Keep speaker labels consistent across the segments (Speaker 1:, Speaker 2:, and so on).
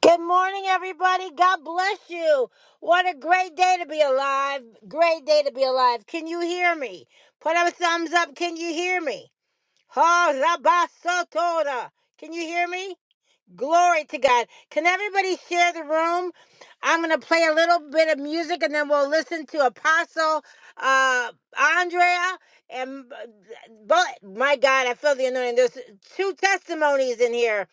Speaker 1: Good morning, everybody. God bless you. What a great day to be alive. Great day to be alive. Can you hear me? Put up a thumbs up. Can you hear me? Oh, Rabasotora. Can you hear me? Glory to God. Can everybody share the room? I'm going to play a little bit of music and then we'll listen to Apostle uh, Andrea. And but my God, I feel the anointing. There's two testimonies in here.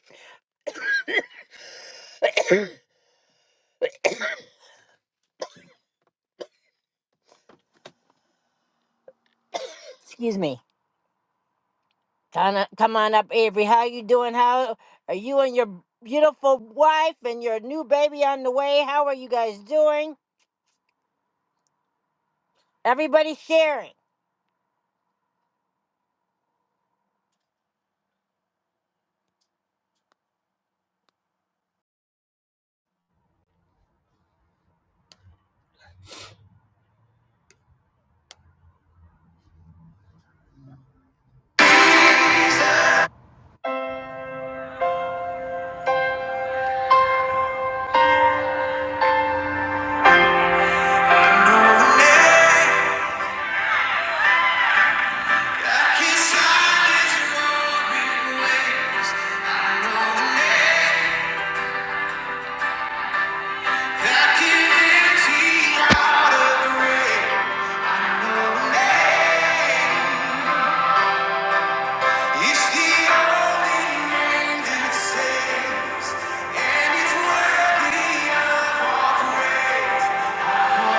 Speaker 1: Excuse me. Come on, come on up, Avery. How you doing? How are you and your beautiful wife and your new baby on the way? How are you guys doing? Everybody sharing. It's the only name that saves, and it's worthy of all praise. Oh,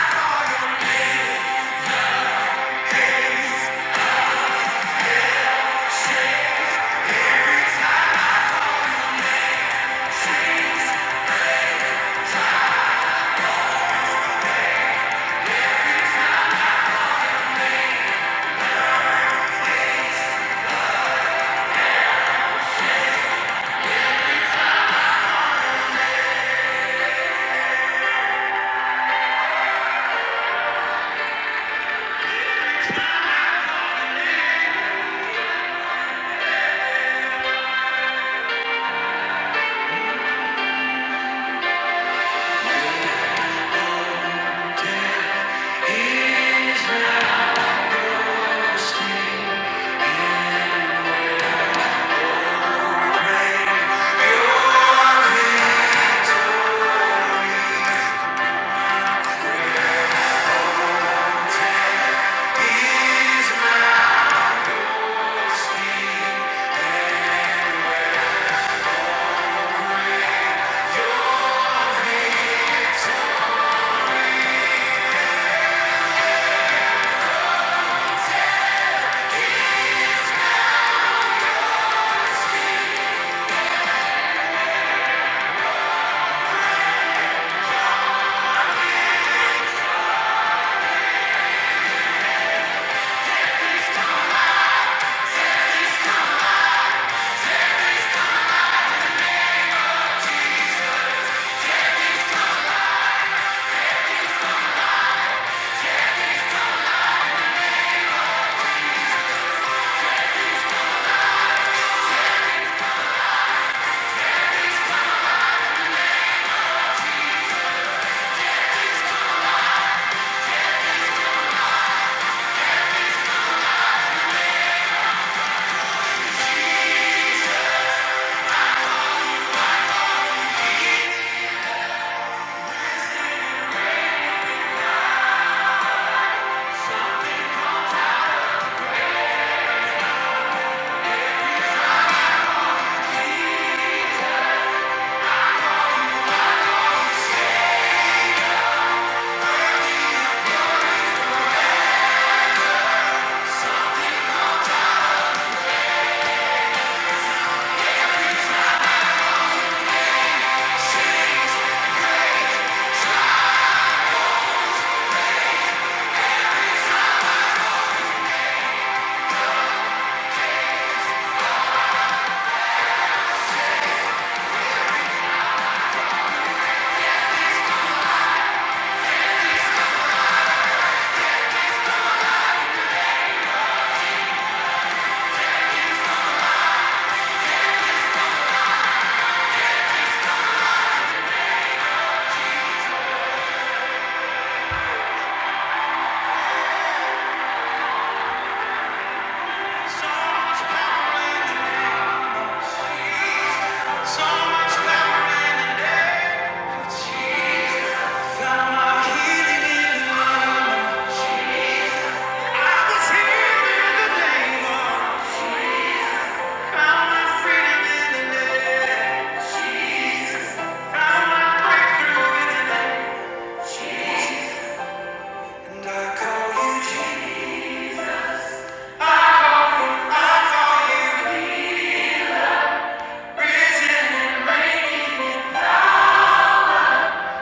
Speaker 1: Yeah.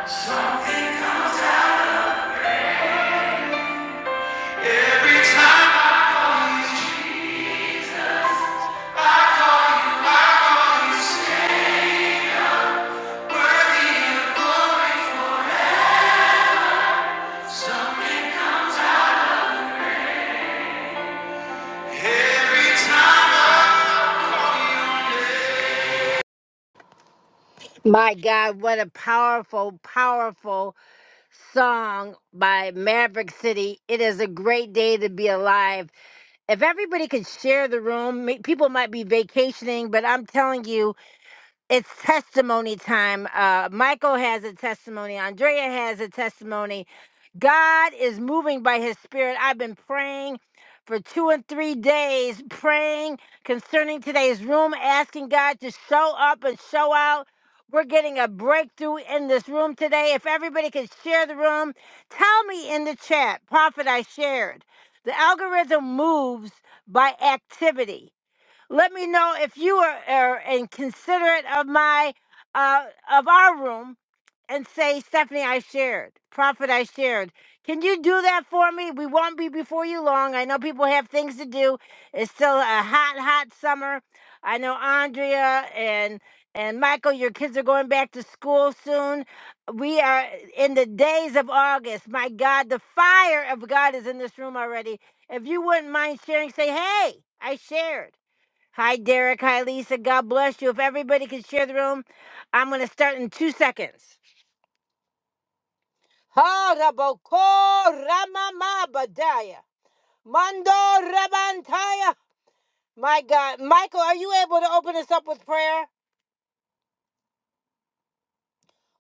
Speaker 1: Something comes out every time I call you. My God, what a powerful, powerful song by Maverick City. It is a great day to be alive. If everybody could share the room, ma- people might be vacationing, but I'm telling you, it's testimony time. Uh, Michael has a testimony, Andrea has a testimony. God is moving by his spirit. I've been praying for two and three days, praying concerning today's room, asking God to show up and show out. We're getting a breakthrough in this room today. If everybody could share the room, tell me in the chat, Prophet, I shared. The algorithm moves by activity. Let me know if you are, are inconsiderate of my uh, of our room and say, Stephanie, I shared, Prophet, I shared. Can you do that for me? We won't be before you long. I know people have things to do. It's still a hot, hot summer. I know Andrea and and Michael, your kids are going back to school soon. We are in the days of August. My God, the fire of God is in this room already. If you wouldn't mind sharing, say, hey, I shared. Hi, Derek. Hi, Lisa. God bless you. If everybody could share the room, I'm going to start in two seconds. Haraboko Ramama Badaya. Mando Rabantaya. My God. Michael, are you able to open us up with prayer?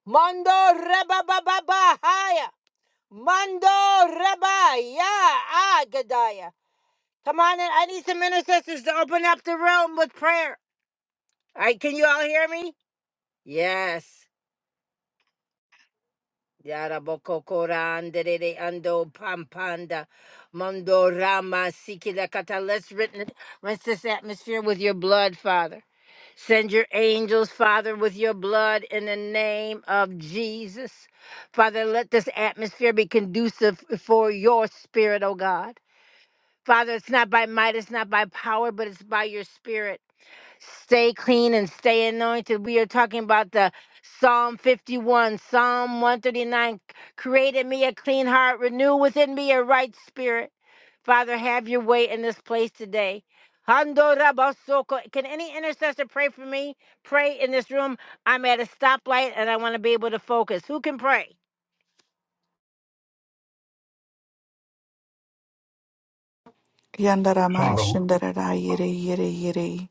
Speaker 1: Mando Rabababahaya. Mando Rabaya Agadaya. Come on in. I need some intercessors to open up the room with prayer. All right, can you all hear me? Yes. Yarabokokora anderere ando pampanda mando rama sikila kata. Let's written rinse this atmosphere with your blood, Father. Send your angels, Father, with your blood in the name of Jesus. Father, let this atmosphere be conducive for your spirit, oh God. Father, it's not by might, it's not by power, but it's by your spirit. Stay clean and stay anointed. We are talking about the Psalm 51, Psalm 139. Create in me a clean heart, renew within me a right spirit. Father, have your way in this place today. Hando rabasoko. Can any intercessor pray for me? Pray in this room. I'm at a stoplight and I want to be able to focus. Who can pray?
Speaker 2: Yandaramai
Speaker 3: Father,
Speaker 2: Shindarai yere, yere, yere.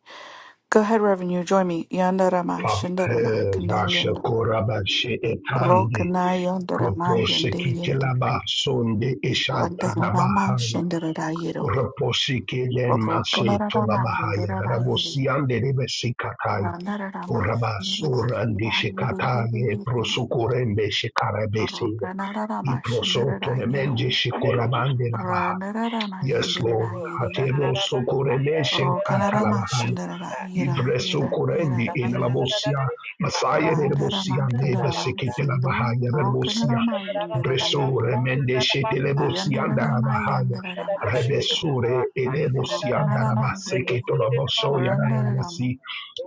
Speaker 2: Go ahead, Reverend, you join me. Yandaramai
Speaker 3: Father,
Speaker 2: Shindaramai
Speaker 3: eh, Rasha
Speaker 2: Kandayanda.
Speaker 3: Koraba She Etandi,
Speaker 2: Rokanai Yandaramai
Speaker 3: Propose
Speaker 2: yende Yindi.
Speaker 3: Kitelaba, Sonde Eshalta
Speaker 2: Randaramai
Speaker 3: Labahaya,
Speaker 2: Shindarai Yiro.
Speaker 3: Repose Kelen Mase
Speaker 2: Rokanaramai
Speaker 3: Tolabahaya,
Speaker 2: Yandarai Yiri.
Speaker 3: Rabosiande Rebesikataya,
Speaker 2: Randaramai Shindarai
Speaker 3: Orabasur and
Speaker 2: Yiri Yiri
Speaker 3: Shikataya,
Speaker 2: Yiri Yiri.
Speaker 3: Prosokorembe Shikarabese,
Speaker 2: Rokanaramai
Speaker 3: Iprosoto
Speaker 2: Shindarai Yiro.
Speaker 3: Nemenge
Speaker 4: Name of
Speaker 3: Shikurabande Labaha.
Speaker 2: Randaramai yere.
Speaker 3: Yes, Lord,
Speaker 2: Yiri Yiri.
Speaker 3: Hatero Sokoremeshe
Speaker 2: Rokanarama
Speaker 3: Katalabahaya.
Speaker 2: Shindarai yera,
Speaker 3: Ibreso
Speaker 2: yera, yera,
Speaker 3: korendi ela la
Speaker 2: yera.
Speaker 3: bosia, masaya de la
Speaker 2: Randarama
Speaker 3: bosia, neba
Speaker 2: Kandarama
Speaker 3: sekete la
Speaker 2: Shindo
Speaker 3: bahaya de la bosia,
Speaker 2: Rokanarama
Speaker 3: breso
Speaker 2: Yendarayiri
Speaker 3: remende shete le bosia la
Speaker 2: Yandarama
Speaker 3: bahaya,
Speaker 2: Yandarama Shindo
Speaker 3: rebesure ele bosia da la
Speaker 2: Rokanarama Yendi
Speaker 3: baseketo la bosoya da la
Speaker 2: Randarama
Speaker 3: basi,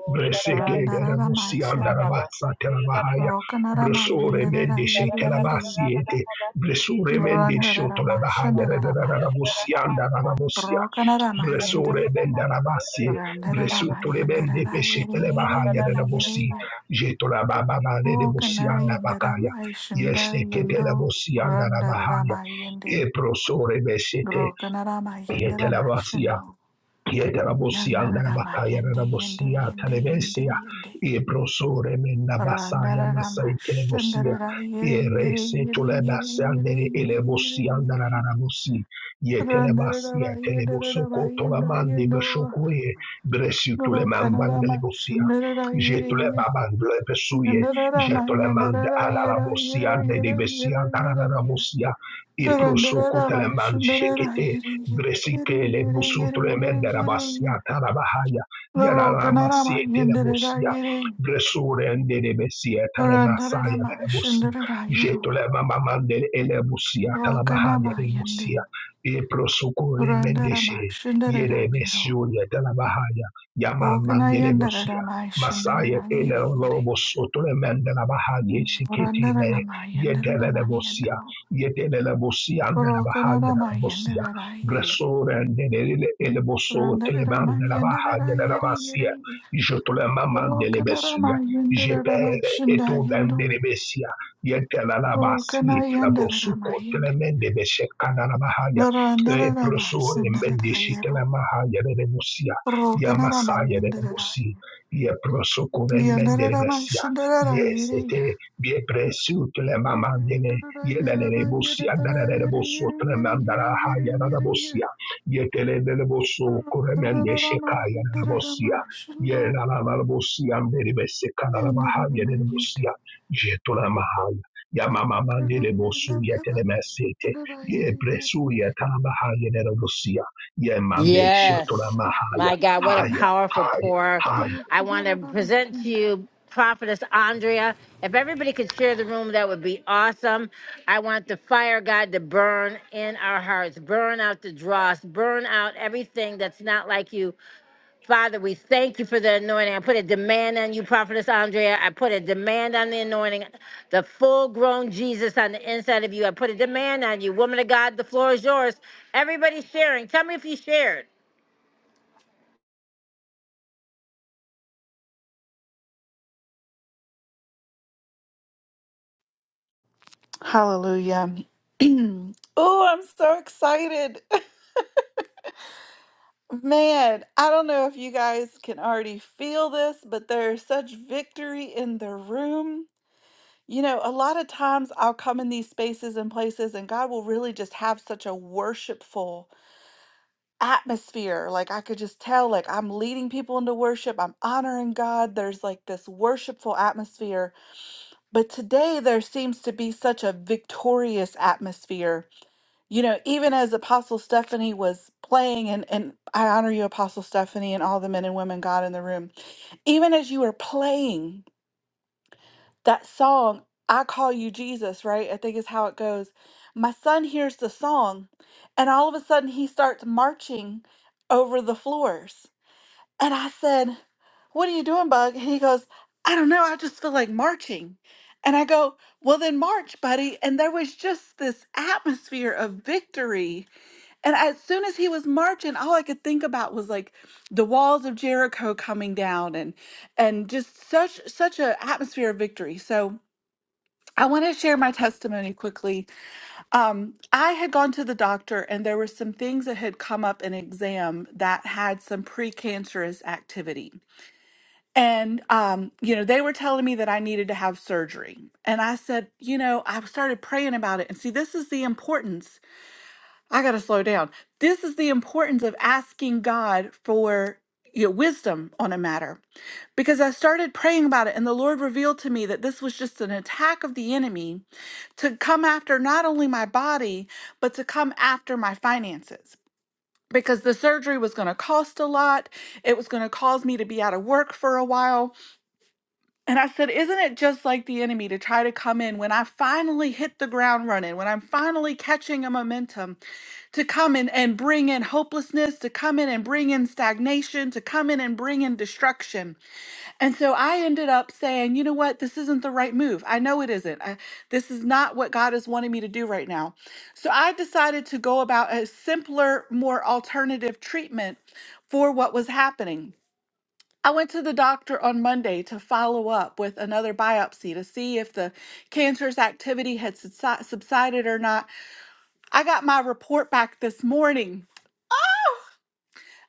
Speaker 3: breseke de la
Speaker 2: Randarama
Speaker 3: bosia da la
Speaker 2: Shindo
Speaker 3: basa te la bahaya,
Speaker 2: Rokanarama
Speaker 3: bresure mende shete la
Speaker 2: Yendarayiri Yiri
Speaker 3: basiete, bresure mende shoto la
Speaker 2: Randarama
Speaker 3: bahaya de
Speaker 2: Shandarama
Speaker 3: la
Speaker 2: Yendan
Speaker 3: bosia da la bosia,
Speaker 2: Rokanarama Yendi
Speaker 3: Blessore benda rabassi,
Speaker 2: Randarama
Speaker 3: blessuto le bende pesce
Speaker 2: Yandarayiri
Speaker 3: che le
Speaker 2: Yiri
Speaker 3: bahaya de
Speaker 2: Yiri
Speaker 3: la bossi,
Speaker 2: Yiri
Speaker 3: jeto la
Speaker 4: Jesus.
Speaker 3: baba bale de
Speaker 4: Thank
Speaker 3: bossi
Speaker 4: you,
Speaker 2: Rokanar
Speaker 3: anda
Speaker 4: Lord.
Speaker 3: bakaya,
Speaker 2: Yandarama Shindar
Speaker 3: yeste che te la
Speaker 2: Yendo
Speaker 3: bossi anda la bahaya,
Speaker 2: Randarama Yendi
Speaker 3: e prosore besete,
Speaker 2: Gro Kanarama
Speaker 3: yete la
Speaker 2: Yendarama Shindo
Speaker 3: Yedarabosia,
Speaker 2: Yandarama
Speaker 3: Darabakaya,
Speaker 2: Yende Yende
Speaker 3: Darabosia,
Speaker 2: Yende Yende
Speaker 3: Televesia,
Speaker 2: Yende
Speaker 3: Ebrosore, Mendabasaya, Masai,
Speaker 2: Randarama
Speaker 3: Telebosia,
Speaker 2: Shindarara Yere Yere
Speaker 3: Erese,
Speaker 2: Yere Yere
Speaker 3: Tulebasia,
Speaker 2: Yere
Speaker 3: Dere,
Speaker 2: Yere Yere
Speaker 3: Elebosia,
Speaker 2: Yere yere
Speaker 3: Darabosi,
Speaker 2: Randarama
Speaker 3: Yetelebasia,
Speaker 2: Yendarama
Speaker 3: Telebosoko,
Speaker 2: Yenda
Speaker 3: Tolamande,
Speaker 2: Yendo
Speaker 3: Beshokoe, Bresu, Tuleman,
Speaker 2: Grokanarama
Speaker 3: Delebosia,
Speaker 2: Shindarara Yere Yere
Speaker 3: Jetulebaban, Blebesuye,
Speaker 2: Yandarama
Speaker 3: Jetuleman,
Speaker 2: Yandarara Yera Yera
Speaker 3: Alarabosia,
Speaker 2: Yera
Speaker 3: Dedebesia,
Speaker 2: Yera Yera Yera
Speaker 3: Darabosia, Ebrosoko,
Speaker 2: Randarama
Speaker 3: Teleman,
Speaker 2: Shindarara
Speaker 3: Jekete,
Speaker 2: Yere Yere Yere
Speaker 3: Bresikele
Speaker 2: Yere Yere
Speaker 3: musutule mendera
Speaker 2: Yere
Speaker 3: basia
Speaker 2: Yere
Speaker 3: tarabahaya
Speaker 2: Loro
Speaker 3: yarara masie
Speaker 2: ganarama
Speaker 3: tere
Speaker 2: yenderera
Speaker 3: busia
Speaker 2: yere.
Speaker 3: bresure endere besia tare masaya
Speaker 2: Randarama
Speaker 3: dere
Speaker 2: shindarara
Speaker 3: Jeto
Speaker 2: yero.
Speaker 3: jetole mama mandere ele busia tarabahaya
Speaker 2: Rokanama
Speaker 3: dere
Speaker 2: yende.
Speaker 3: busia e prosukure
Speaker 2: Randarama
Speaker 3: mendeshe
Speaker 2: shindarara
Speaker 3: yere
Speaker 2: yero.
Speaker 3: mesuria tarabahaya yama
Speaker 2: Okana
Speaker 3: mandere busia
Speaker 2: yendarama
Speaker 3: Masaya
Speaker 2: shindarara
Speaker 3: ele
Speaker 2: yere yere.
Speaker 3: lobos otole mendera bahaya shiketi le
Speaker 2: Randarama
Speaker 3: yedele
Speaker 2: yendarama
Speaker 3: busia
Speaker 2: yendo.
Speaker 3: yedele busia ndera bahaya
Speaker 2: Rokanarama
Speaker 3: dere
Speaker 2: yendarara yere.
Speaker 3: Gressore nelle ele bosote le
Speaker 2: Randarama
Speaker 3: man nella baja
Speaker 2: yendarara
Speaker 3: nella
Speaker 2: yere
Speaker 3: massia
Speaker 2: yere.
Speaker 3: je to la mama delle bessia
Speaker 2: Rokanarama
Speaker 3: je
Speaker 2: yendarama
Speaker 3: pere e
Speaker 2: shinda
Speaker 3: to la delle
Speaker 2: yendo.
Speaker 3: bessia ye te la la bassi
Speaker 2: Rokana
Speaker 3: te la bosu
Speaker 2: yendarama
Speaker 3: ko te la
Speaker 2: yende.
Speaker 3: men de beshe kana la bahaya e proso e men te la
Speaker 2: Naranaranamasanararayero.
Speaker 3: mahaya de bossia ya masaya de bossi
Speaker 2: Rokanaramayindararayo.
Speaker 3: ye proso ko e men bessia yes e
Speaker 2: Yandararamayshandararayere.
Speaker 3: te bien presu te la mama Yedelelebosia, dadadadeboso, tremandaraha,
Speaker 2: Yandararayeramayeretarayereyereyereyereyereyereye.
Speaker 3: yadadabosia, yeteleleleboso, kuremende sheka, yadadabosia,
Speaker 2: Rokanaramayindararamayshando.
Speaker 3: yelalalabosia, mbelebeseka, lalamaha,
Speaker 2: Yandararamayende.
Speaker 3: yedelebosia, jetolamahaya, yamamamandeleboso, yetelemesete,
Speaker 2: Rokanayandaramayindararayereyere.
Speaker 3: yebresu, yetalabaha, yedelebosia, yemande,
Speaker 1: Yes.
Speaker 3: shetolamahaya,
Speaker 1: My God, what a
Speaker 2: Yandararamayindayo.
Speaker 3: haya,
Speaker 1: powerful
Speaker 3: haya,
Speaker 1: pour.
Speaker 3: haya.
Speaker 1: I want to present to
Speaker 2: Rokanaramayindayo.
Speaker 1: you Prophetess Andrea. If everybody could share the room, that would be awesome. I want the fire God to burn in our hearts, burn out the dross, burn out everything that's not like you. Father, we thank you for the anointing. I put a demand on you, Prophetess Andrea. I put a demand on the anointing, the full grown Jesus on the inside of you. I put a demand on you. Woman of God, the floor is yours. Everybody sharing. Tell me if you shared.
Speaker 2: Hallelujah. oh, I'm so excited. Man, I don't know if you guys can already feel this, but there's such victory in the room. You know, a lot of times I'll come in these spaces and places, and God will really just have such a worshipful atmosphere. Like, I could just tell, like, I'm leading people into worship, I'm honoring God. There's like this worshipful atmosphere. But today, there seems to be such a victorious atmosphere you know, even as Apostle Stephanie was playing, and, and I honor you, Apostle Stephanie, and all the men and women God in the room, even as you were playing that song, I Call You Jesus, right? I think is how it goes. My son hears the song, and all of a sudden he starts marching over the floors. And I said, What are you doing, Bug? And he goes, I don't know. I just feel like marching. And I go, Well, then march, buddy. And there was just this atmosphere of victory and as soon as he was marching, all I could think about was like the walls of Jericho coming down and and just such such an atmosphere of victory. So I want to share my testimony quickly. Um, I had gone to the doctor and there were some things that had come up in exam that had some precancerous activity. And um, you know, they were telling me that I needed to have surgery. And I said, you know, I started praying about it. And see, this is the importance I got to slow down. This is the importance of asking God for your wisdom on a matter because I started praying about it, and the Lord revealed to me that this was just an attack of the enemy to come after not only my body, but to come after my finances. Because the surgery was going to cost a lot. It was going to cause me to be out of work for a while. And I said, Isn't it just like the enemy to try to come in when I finally hit the ground running, when I'm finally catching a momentum? to come in and bring in hopelessness, to come in and bring in stagnation, to come in and bring in destruction. And so I ended up saying, you know what? This isn't the right move. I know it isn't. I, this is not what God is wanting me to do right now. So I decided to go about a simpler, more alternative treatment for what was happening. I went to the doctor on Monday to follow up with another biopsy to see if the cancerous activity had subsi- subsided or not. I got my report back this morning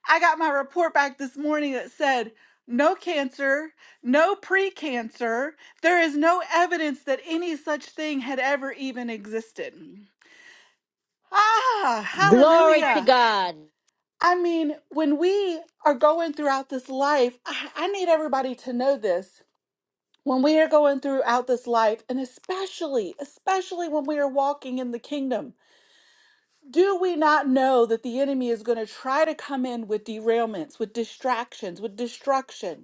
Speaker 2: I got my report back this morning that said no cancer, no precancer. There is no evidence that any such thing had ever even existed. Ah,
Speaker 1: Glory to
Speaker 2: hallelujah.
Speaker 1: God.
Speaker 2: I mean, when we are going throughout this life, I, I need everybody to know this. When we are going throughout this life, and especially, especially when we are walking in the kingdom, do we not know that the enemy is going to try to come in with derailments, with distractions, with destruction?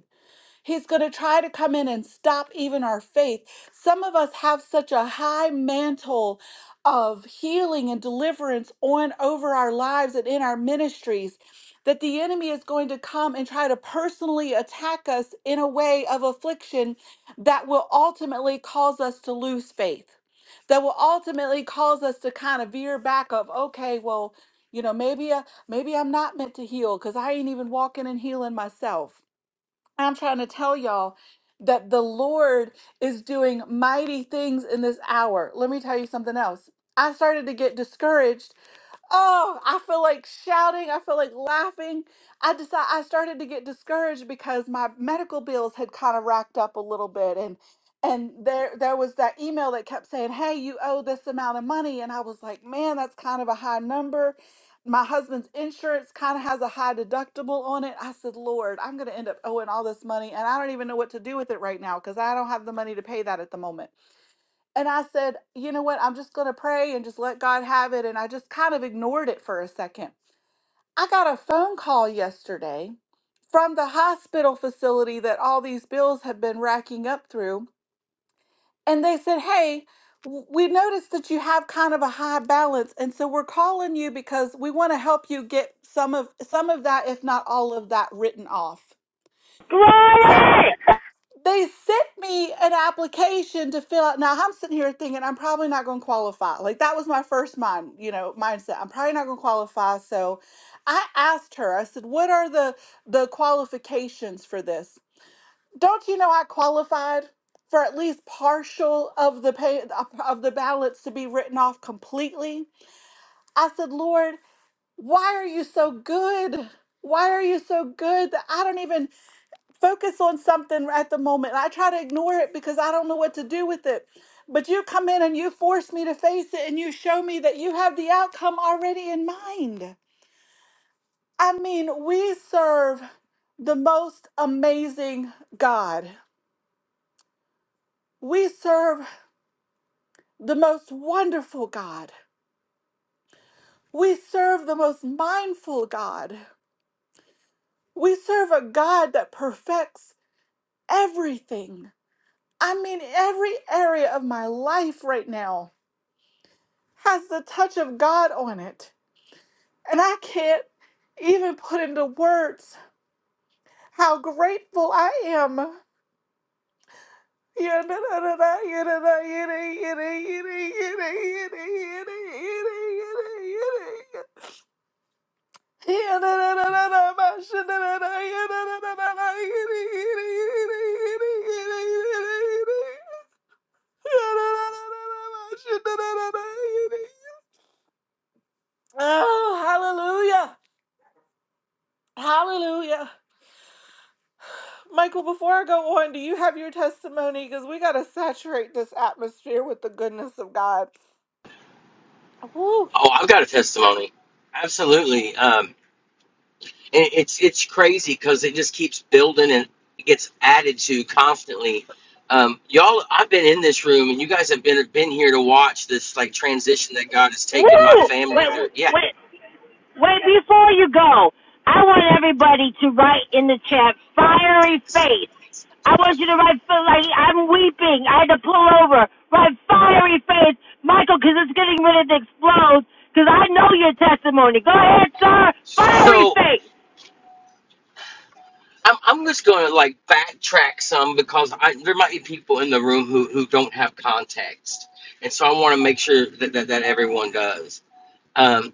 Speaker 2: He's going to try to come in and stop even our faith. Some of us have such a high mantle of healing and deliverance on over our lives and in our ministries that the enemy is going to come and try to personally attack us in a way of affliction that will ultimately cause us to lose faith. That will ultimately cause us to kind of veer back of okay, well, you know, maybe uh, maybe I'm not meant to heal because I ain't even walking and healing myself I'm trying to tell y'all that the Lord is doing mighty things in this hour. Let me tell you something else. I started to get discouraged Oh, I feel like shouting. I feel like laughing. I decided I started to get discouraged because my medical bills had kind of racked up a little bit, and and there there was that email that kept saying, "Hey, you owe this amount of money," and I was like, "Man, that's kind of a high number." My husband's insurance kind of has a high deductible on it. I said, "Lord, I'm going to end up owing all this money, and I don't even know what to do with it right now because I don't have the money to pay that at the moment." And I said, you know what? I'm just going to pray and just let God have it. And I just kind of ignored it for a second. I got a phone call yesterday from the hospital facility that all these bills have been racking up through. And they said, hey, w- we noticed that you have kind of a high balance. And so we're calling you because we want to help you get some of some of that, if not all of that, written off.
Speaker 1: Glory!
Speaker 2: So they sent me an application to fill out. Now I'm sitting here thinking I'm probably not going to qualify. Like that was my first mind, you know, mindset. I'm probably not going to qualify. So I asked her. I said, "What are the the qualifications for this?" Don't you know I qualified for at least partial of the pay of the ballots to be written off completely? I said, "Lord, why are you so good? Why are you so good that I don't even focus on something at the moment. I try to ignore it because I don't know what to do with it. But you come in and you force me to face it and you show me that you have the outcome already in mind. I mean, we serve the most amazing God. We serve the most wonderful God. We serve the most mindful God. We serve a God that perfects everything. I mean, every area of my life right now has the touch of God on it. And I can't even put into words how grateful I am. Oh, hallelujah! Hallelujah! Michael, before I go on, do you have your testimony? Because we got to saturate this atmosphere with the goodness of God. Woo.
Speaker 5: Oh, I've got a testimony. Absolutely. Um, and it's it's crazy because it just keeps building and it gets added to constantly. Um, y'all, I've been in this room and you guys have been been here to watch this like transition that God has taken my
Speaker 1: Woo!
Speaker 5: family
Speaker 1: Wait,
Speaker 5: through. Yeah.
Speaker 1: wait, wait, before you go, I want everybody to write in the chat,
Speaker 5: Take
Speaker 1: fiery
Speaker 5: a second.
Speaker 1: face. I want you to write, feel like I'm weeping. I had to pull over. Write fiery face, Michael, because it's getting ready to explode, because I know your testimony. Go ahead, sir. Fiery
Speaker 5: So
Speaker 1: face.
Speaker 5: I'm, I'm just going to like backtrack some because I, there might be people in the room who, who don't have context. And so I want to make sure that, that, that everyone does. Um,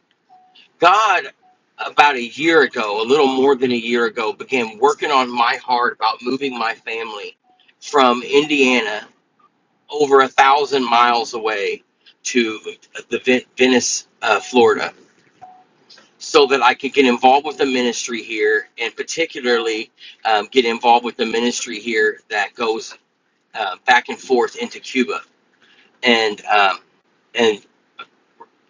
Speaker 5: God, about a year ago, a little more than a year ago, began working on my heart about moving my family from Indiana over a thousand miles away to the Ven- Venice, uh, Florida, so that I could get involved with the ministry here, and particularly um, get involved with the ministry here that goes uh, back and forth into Cuba, and um, and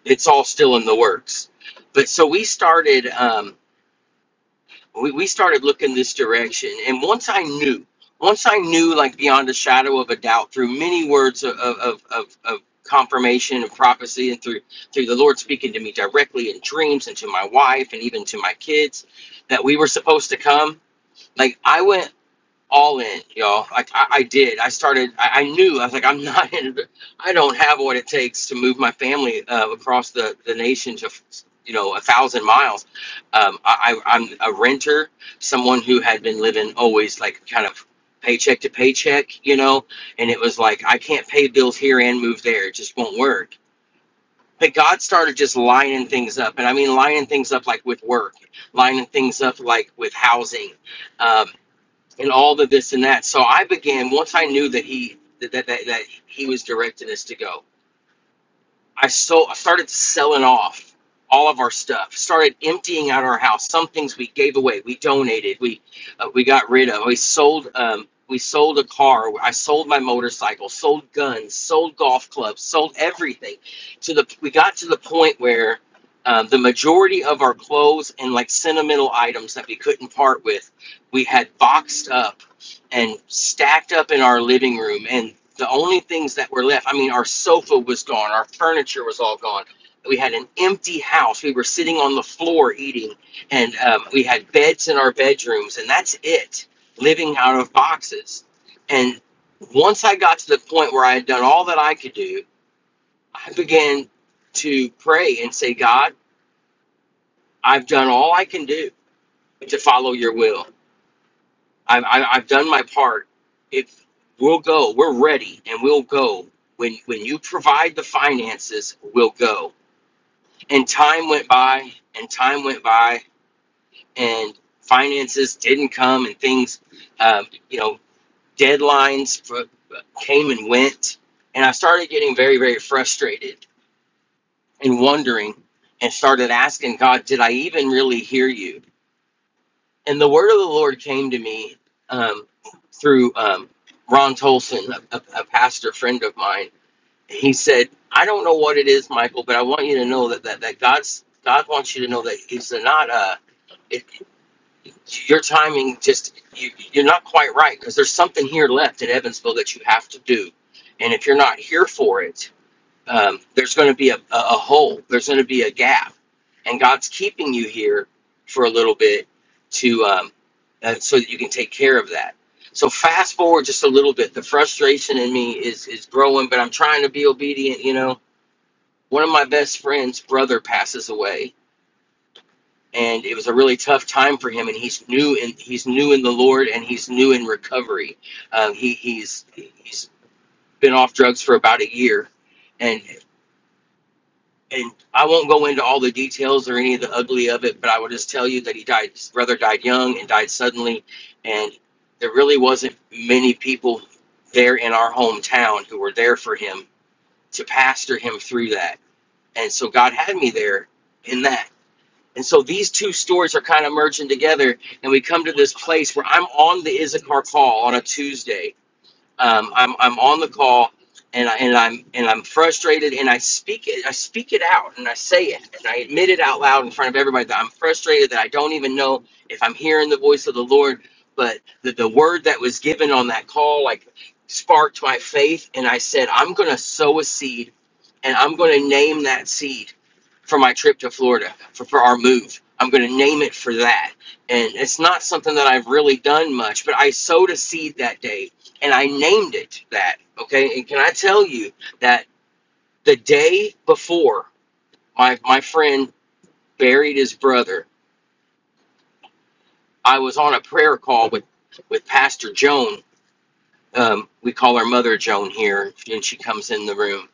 Speaker 5: it's all still in the works. But so we started. Um, we, we started looking this direction and once i knew once i knew like beyond a shadow of a doubt through many words of, of, of, of of confirmation and prophecy and through through the lord speaking to me directly in dreams and to my wife and even to my kids that we were supposed to come like i went all in, y'all. Like I, I did. I started. I, I knew. I was like, I'm not. In, I don't have what it takes to move my family uh, across the the nation to, you know, a thousand miles. Um, I, I, I'm a renter, someone who had been living always like kind of paycheck to paycheck, you know, and it was like I can't pay bills here and move there. It just won't work. But God started just lining things up, and I mean lining things up like with work, lining things up like with housing Um, and all the this and that. So I began once I knew that he that that, that, that he was directing us to go. I so I started selling off all of our stuff. Started emptying out our house. Some things we gave away, we donated, we uh, we got rid of. We sold um we sold a car. I sold my motorcycle, sold guns, sold golf clubs, sold everything. To the we got to the point where. Um, the majority of our clothes and like sentimental items that we couldn't part with, we had boxed up and stacked up in our living room and the only things that were left i mean our sofa was gone our furniture was all gone we had an empty house we were sitting on the floor eating and um, we had beds in our bedrooms and that's it living out of boxes and once i got to the point where i had done all that i could do i began to pray and say god i've done all i can do to follow your will I'm, I'm, I've done my part. If we'll go, we're ready, and we'll go. When when you provide the finances, we'll go. And time went by, and time went by, and finances didn't come, and things, um, you know, deadlines for, came and went, and I started getting very very frustrated and wondering, and started asking God, did I even really hear you? And the word of the Lord came to me um, through um, Ron Tolson, a, a, a pastor friend of mine. He said, "I don't know what it is, Michael, but I want you to know that that, that God's God wants you to know that He's not uh, it, your timing just you, you're not quite right because there's something here left in Evansville that you have to do, and if you're not here for it." um, there's going to be a, a hole there's going to be a gap and god's keeping you here for a little bit to um, uh, so that you can take care of that so fast forward just a little bit the frustration in me is is growing but i'm trying to be obedient you know one of my best friends brother passes away and it was a really tough time for him and he's new in he's new in the lord and he's new in recovery um, he, he's he's been off drugs for about a year and. and I won't go into all the details or any of the ugly of it, but I will just tell you that he died. His brother died young and died suddenly, and there really wasn't many people there in our hometown who were there for him to pastor him through that. And so God had me there in that. And so these two stories are kind of merging together, and we come to this place where I'm on the Issachar call on a Tuesday, um, I'm I'm on the call, and I, and I'm and I'm frustrated, and I speak it I speak it out, and I say it, and I admit it out loud in front of everybody that I'm frustrated that I don't even know if I'm hearing the voice of the Lord, but that the word that was given on that call like sparked my faith, and I said I'm gonna sow a seed, and I'm gonna name that seed for my trip to Florida for, for our move. I'm gonna name it for that and it's not something that I've really done much, but I sowed a seed that day and I named it that. Okay, and can I tell you that the day before my my friend buried his brother, I was on a prayer call with with Pastor Joan. Um, we call her Mother Joan here, and she comes in the room,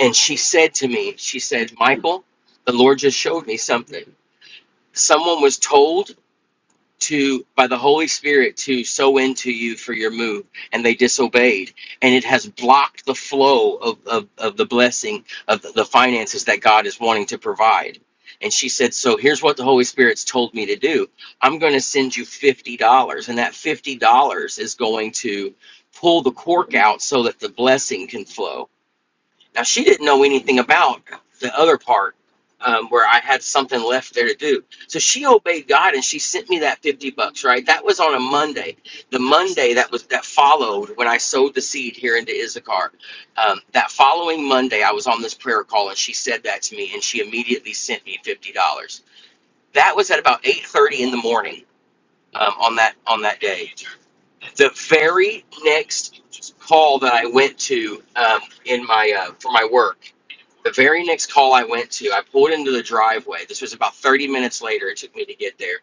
Speaker 5: and she said to me, she said, Michael, the Lord just showed me something. Someone was told to by the Holy Spirit to sow into you for your move, and they disobeyed, and it has blocked the flow of of, of the blessing of the the finances that God is wanting to provide. And she said, "So here's what the Holy Spirit's told me to do. I'm going to send you fifty dollars, and that fifty dollars is going to pull the cork out so that the blessing can flow." Now she didn't know anything about the other part um, where I had something left there to do. So she obeyed God and she sent me that fifty bucks. Right, that was on a Monday. The Monday that was that followed when I sowed the seed here into Issachar. Um, that following Monday, I was on this prayer call and she said that to me and she immediately sent me fifty dollars. That was at about eight thirty in the morning um, on that on that day. The very next call that I went to um, in my uh, for my work. The very next call I went to, I pulled into the driveway. This was about 30 minutes later. It took me to get there.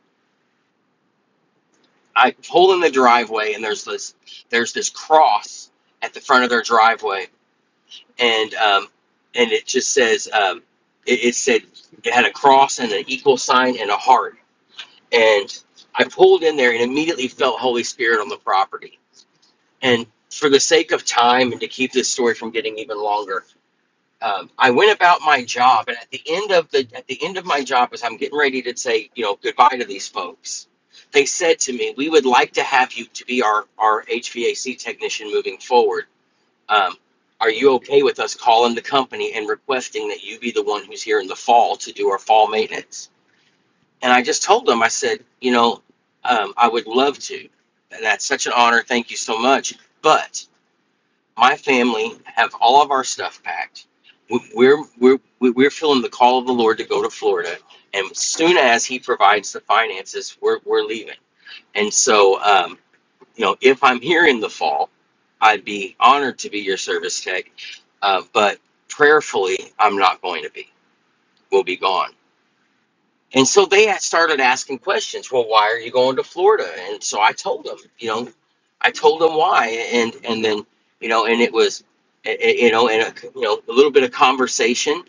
Speaker 5: I pulled in the driveway, and there's this there's this cross at the front of their driveway, and um, and it just says um, it, it said it had a cross and an equal sign and a heart. And I pulled in there and immediately felt Holy Spirit on the property. And for the sake of time and to keep this story from getting even longer, um, I went about my job, and at the end of the at the end of my job, as I'm getting ready to say you know goodbye to these folks, they said to me, "We would like to have you to be our our HVAC technician moving forward. Um, are you okay with us calling the company and requesting that you be the one who's here in the fall to do our fall maintenance?" And I just told them, I said, "You know, um, I would love to. That's such an honor. Thank you so much, but." my family have all of our stuff packed. We- We're we're we're feeling the call of the Lord to go to Florida, and as soon as He provides the finances, we're we're leaving. And so, um, you know, if I'm here in the fall, I'd be honored to be your service tech, uh, but prayerfully, I'm not going to be. We'll be gone. And so they had started asking questions. Well, why are you going to Florida? And so I told them, you know, I told them why, and and then you know, and it was, eh, eh, you know, and a, you know, a little bit of conversation.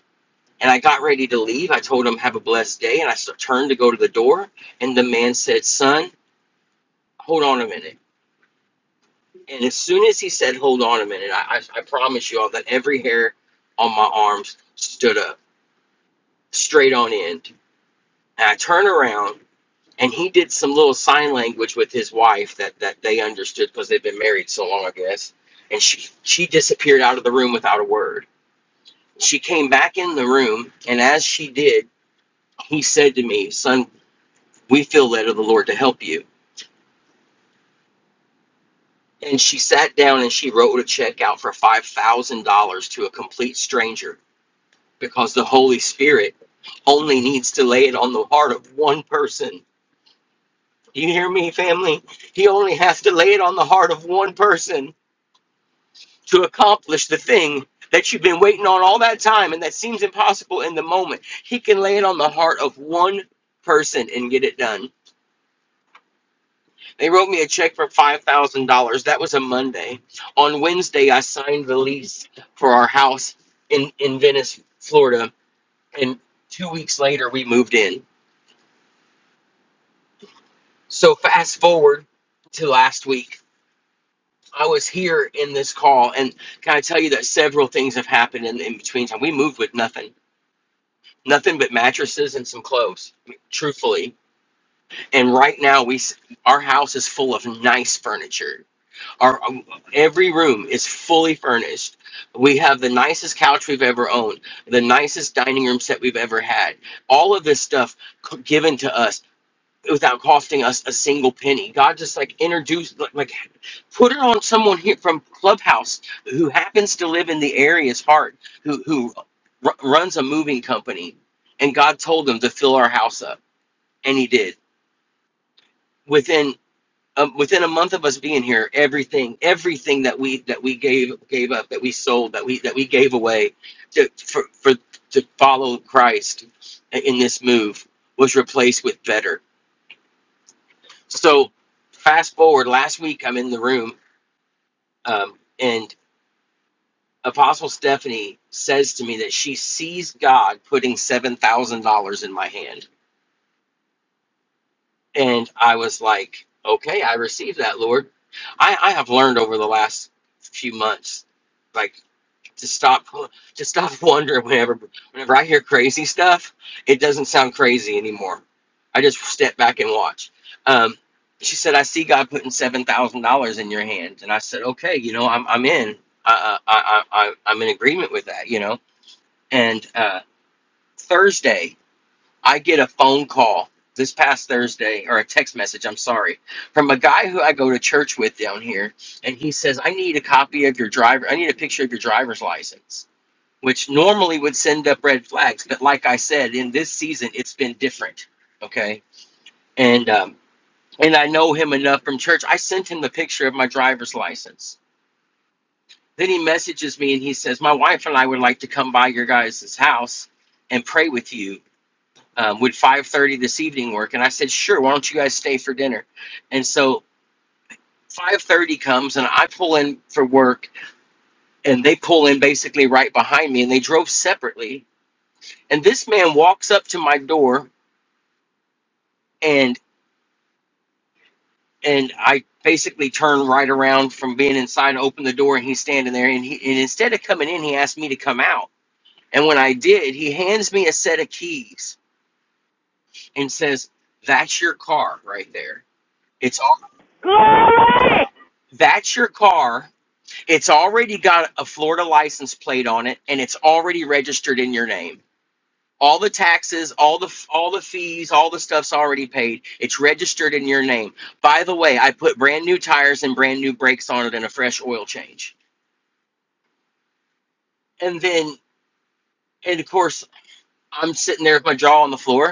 Speaker 5: And I got ready to leave. I told him, "Have a blessed day," and I s- turned to go to the door, and the man said, "Son, hold on a minute." And as soon as he said, "Hold on a minute," I, I, I promise you all that every hair on my arms stood up straight on end. And I turned around and he did some little sign language with his wife that that they understood because they've been married so long, I guess. And she she disappeared out of the room without a word. She came back in the room, and as she did, he said to me, "Son, we feel led of the Lord to help you." And she sat down and she wrote a check out for five thousand dollars to a complete stranger because the Holy Spirit only needs to lay it on the heart of one person. You hear me, family? He only has to lay it on the heart of one person to accomplish the thing that you've been waiting on all that time and that seems impossible in the moment. He can lay it on the heart of one person and get it done. They wrote me a check for $5,000. That was a Monday. On Wednesday, I signed the lease for our house in, in Venice, Florida. And two weeks later, we moved in. So fast forward to last week. I was here in this call, and can I tell you that several things have happened in, in between time? We moved with nothing nothing but mattresses and some clothes truthfully and right now we s- our house is full of nice furniture our um, every room is fully furnished we have the nicest couch we've ever owned the nicest dining room set we've ever had all of this stuff c- given to us without costing us a single penny. God just like introduced, like, like, put it on someone here from Clubhouse who happens to live in the area's heart, who who r- runs a moving company, and God told them to fill our house up, and He did. Within um, within a month of us being here, everything everything that we that we gave gave up, that we sold, that we that we gave away to for for to follow Christ in this move was replaced with better So fast forward last week, I'm in the room, um, and Apostle Stephanie says to me that she sees God putting seven thousand dollars in my hand, and I was like, "Okay, I received that, Lord." I, I have learned over the last few months, like. to stop to stop wondering whenever whenever I hear crazy stuff, it doesn't sound crazy anymore. I just step back and watch. Um, she said, "I see God putting seven thousand dollars in your hands," and I said, "Okay, you know, I'm I'm in. I I I, I I'm in agreement with that, you know." And uh, Thursday, I get a phone call this past Thursday or a text message. I'm sorry, from a guy who I go to church with down here, and he says, "I need a copy of your driver. I need a picture of your driver's license." which normally would send up red flags. But like I said, in this season, it's been different. Okay, and um, and I know him enough from church. I sent him the picture of my driver's license. Then he messages me and he says, "My wife and I would like to come by your guys' house and pray with you. Um, would 5:30 this evening work?" And I said, "Sure. Why don't you guys stay for dinner?" And so. 5:30 comes and I pull in for work and they pull in basically right behind me and they drove separately and this man walks up to my door and and I basically turned right around from being inside, opened the door, and he's standing there. And he and instead of coming in, he asked me to come out. And when I did, he hands me a set of keys and says, "That's your car right there. It's all."
Speaker 1: Glory!
Speaker 5: That's your car. It's already got a Florida license plate on it and it's already registered in your name. all the taxes all the all the fees all the stuff's already paid it's registered in your name by the way i put brand new tires and brand new brakes on it and a fresh oil change and then and of course i'm sitting there with my jaw on the floor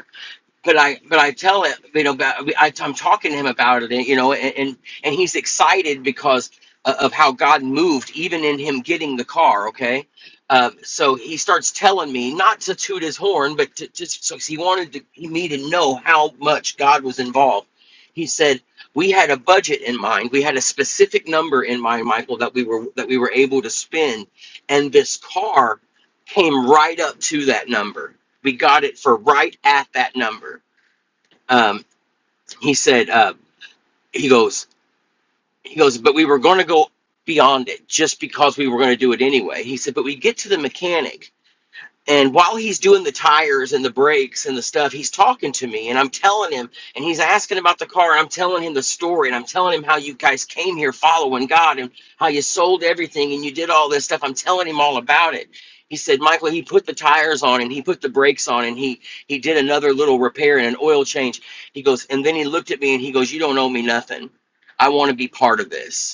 Speaker 5: but I but I tell it, you know, about, I, I'm talking to him about it, you know, and and, and he's excited because o- of how God moved, even in him getting the car. Okay, um, so he starts telling me not to toot his horn, but to, just so he wanted to, me to know how much God was involved. He said we had a budget in mind, we had a specific number in mind, Michael, that we were that we were able to spend, and this car came right up to that number we got it for right at that number. Um, he said, uh, he goes, he goes, but we were going to go beyond it just because we were going to do it anyway. He said, but we get to the mechanic and while he's doing the tires and the brakes and the stuff, he's talking to me and I'm telling him, and he's asking about the car. And I'm telling him the story and I'm telling him how you guys came here following God and how you sold everything and you did all this stuff. I'm telling him all about it. He said, Michael, he put the tires on and he put the brakes on and he he did another little repair and an oil change. He goes, and then he looked at me and he goes, You don't owe me nothing. I want to be part of this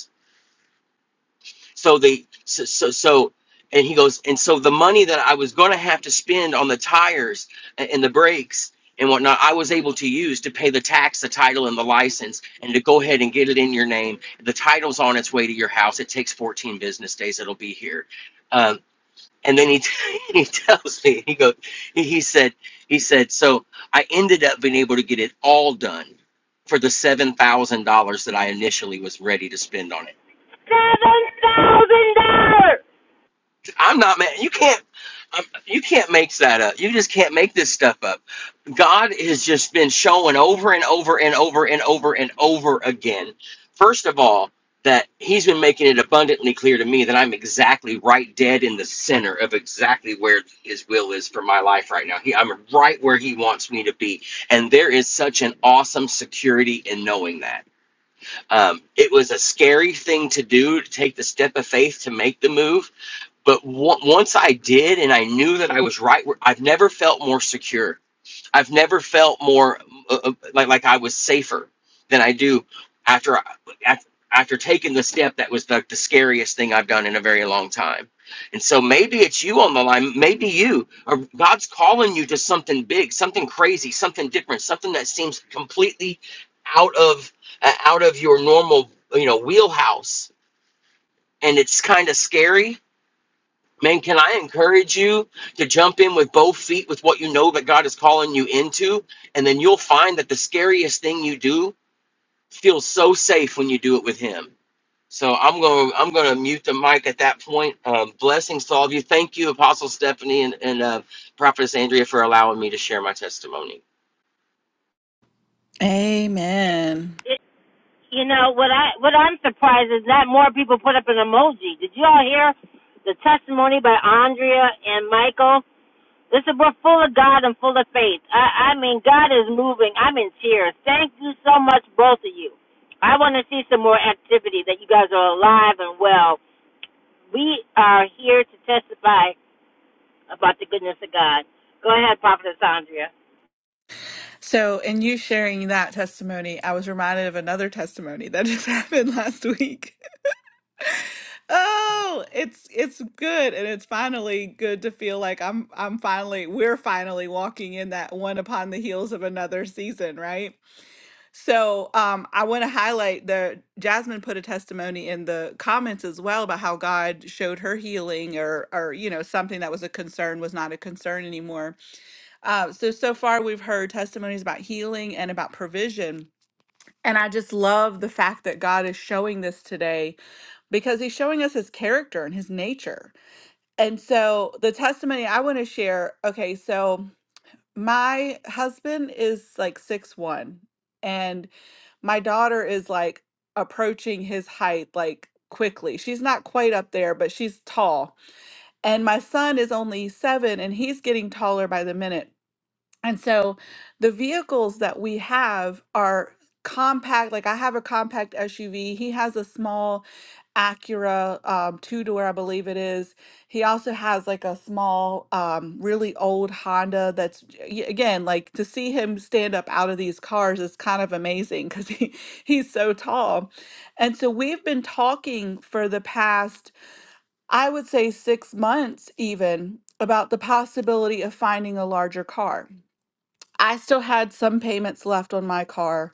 Speaker 5: so they so, so so and he goes and so the money that I was going to have to spend on the tires a- and the brakes and whatnot, I was able to use to pay the tax, the title, and the license, and to go ahead and get it in your name. The title's on its way to your house. It takes 14 business days. It'll be here. Um, and then he t- he tells me he goes he he said he said so I ended up being able to get it all done for the seven thousand dollars that I initially was ready to spend on it I'm not man. You can't. Um, you can't make that up. You just can't make this stuff up. God has just been showing over and over and over and over and over again. First of all, that He's been making it abundantly clear to me that I'm exactly right, dead in the center of exactly where His will is for my life right now. He, I'm right where He wants me to be, and there is such an awesome security in knowing that. Um, it was a scary thing to do to take the step of faith to make the move but once I did, and I knew that I was right, I've never felt more secure. I've never felt more uh, uh, like like I was safer than I do after I- after taking the step that was the the scariest thing I've done in a very long time. And so maybe it's you on the line, maybe you, or God's calling you to something big, something crazy, something different, something that seems completely out of uh, out of your normal, you know, wheelhouse, and it's kind of scary Man, can I encourage you to jump in with both feet with what you know that God is calling you into? And then you'll find that the scariest thing you do feels so safe when you do it with Him. So I'm going. to I'm going to mute the mic at that point. Um, blessings to all of you. Thank you, Apostle Stephanie and, and uh, Prophetess Andrea, for allowing me to share my testimony.
Speaker 2: And
Speaker 1: You know what I what I'm surprised is not more people put up an emoji. Did you all hear the testimony by Andrea and Michael? This is we're full of God and full of faith. I, I mean, God is moving. I'm in tears. Thank you so much, both of you. I want to see some more activity. That you guys are alive and well. We are here to testify about the goodness of God. Go ahead, Prophetess Andrea.
Speaker 2: so, in you sharing that testimony, I was reminded of another testimony that just happened last week. Oh, it's it's good, and it's finally good to feel like I'm I'm finally we're finally walking in that one upon the heels of another season, right? So um, I want to highlight the Jasmine put a testimony in the comments as well about how God showed her healing, or or you know something that was a concern was not a concern anymore. Uh, so so far we've heard testimonies about healing and about provision, and I just love the fact that God is showing this today because He's showing us His character and His nature. And so the testimony I want to share. Okay, so my husband is like six one, and my daughter is like approaching his height like quickly. She's not quite up there, but she's tall. And my son is only seven and he's getting taller by the minute. And so the vehicles that we have are compact. Like I have a compact SUV. He has a small Acura um, two door, I believe it is. He also has like a small, um, really old Honda that's, y- again, like to see him stand up out of these cars is kind of amazing because he, he's so tall. And so we've been talking for the past, I would say, six months even about the possibility of finding a larger car I still had some payments left on my car.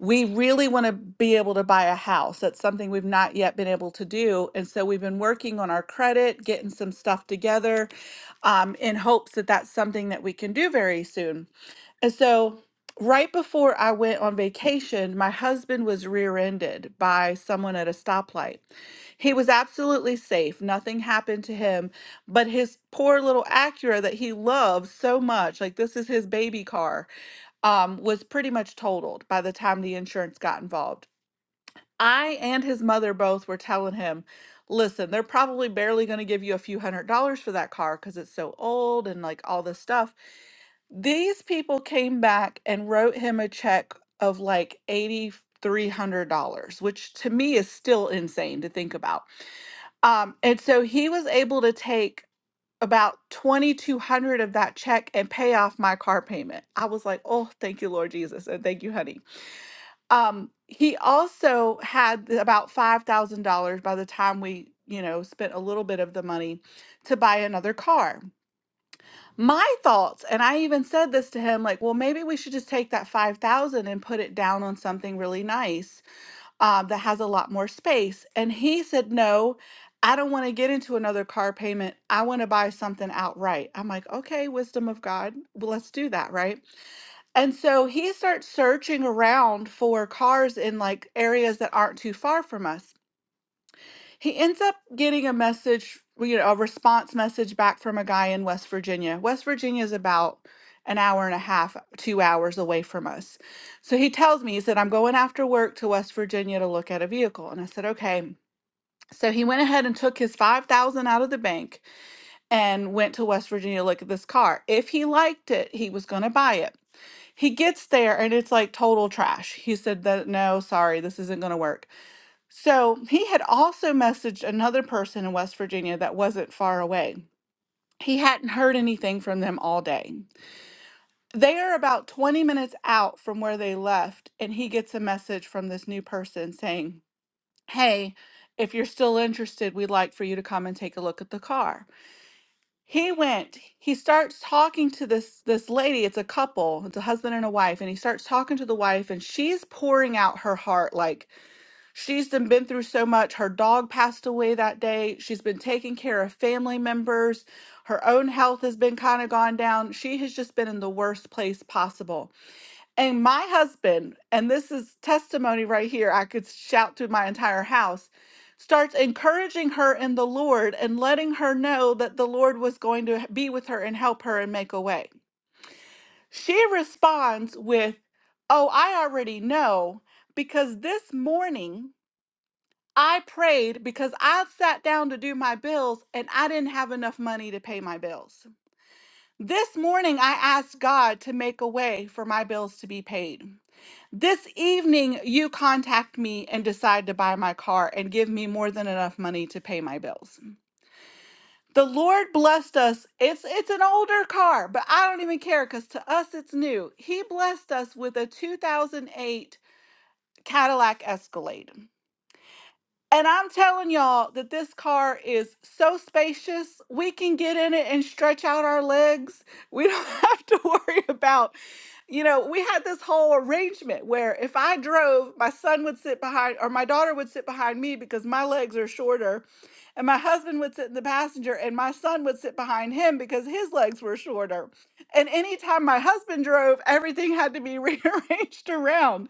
Speaker 2: We really want to be able to buy a house. That's something we've not yet been able to do. And so we've been working on our credit, getting some stuff together um, in hopes that that's something that we can do very soon. And so right before I went on vacation, my husband was rear ended by someone at a stoplight. He was absolutely safe, nothing happened to him. But his poor little Acura that he loves so much, like this is his baby car um, was pretty much totaled by the time the insurance got involved. I and his mother both were telling him, listen, they're probably barely going to give you a few hundred dollars for that car because it's so old and like all this stuff. These people came back and wrote him a check of like $8,300, which to me is still insane to think about. Um, and so he was able to take about 2200 of that check and pay off my car payment. I was like, "Oh, thank you, Lord Jesus, and thank you, honey." Um he also had about $5,000 by the time we, you know, spent a little bit of the money to buy another car. My thoughts, and I even said this to him like, "Well, maybe we should just take that 5,000 and put it down on something really nice." um, that has a lot more space. And he said, No, I don't want to get into another car payment. I want to buy something outright. I'm like, Okay, wisdom of God, well, let's do that, right? And so he starts searching around for cars in like areas that aren't too far from us. He ends up getting a message, well, you know, a response message back from a guy in West Virginia. West Virginia is about an hour and a half, two hours away from us. So he tells me, he said, I'm going after work to West Virginia to look at a vehicle. And I said, okay. So he went ahead and took his 5000 out of the bank and went to West Virginia to look at this car. If he liked it, he was going to buy it. He gets there and it's like total trash. He said that no, sorry, this isn't going to work. So he had also messaged another person in West Virginia that wasn't far away. He hadn't heard anything from them all day. They are about 20 minutes out from where they left, and he gets a message from this new person saying, Hey, if you're still interested, we'd like for you to come and take a look at the car. He went, he starts talking to this this lady, it's a couple, it's a husband and a wife, and he starts talking to the wife and she's pouring out her heart like She's done been through so much. Her dog passed away that day. She's been taking care of family members. Her own health has been kind of gone down. She has just been in the worst place possible. And my husband, and this is testimony right here, I could shout to my entire house, starts encouraging her in the Lord and letting her know that the Lord was going to be with her and help her and make a way. She responds with, Oh, I already know because this morning, I prayed because I sat down to do my bills and I didn't have enough money to pay my bills. This morning, I asked God to make a way for my bills to be paid. This evening, you contact me and decide to buy my car and give me more than enough money to pay my bills. The Lord blessed us. It's it's an older car, but I don't even care because to us it's new. He blessed us with a 2008 Cadillac Escalade. And I'm telling y'all that this car is so spacious. We can get in it and stretch out our legs. We don't have to worry about you know, we had this whole arrangement where if I drove, my son would sit behind, or my daughter would sit behind me because my legs are shorter. And my husband would sit in the passenger, and my son would sit behind him because his legs were shorter. And anytime my husband drove, everything had to be rearranged around.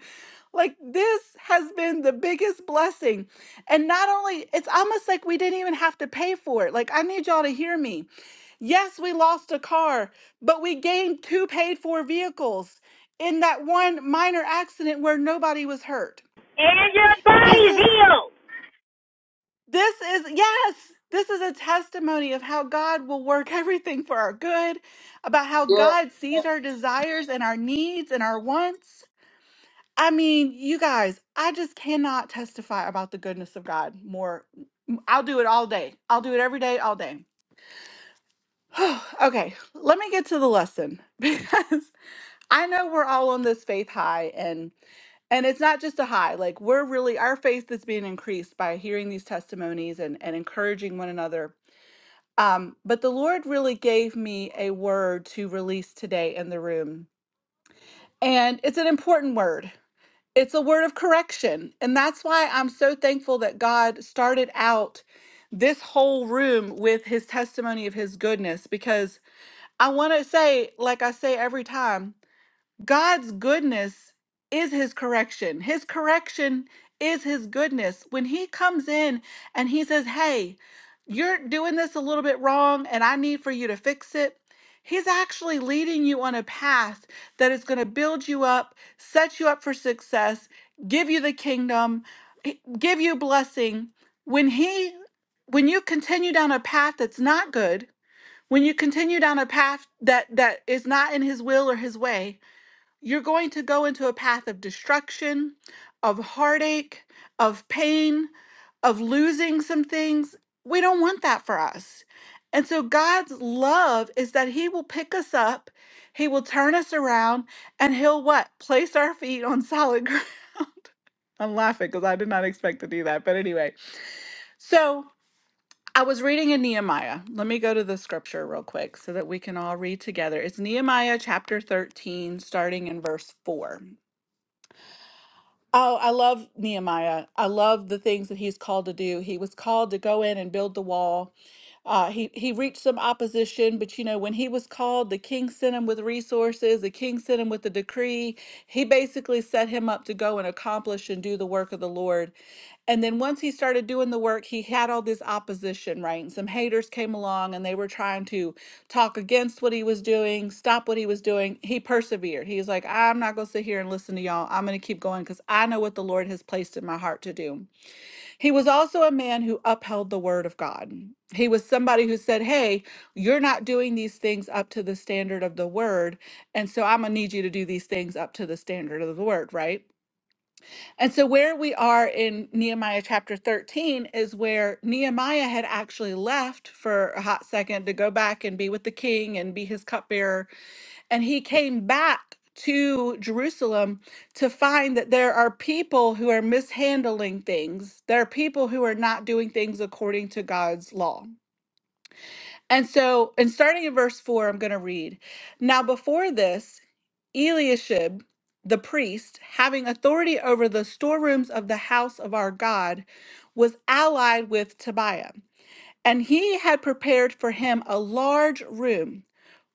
Speaker 2: Like, this has been the biggest blessing. And not only, it's almost like we didn't even have to pay for it. Like, I need y'all to hear me. Yes, we lost a car, but we gained two paid for vehicles in that one minor accident where nobody was hurt.
Speaker 1: And your
Speaker 2: This
Speaker 1: body's
Speaker 2: is
Speaker 1: healed.
Speaker 2: this is yes, this is a testimony of how God will work everything for our good, about how
Speaker 6: Yeah,
Speaker 2: God sees our desires and our needs and our wants. I mean, you guys, I just cannot testify about the goodness of God more. I'll do it all day. I'll do it every day, all day. okay, let me get to the lesson because I know we're all on this faith high and and it's not just a high like we're really our faith is being increased by hearing these testimonies and and encouraging one another um but the lord really gave me a word to release today in the room and it's an important word it's a word of correction and that's why i'm so thankful that god started out this whole room with his testimony of his goodness because i want to say like i say every time God's goodness is his correction. His correction is his goodness. When he comes in and he says, Hey, you're doing this a little bit wrong and I need for you to fix it, he's actually leading you on a path that is going to build you up, set you up for success, give you the kingdom, eh, give you blessing. When he when you continue down a path that's not good, when you continue down a path that that is not in his will or his way, you're going to go into a path of destruction, of heartache, of pain, of losing some things. We don't want that for us. And so God's love is that he will pick us up, he will turn us around, and he'll what? Place our feet on solid ground. I'm laughing because I did not expect to do that. But anyway, so I was reading in Nehemiah. Let me go to the scripture real quick so that we can all read together. It's Nehemiah chapter 13, starting in verse 4. Oh, I love Nehemiah. I love the things that he's called to do. He was called to go in and build the wall. Uh, he he reached some opposition, but you know when he was called, the king sent him with resources. The king sent him with the decree. He basically set him up to go and accomplish and do the work of the Lord. And then once he started doing the work, he had all this opposition, right? And some haters came along and they were trying to talk against what he was doing, stop what he was doing. He persevered. He's like, I'm not going to sit here and listen to y'all. I'm going to keep going because I know what the Lord has placed in my heart to do. He was also a man who upheld the word of God. He was somebody who said, Hey, you're not doing these things up to the standard of the word. And so I'm going to need you to do these things up to the standard of the word, right? And so, where we are in Nehemiah chapter 13 is where Nehemiah had actually left for a hot second to go back and be with the king and be his cupbearer. And he came back to Jerusalem to find that there are people who are mishandling things, there are people who are not doing things according to God's law. And so, and starting in verse 4, I'm going to read. Now, before this, Eliashib, the priest, having authority over the storerooms of the house of our God, was allied with Tobiah. And he had prepared for him a large room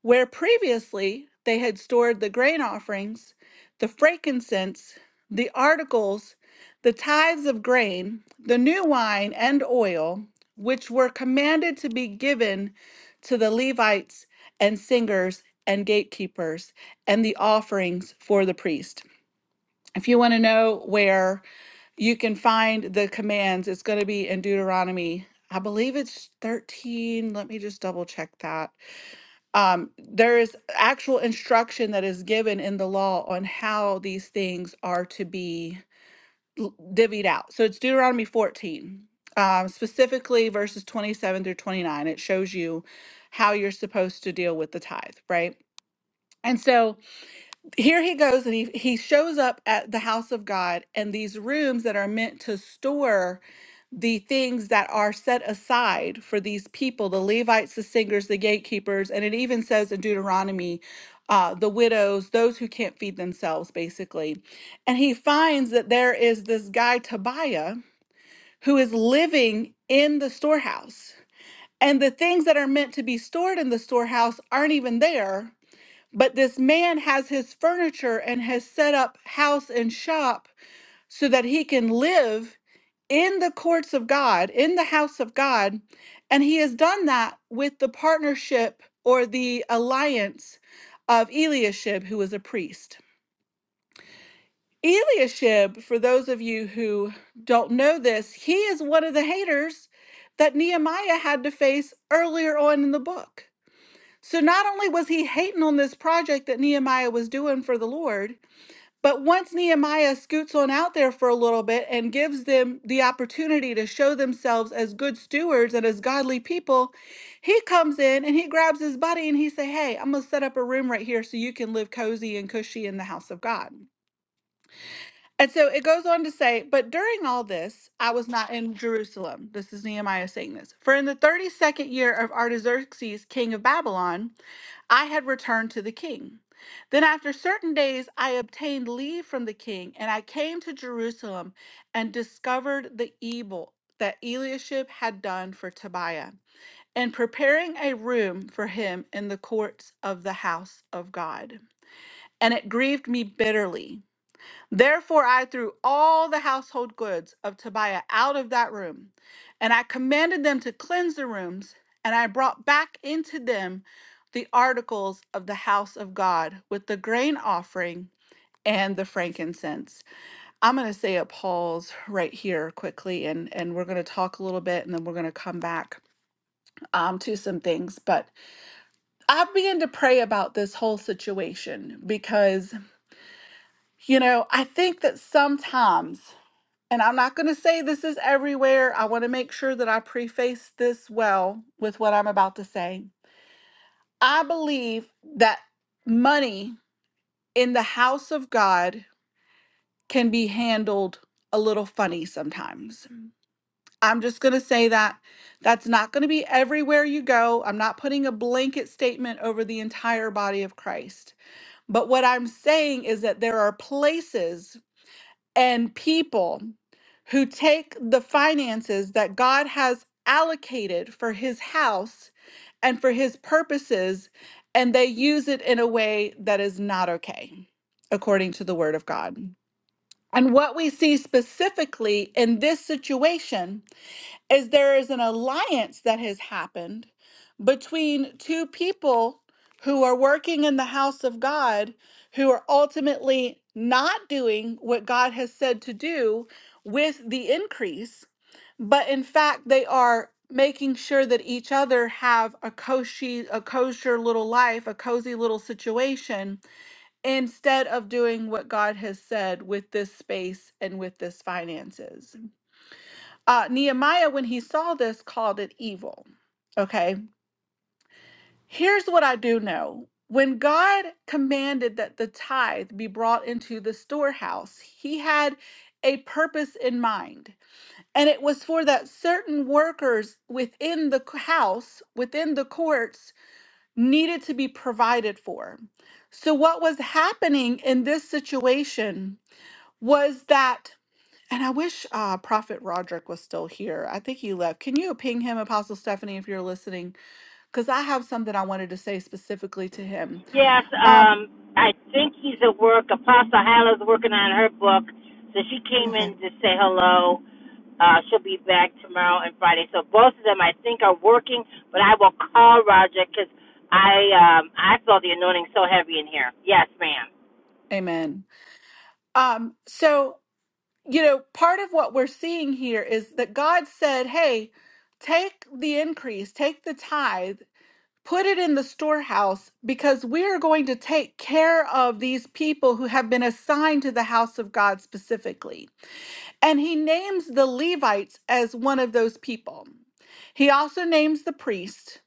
Speaker 2: where previously they had stored the grain offerings, the frankincense, the articles, the tithes of grain, the new wine and oil, which were commanded to be given to the Levites and singers and gatekeepers, and the offerings for the priest. If you want to know where you can find the commands, it's going to be in Deuteronomy. I believe it's 13. Let me just double check that um, there is actual instruction that is given in the law on how these things are to be l- divvied out. So it's Deuteronomy 14, um, specifically verses 27 through 29. It shows you how you're supposed to deal with the tithe, right? And so here he goes and he, he shows up at the house of God and these rooms that are meant to store the things that are set aside for these people the Levites, the singers, the gatekeepers. And it even says in Deuteronomy, uh, the widows, those who can't feed themselves, basically. And he finds that there is this guy, Tobiah, who is living in the storehouse. And the things that are meant to be stored in the storehouse aren't even there. But this man has his furniture and has set up house and shop so that he can live in the courts of God, in the house of God. And he has done that with the partnership or the alliance of Eliashib, who is a priest. Eliashib, for those of you who don't know this, he is one of the haters that Nehemiah had to face earlier on in the book. So not only was he hating on this project that Nehemiah was doing for the Lord, but once Nehemiah scoots on out there for a little bit and gives them the opportunity to show themselves as good stewards and as godly people, he comes in and he grabs his buddy and he say, "Hey, I'm gonna set up a room right here so you can live cozy and cushy in the house of God." And so it goes on to say, but during all this, I was not in Jerusalem. This is Nehemiah saying this. For in the 32nd year of Artaxerxes, king of Babylon, I had returned to the king. Then, after certain days, I obtained leave from the king, and I came to Jerusalem and discovered the evil that Eliashib had done for Tobiah, and preparing a room for him in the courts of the house of God. And it grieved me bitterly. Therefore, I threw all the household goods of Tobiah out of that room, and I commanded them to cleanse the rooms, and I brought back into them the articles of the house of God with the grain offering and the frankincense. I'm going to say a pause right here quickly, and, and we're going to talk a little bit, and then we're going to come back um, to some things. But I began to pray about this whole situation because, you know, I think that sometimes. And I'm not going to say this is everywhere. I want to make sure that I preface this well with what I'm about to say. I believe that money in the house of God can be handled a little funny sometimes. I'm just going to say that that's not going to be everywhere you go. I'm not putting a blanket statement over the entire body of Christ. But what I'm saying is that there are places and people who take the finances that God has allocated for his house and for his purposes and they use it in a way that is not okay, according to the word of God. And what we see specifically in this situation is there is an alliance that has happened between two people who are working in the house of God who are ultimately not doing what God has said to do with the increase, but in fact they are making sure that each other have a cozy a kosher little life, a cozy little situation instead of doing what God has said with this space and with this finances. Uh, Nehemiah, when he saw this, called it evil. Okay, here's what I do know. When God commanded that the tithe be brought into the storehouse, he had a purpose in mind. And it was for that certain workers within the c- house, within the courts, needed to be provided for. So, what was happening in this situation was that and I wish uh, Prophet Roderick was still here. I think he left. Can you ping him, Apostle Stephanie, if you're listening? Because I have something I wanted to say specifically to him.
Speaker 1: Yes,
Speaker 2: Um,
Speaker 1: um, I think he's at work. Apostle Hyla's working on her book, so she came
Speaker 2: okay.
Speaker 1: in to say hello. Uh, she'll be back tomorrow and Friday. So both of them, I think, are working, but I will call Roger because I um, I feel the anointing so heavy in here. Yes, ma'am.
Speaker 2: Amen. Um, so, you know, part of what we're seeing here is that God said, hey, take the increase, take the tithe, put it in the storehouse, because we are going to take care of these people who have been assigned to the house of God specifically. And he names the Levites as one of those people. He also names the priest.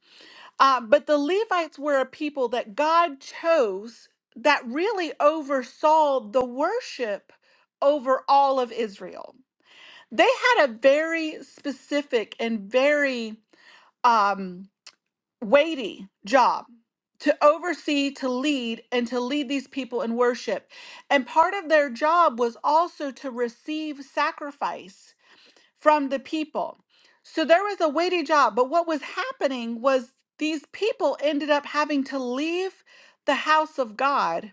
Speaker 2: Uh, but the Levites were a people that God chose that really oversaw the worship over all of Israel. They had a very specific and very um, weighty job to oversee, to lead, and to lead these people in worship. And part of their job was also to receive sacrifice from the people. So there was a weighty job. But what was happening was these people ended up having to leave the house of God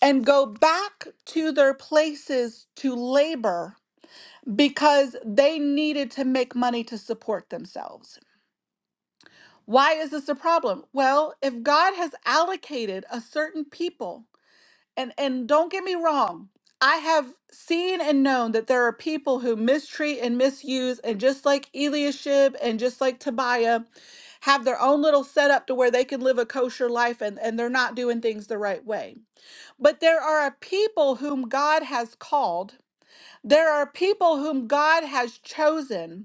Speaker 2: and go back to their places to labor because they needed to make money to support themselves. Why is this a problem? Well, if God has allocated a certain people and and don't get me wrong i have seen and known that there are people who mistreat and misuse and just like eliashib and just like tobiah have their own little setup to where they can live a kosher life and, and they're not doing things the right way but there are a people whom god has called there are people whom god has chosen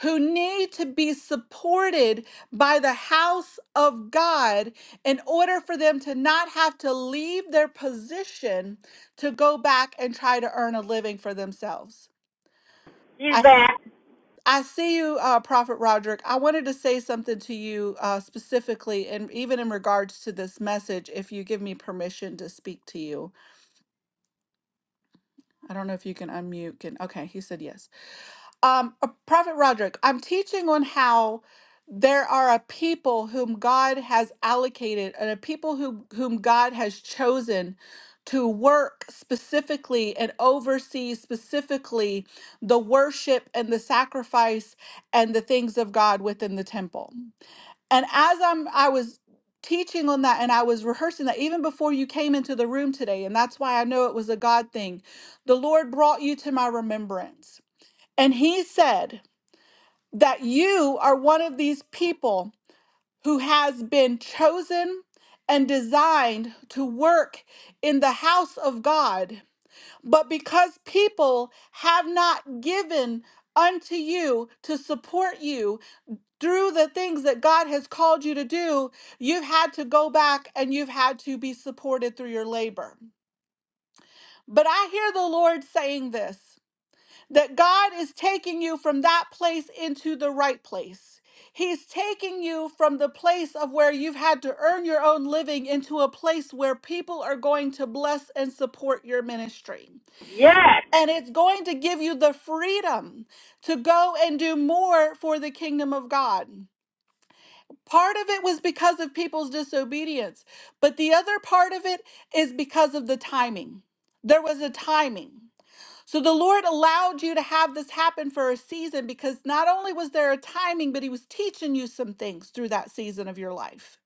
Speaker 2: who need to be supported by the house of God in order for them to not have to leave their position to go back and try to earn a living for themselves.
Speaker 1: He's
Speaker 2: I, s-
Speaker 1: back.
Speaker 2: I see you, uh, Prophet Roderick. I wanted to say something to you uh, specifically, and even in regards to this message, if you give me permission to speak to you. I don't know if you can unmute. Can okay? He said yes. Um, uh, Prophet Roderick, I'm teaching on how there are a people whom God has allocated and a people who, whom God has chosen to work specifically and oversee specifically the worship and the sacrifice and the things of God within the temple. And as I'm I was teaching on that and I was rehearsing that even before you came into the room today and that's why I know it was a God thing. The Lord brought you to my remembrance and he said that you are one of these people who has been chosen and designed to work in the house of God. But because people have not given unto you to support you through the things that God has called you to do, you've had to go back and you've had to be supported through your labor. But I hear the Lord saying this. that God is taking you from that place into the right place. He's taking you from the place of where you've had to earn your own living into a place where people are going to bless and support your ministry.
Speaker 1: Yes.
Speaker 2: And it's going to give you the freedom to go and do more for the kingdom of God. Part of it was because of people's disobedience, but the other part of it is because of the timing. There was a timing. So the Lord allowed you to have this happen for a season because not only was there a timing, but He was teaching you some things through that season of your life.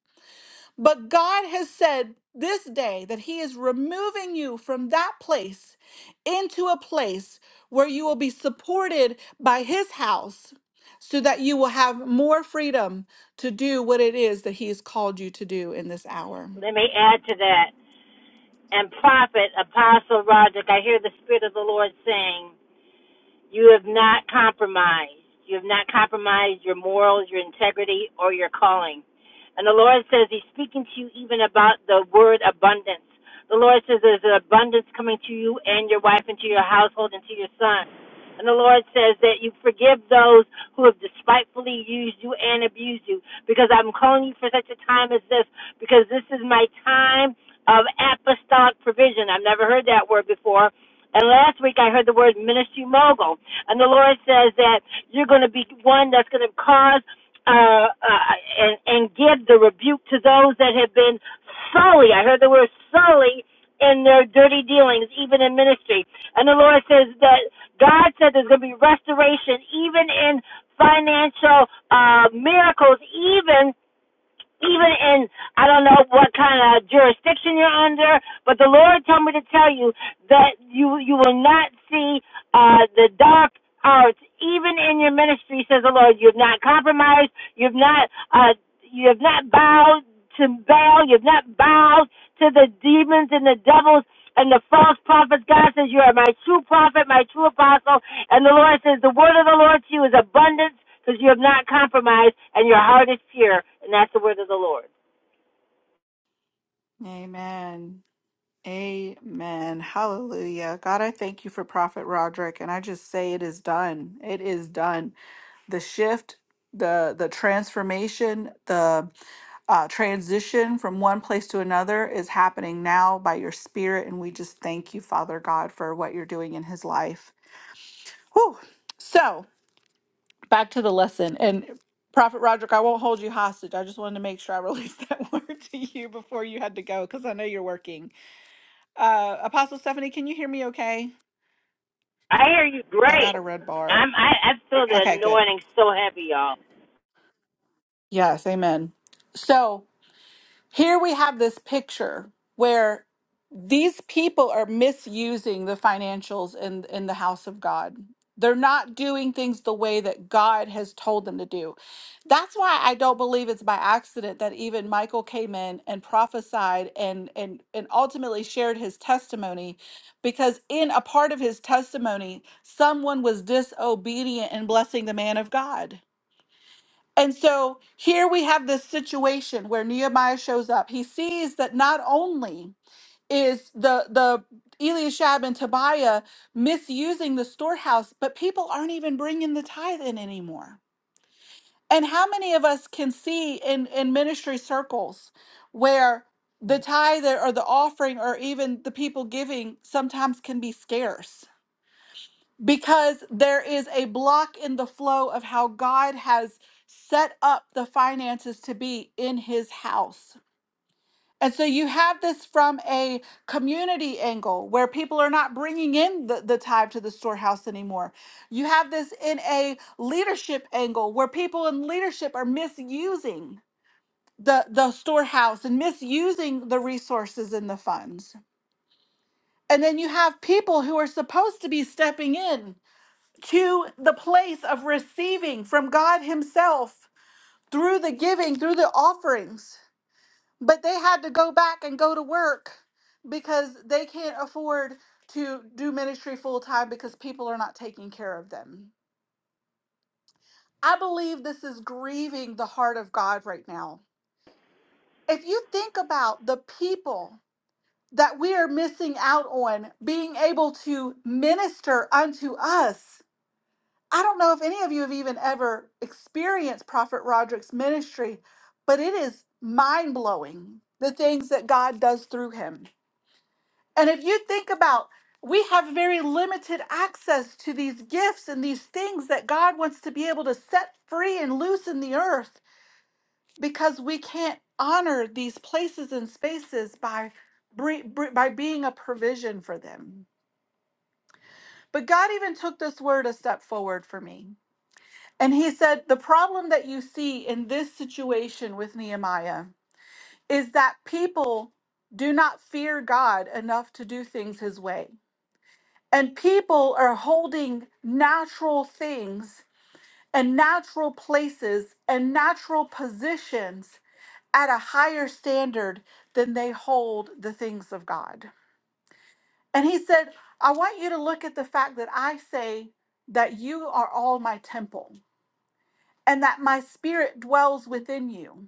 Speaker 2: But God has said this day that He is removing you from that place into a place where you will be supported by His house so that you will have more freedom to do what it is that He has called you to do in this hour.
Speaker 1: Let me add to that. And prophet, apostle Roger, I hear the spirit of the Lord saying. You have not compromised. You have not compromised your morals, your integrity, or your calling. And the Lord says He's speaking to you even about the word abundance. The Lord says there's an abundance coming to you and your wife and to your household and to your son. And the Lord says that you forgive those who have despitefully used you and abused you because I'm calling you for such a time as this because this is my time of apostolic provision. I've never heard that word before, and last week I heard the word ministry mogul. And the Lord says that you're going to be one that's going to cause uh, uh, and, and give the rebuke to those that have been sully. I heard the word sully in their dirty dealings, even in ministry. And the Lord says that God said there's going to be restoration, even in financial uh, miracles, even even in I don't know what kind of jurisdiction you're under, but the Lord told me to tell you that you you will not see uh the dark arts even in your ministry, says the Lord. You've not compromised, you've not uh you have not bowed to Baal, you've not bowed to the demons and the devils and the false prophets, God says, You are my true prophet, my true apostle. And the Lord says, The word of the Lord to you is abundance because you have not compromised and your heart is pure. And that's the word of the Lord.
Speaker 2: Amen. Amen. Hallelujah. God, I thank you for Prophet Roderick and I just say it is done. It is done. The shift, the the transformation, the uh, transition from one place to another is happening now by your spirit and we just thank you, Father God, for what you're doing in his life. Whew. So, back to the lesson and Prophet Roderick, I won't hold you hostage. I just wanted to make sure I released that word to you before you had to go because I know you're working. Uh, Apostle Stephanie, can you hear me okay?
Speaker 1: I hear you
Speaker 2: I
Speaker 1: great.
Speaker 2: got a red bar.
Speaker 1: I'm, I, I feel the
Speaker 2: Okay, good.
Speaker 1: anointing so heavy, y'all.
Speaker 2: Yes, amen. So, Here we have this picture where these people are misusing the financials in, in the house of God. They're not doing things the way that God has told them to do. That's why I don't believe it's by accident that even Michael came in and prophesied and and and ultimately shared his testimony because in a part of his testimony someone was disobedient in blessing the man of God and so here we have this situation where Nehemiah shows up. He sees that not only is the the Eliashab and Tobiah misusing the storehouse, but people aren't even bringing the tithe in anymore. And how many of us can see in in ministry circles where the tithe or the offering or even the people giving sometimes can be scarce? because there is a block in the flow of how God has set up the finances to be in his house. And so you have this from a community angle where people are not bringing in the, the tithe to the storehouse anymore. You have this in a leadership angle where people in leadership are misusing the, the storehouse and misusing the resources and the funds. And then you have people who are supposed to be stepping in to the place of receiving from God Himself through the giving, through the offerings. But they had to go back and go to work because they can't afford to do ministry full time because people are not taking care of them. I believe this is grieving the heart of God right now. If you think about the people that we are missing out on being able to minister unto us, I don't know if any of you have even ever experienced Prophet Roderick's ministry, but it is mind blowing the things that God does through him. And if you think about we have very limited access to these gifts and these things that God wants to be able to set free and loose in the earth because we can't honor these places and spaces by bre- bre- by being a provision for them. But God even took this word a step forward for me And he said, The problem that you see in this situation with Nehemiah is that people do not fear God enough to do things his way. And people are holding natural things and natural places and natural positions at a higher standard than they hold the things of God. And he said, I want you to look at the fact that I say that you are all my temple and that my spirit dwells within you.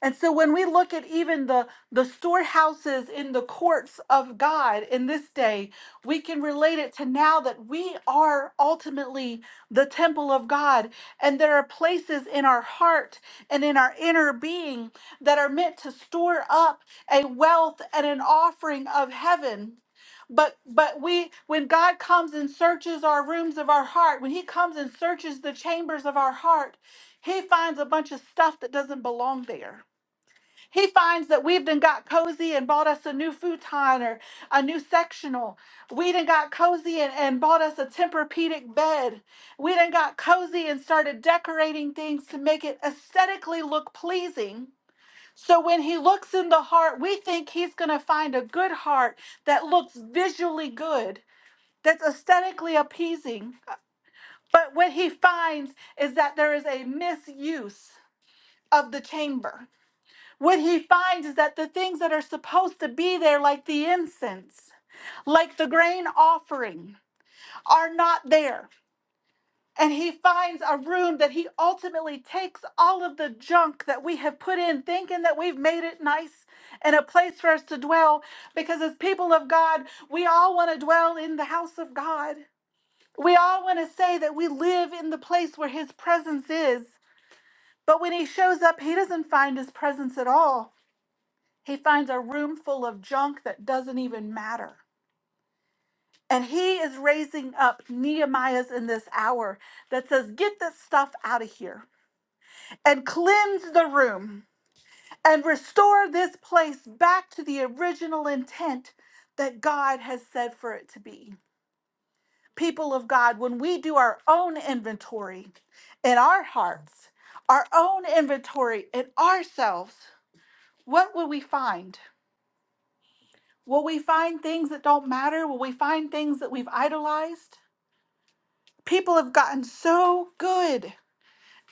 Speaker 2: And so when we look at even the the storehouses in the courts of God in this day, we can relate it to now that we are ultimately the temple of God and there are places in our heart and in our inner being that are meant to store up a wealth and an offering of heaven. But but we when God comes and searches our rooms of our heart, when he comes and searches the chambers of our heart, he finds a bunch of stuff that doesn't belong there. He finds that we've done got cozy and bought us a new futon or a new sectional. We done got cozy and, and bought us a Tempur-Pedic bed. We done got cozy and started decorating things to make it aesthetically look pleasing. So when he looks in the heart, we think he's going to find a good heart that looks visually good, that's aesthetically appeasing. But what he finds is that there is a misuse of the chamber what he finds is that the things that are supposed to be there, like the incense, like the grain offering, are not there. And he finds a room that he ultimately takes all of the junk that we have put in, thinking that we've made it nice and a place for us to dwell. Because as people of God, we all want to dwell in the house of God. We all want to say that we live in the place where his presence is. But when he shows up, he doesn't find his presence at all. He finds a room full of junk that doesn't even matter. And he is raising up Nehemiah's in this hour that says, Get this stuff out of here and cleanse the room and restore this place back to the original intent that God has said for it to be. People of God, when we do our own inventory in our hearts, our own inventory in ourselves, what will we find? Will we find things that don't matter? Will we find things that we've idolized? People have gotten so good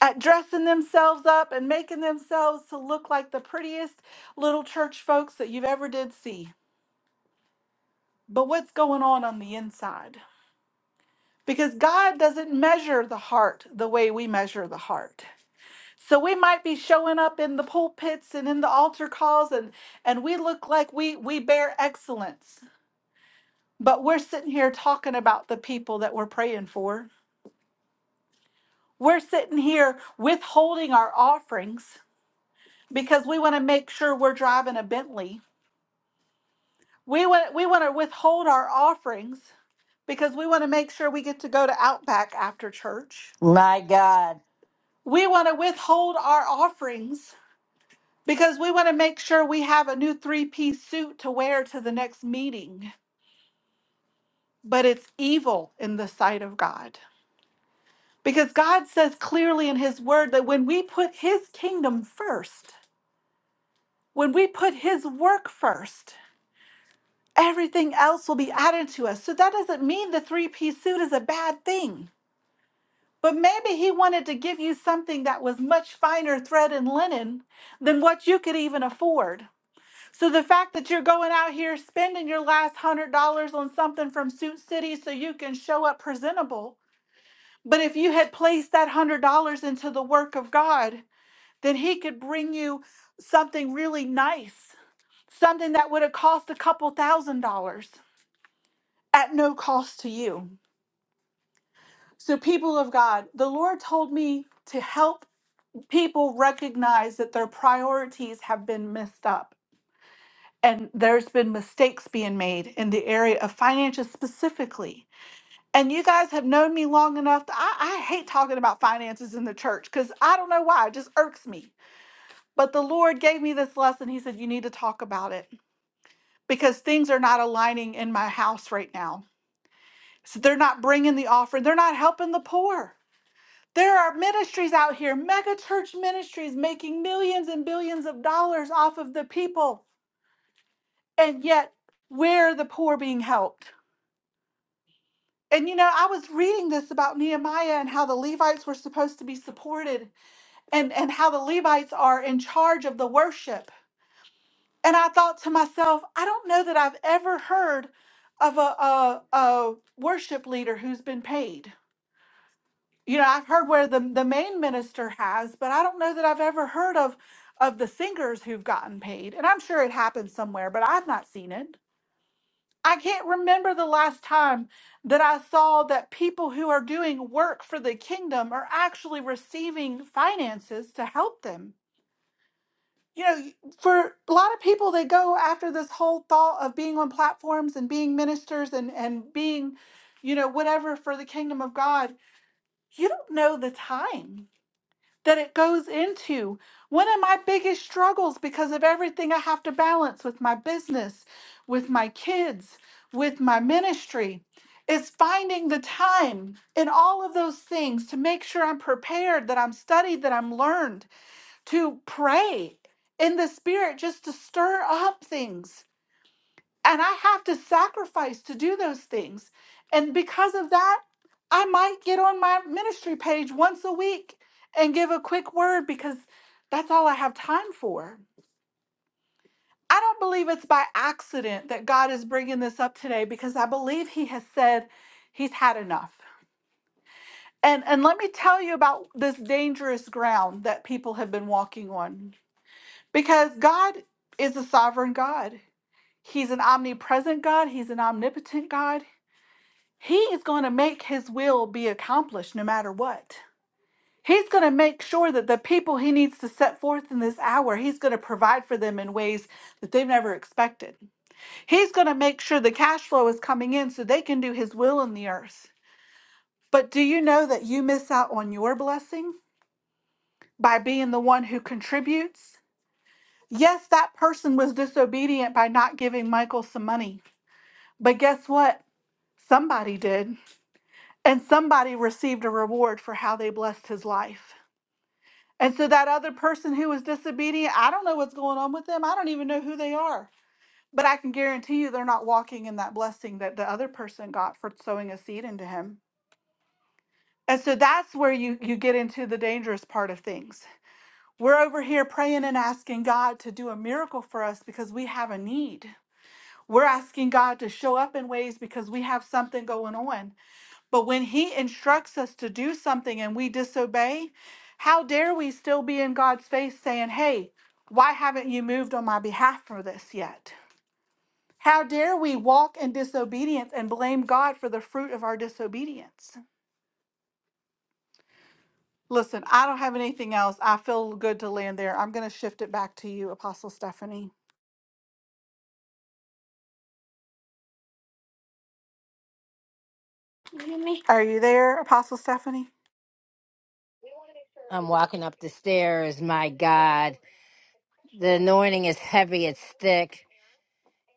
Speaker 2: at dressing themselves up and making themselves to look like the prettiest little church folks that you've ever did see. But what's going on on the inside? Because God doesn't measure the heart the way we measure the heart. So we might be showing up in the pulpits and in the altar calls and and we look like we we bear excellence But we're sitting here talking about the people that we're praying for. We're sitting here withholding our offerings because we want to make sure we're driving a Bentley. We want we want to withhold our offerings because we want to make sure we get to go to Outback after church.
Speaker 1: My God,
Speaker 2: We want to withhold our offerings because we want to make sure we have a new three-piece suit to wear to the next meeting. But it's evil in the sight of God. Because God says clearly in His Word that when we put His kingdom first, when we put His work first, everything else will be added to us. So that doesn't mean the three piece suit is a bad thing. But maybe He wanted to give you something that was much finer thread and linen than what you could even afford. So the fact that you're going out here spending your last hundred dollars on something from Suit City so you can show up presentable. But if you had placed that $100 into the work of God, then he could bring you something really nice, something that would have cost a couple thousand dollars at no cost to you. So, people of God, the Lord told me to help people recognize that their priorities have been messed up and there's been mistakes being made in the area of finances specifically. And you guys have known me long enough that I, I hate talking about finances in the church because I don't know why, it just irks me. But the Lord gave me this lesson. He said, You need to talk about it because things are not aligning in my house right now. So they're not bringing the offering, they're not helping the poor. There are ministries out here, mega church ministries making millions and billions of dollars off of the people, and yet where are the poor being helped? And you know, I was reading this about Nehemiah and how the Levites were supposed to be supported and and how the Levites are in charge of the worship. And I thought to myself, I don't know that I've ever heard of a, a, a worship leader who's been paid. You know, I've heard where the, the main minister has, but I don't know that I've ever heard of of the singers who've gotten paid. And I'm sure it happens somewhere, but I've not seen it. I can't remember the last time that I saw that people who are doing work for the kingdom are actually receiving finances to help them. you know, for a lot of people, they go after this whole thought of being on platforms and being ministers and, and being, you know, whatever for the kingdom of God. You don't know the time that it goes into. One of my biggest struggles because of everything I have to balance with my business, with my kids, with my ministry, is finding the time in all of those things to make sure I'm prepared, that I'm studied, that I'm learned to pray in the spirit just to stir up things. And I have to sacrifice to do those things. And because of that, I might get on my ministry page once a week and give a quick word because that's all I have time for. I don't believe it's by accident that God is bringing this up today because I believe He has said He's had enough. And, and let me tell you about this dangerous ground that people have been walking on Because God is a sovereign God. He's an omnipresent God. He's an omnipotent God. He is going to make his will be accomplished no matter what. He's going to make sure that the people he needs to set forth in this hour, he's going to provide for them in ways that they've never expected. He's going to make sure the cash flow is coming in so they can do his will in the earth. But do you know that you miss out on your blessing by being the one who contributes? Yes, that person was disobedient by not giving Michael some money. But guess what? Somebody did. And somebody received a reward for how they blessed his life. And so that other person who was disobedient, I don't know what's going on with them. I don't even know who they are. But I can guarantee you they're not walking in that blessing that the other person got for sowing a seed into him. And so that's where you, you get into the dangerous part of things. We're over here praying and asking God to do a miracle for us because we have a need. We're asking God to show up in ways because we have something going on. But when he instructs us to do something and we disobey, how dare we still be in God's face saying, Hey, why haven't you moved on my behalf for this yet? How dare we walk in disobedience and blame God for the fruit of our disobedience? Listen, I don't have anything else. I feel good to land there. I'm going to shift it back to you, Apostle Stephanie. Me? Are you there, Apostle Stephanie?
Speaker 1: I'm walking up the stairs. My God, the anointing is heavy. It's thick.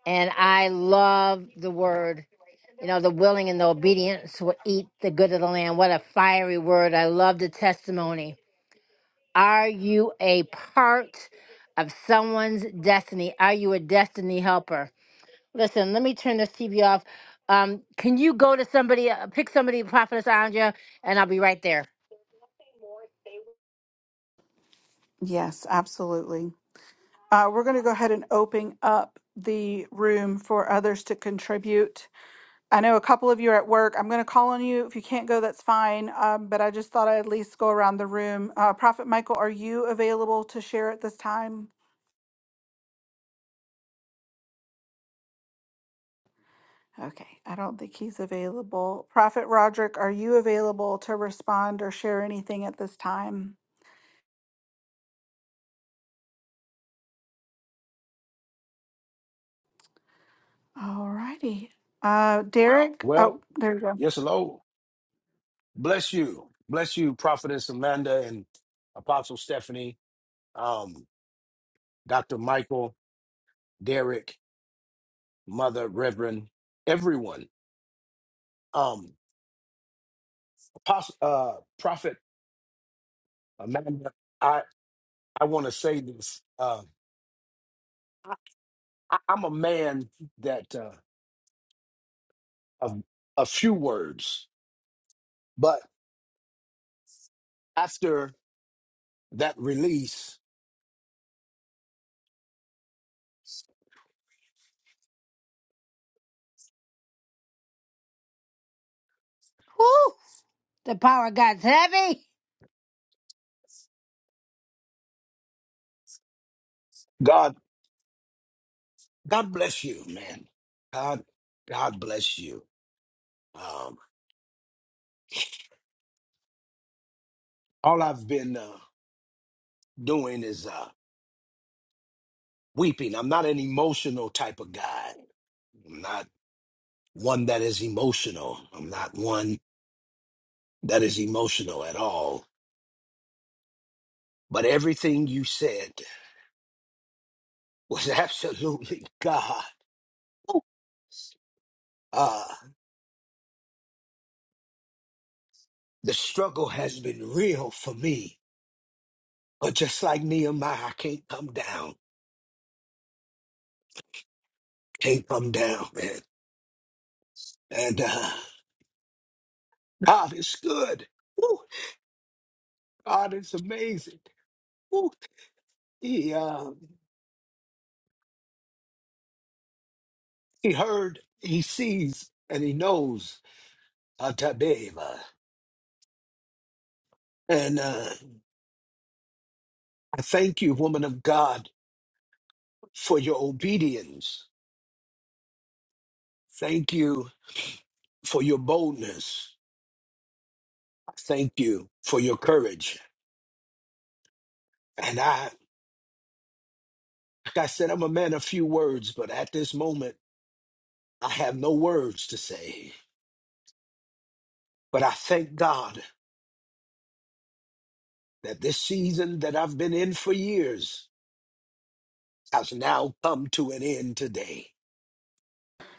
Speaker 1: And I love the word, you know, the willing and the obedience will eat the good of the land. What a fiery word. I love the testimony. Are you a part of someone's destiny? Are you a destiny helper? Listen, let me turn this TV off. Um, can you go to somebody, uh, pick somebody, Prophetess Andrea, and I'll be right there.
Speaker 2: Yes, absolutely. Uh, we're going to go ahead and open up the room for others to contribute. I know a couple of you are at work. I'm going to call on you. If you can't go, that's fine. Um, but I just thought I'd at least go around the room. Uh, Prophet Michael, are you available to share at this time? Okay, I don't think he's available. Prophet Roderick, are you available to respond or share anything at this time? All righty. Uh, Derek,
Speaker 7: Well,
Speaker 2: oh, there you go.
Speaker 7: yes, hello. Bless you. Bless you, Prophetess Amanda and Apostle Stephanie, um, Dr. Michael, Derek, Mother, Reverend, everyone. Um, Apostle, uh, Prophet Amanda, I, I want to say this. Uh, I, I'm a man that uh, of a few words, but after that release,
Speaker 1: Woo! The power of God's heavy.
Speaker 7: God, God bless you, man. God, God bless you. Um, all I've been. uh, doing is uh, weeping. I'm not an emotional type of guy. I'm not one that is emotional. I'm not one that is emotional at all. But everything you said was absolutely God. Uh, the struggle has been real for me. But just like Nehemiah, I can't come down. Can't come down, man. And uh, God is good. Woo. God is amazing. Woo. He, uh, He heard, he sees, and he knows Atabeva. And uh, I thank you, woman of God, for your obedience. Thank you for your boldness. Thank you for your courage. And I, like I said, I'm a man of few words, but at this moment, I have no words to say. But I thank God that this season that I've been in for years has now come to an end today.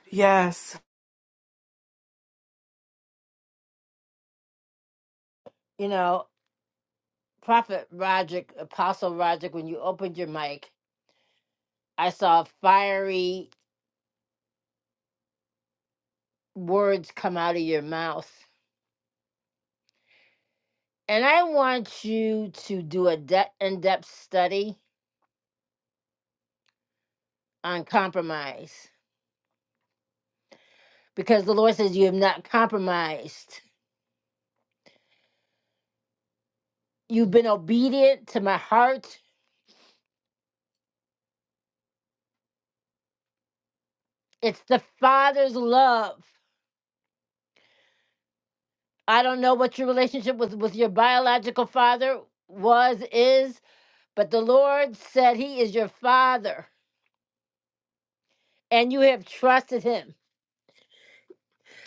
Speaker 2: Yes.
Speaker 1: You know, Prophet Roderick, Apostle Roderick, when you opened your mic, I saw fiery words come out of your mouth. And I want you to do a de- in depth study on compromise because the Lord says you have not compromised. You've been obedient to my heart. It's the Father's love. I don't know what your relationship with, with your biological father was, is, but the Lord said He is your Father and you have trusted Him.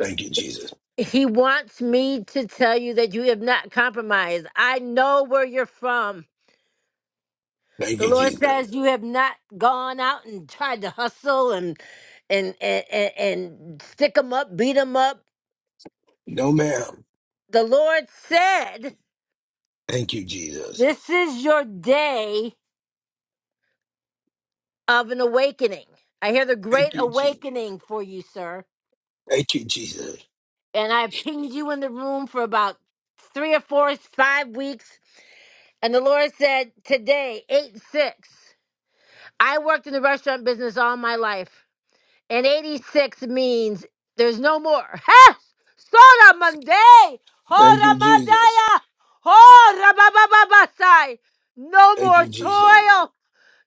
Speaker 7: Thank you, Jesus.
Speaker 1: He wants me to tell you that you have not compromised. I know where you're from.
Speaker 7: Thank
Speaker 1: The
Speaker 7: you,
Speaker 1: Lord
Speaker 7: Jesus.
Speaker 1: says you have not gone out and tried to hustle and and and, and, and stick them up, beat them up.
Speaker 7: No, ma'am.
Speaker 1: The Lord said,
Speaker 7: Thank you, Jesus.
Speaker 1: "This is your day of an awakening." I hear the great
Speaker 7: Thank you, Jesus.
Speaker 1: awakening for you, sir.
Speaker 7: Thank you, Jesus.
Speaker 1: And I pinged you in the room for about three or four, five weeks. And the Lord said, "Today, eight six." I worked in the restaurant business all my life. And 86 means there's no more. Ha! Sora Monday!
Speaker 7: Thank
Speaker 1: Hora
Speaker 7: you, Jesus.
Speaker 1: Mandaya! Hora Babababasai! No
Speaker 7: Thank
Speaker 1: more
Speaker 7: you, Jesus.
Speaker 1: toil!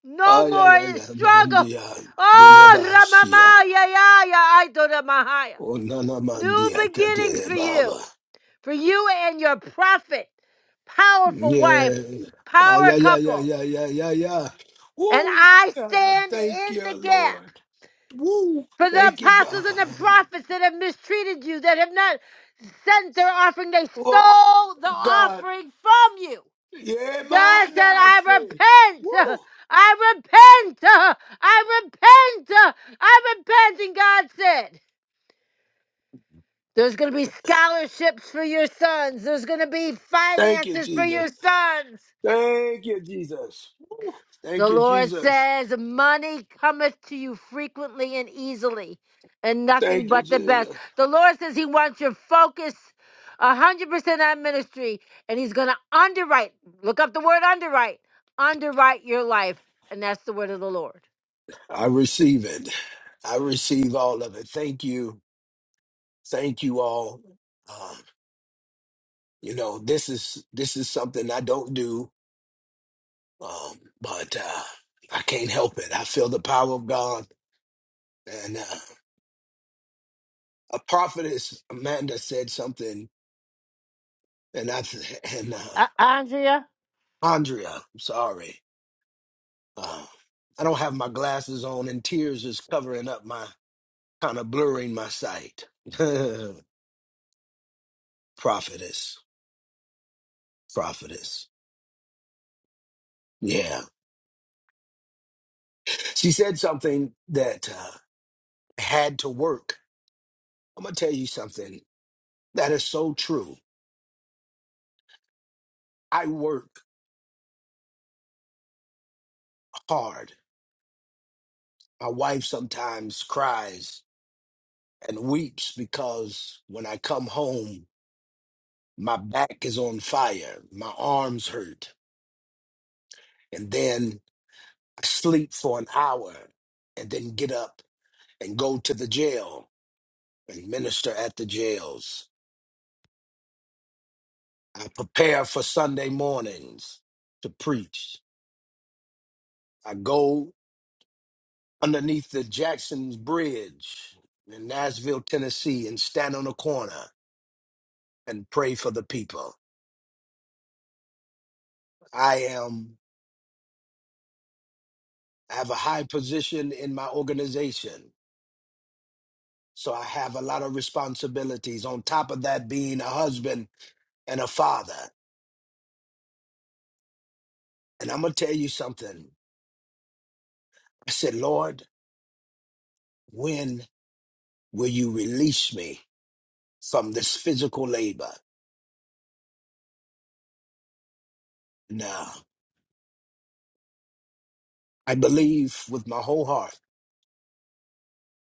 Speaker 1: No more
Speaker 7: Ayayaya
Speaker 1: struggle!
Speaker 7: mandia
Speaker 1: Oh,
Speaker 7: delebashia.
Speaker 1: Ramama, ya, ya, ya, I do the Mahaya.
Speaker 7: Onana
Speaker 1: New
Speaker 7: mandia
Speaker 1: beginnings
Speaker 7: kadere
Speaker 1: for you,
Speaker 7: baba.
Speaker 1: for you and your prophet, powerful wife,
Speaker 7: Yeah.
Speaker 1: power couple.
Speaker 7: Ayayayayayaya.
Speaker 1: And
Speaker 7: Woo.
Speaker 1: I
Speaker 7: God, I
Speaker 1: stand
Speaker 7: thank
Speaker 1: in
Speaker 7: you,
Speaker 1: the gap
Speaker 7: Lord. Woo.
Speaker 1: for the
Speaker 7: Thank you,
Speaker 1: apostles and
Speaker 7: God.
Speaker 1: the prophets that have mistreated you, that have not sent their offering. They
Speaker 7: Oh,
Speaker 1: stole the
Speaker 7: God.
Speaker 1: offering from you.
Speaker 7: Yeah,
Speaker 1: God
Speaker 7: man,
Speaker 1: said,
Speaker 7: I
Speaker 1: I
Speaker 7: say.
Speaker 1: repent.
Speaker 7: Woo.
Speaker 1: I repent. I repent. I repent. And God said, there's going to be scholarships for your sons. There's going to be
Speaker 7: Thank you,
Speaker 1: finances for
Speaker 7: Jesus.
Speaker 1: your sons.
Speaker 7: Thank you, Jesus. Woo.
Speaker 1: The
Speaker 7: Thank you,
Speaker 1: Lord
Speaker 7: Jesus.
Speaker 1: says, Money cometh to you frequently and easily, and nothing
Speaker 7: Thank you,
Speaker 1: but the best.
Speaker 7: Jesus.
Speaker 1: The Lord says He wants your focus 100% on ministry, and He's going to underwrite. Look up the word underwrite. Underwrite your life. And that's the word of the Lord.
Speaker 7: I receive it. I receive all of it. Thank you. Thank you all. Um, you know, this is this is something I don't do, um, but uh, I can't help it. I feel the power of God. And uh, a prophetess Amanda said something, and I th- and uh,
Speaker 1: Uh, Andrea?
Speaker 7: Andrea, I'm sorry. Uh, I don't have my glasses on, and tears is covering up my kind of blurring my sight. prophetess, prophetess. Yeah. She said something that uh, had to work. I'm going to tell you something that is so true. I work hard. My wife sometimes cries and weeps because when I come home, my back is on fire, my arms hurt, and then I sleep for an hour and then get up and go to the jail and minister at the jails I prepare for Sunday mornings to preach. I go underneath the Jackson's Bridge in Nashville, Tennessee, and stand on a corner and pray for the people. I am I have a high position in my organization, so I have a lot of responsibilities. On top of that, being a husband and a father. And I'm gonna tell you something. I said, Lord, when will you release me from this physical labor? No. I believe with my whole heart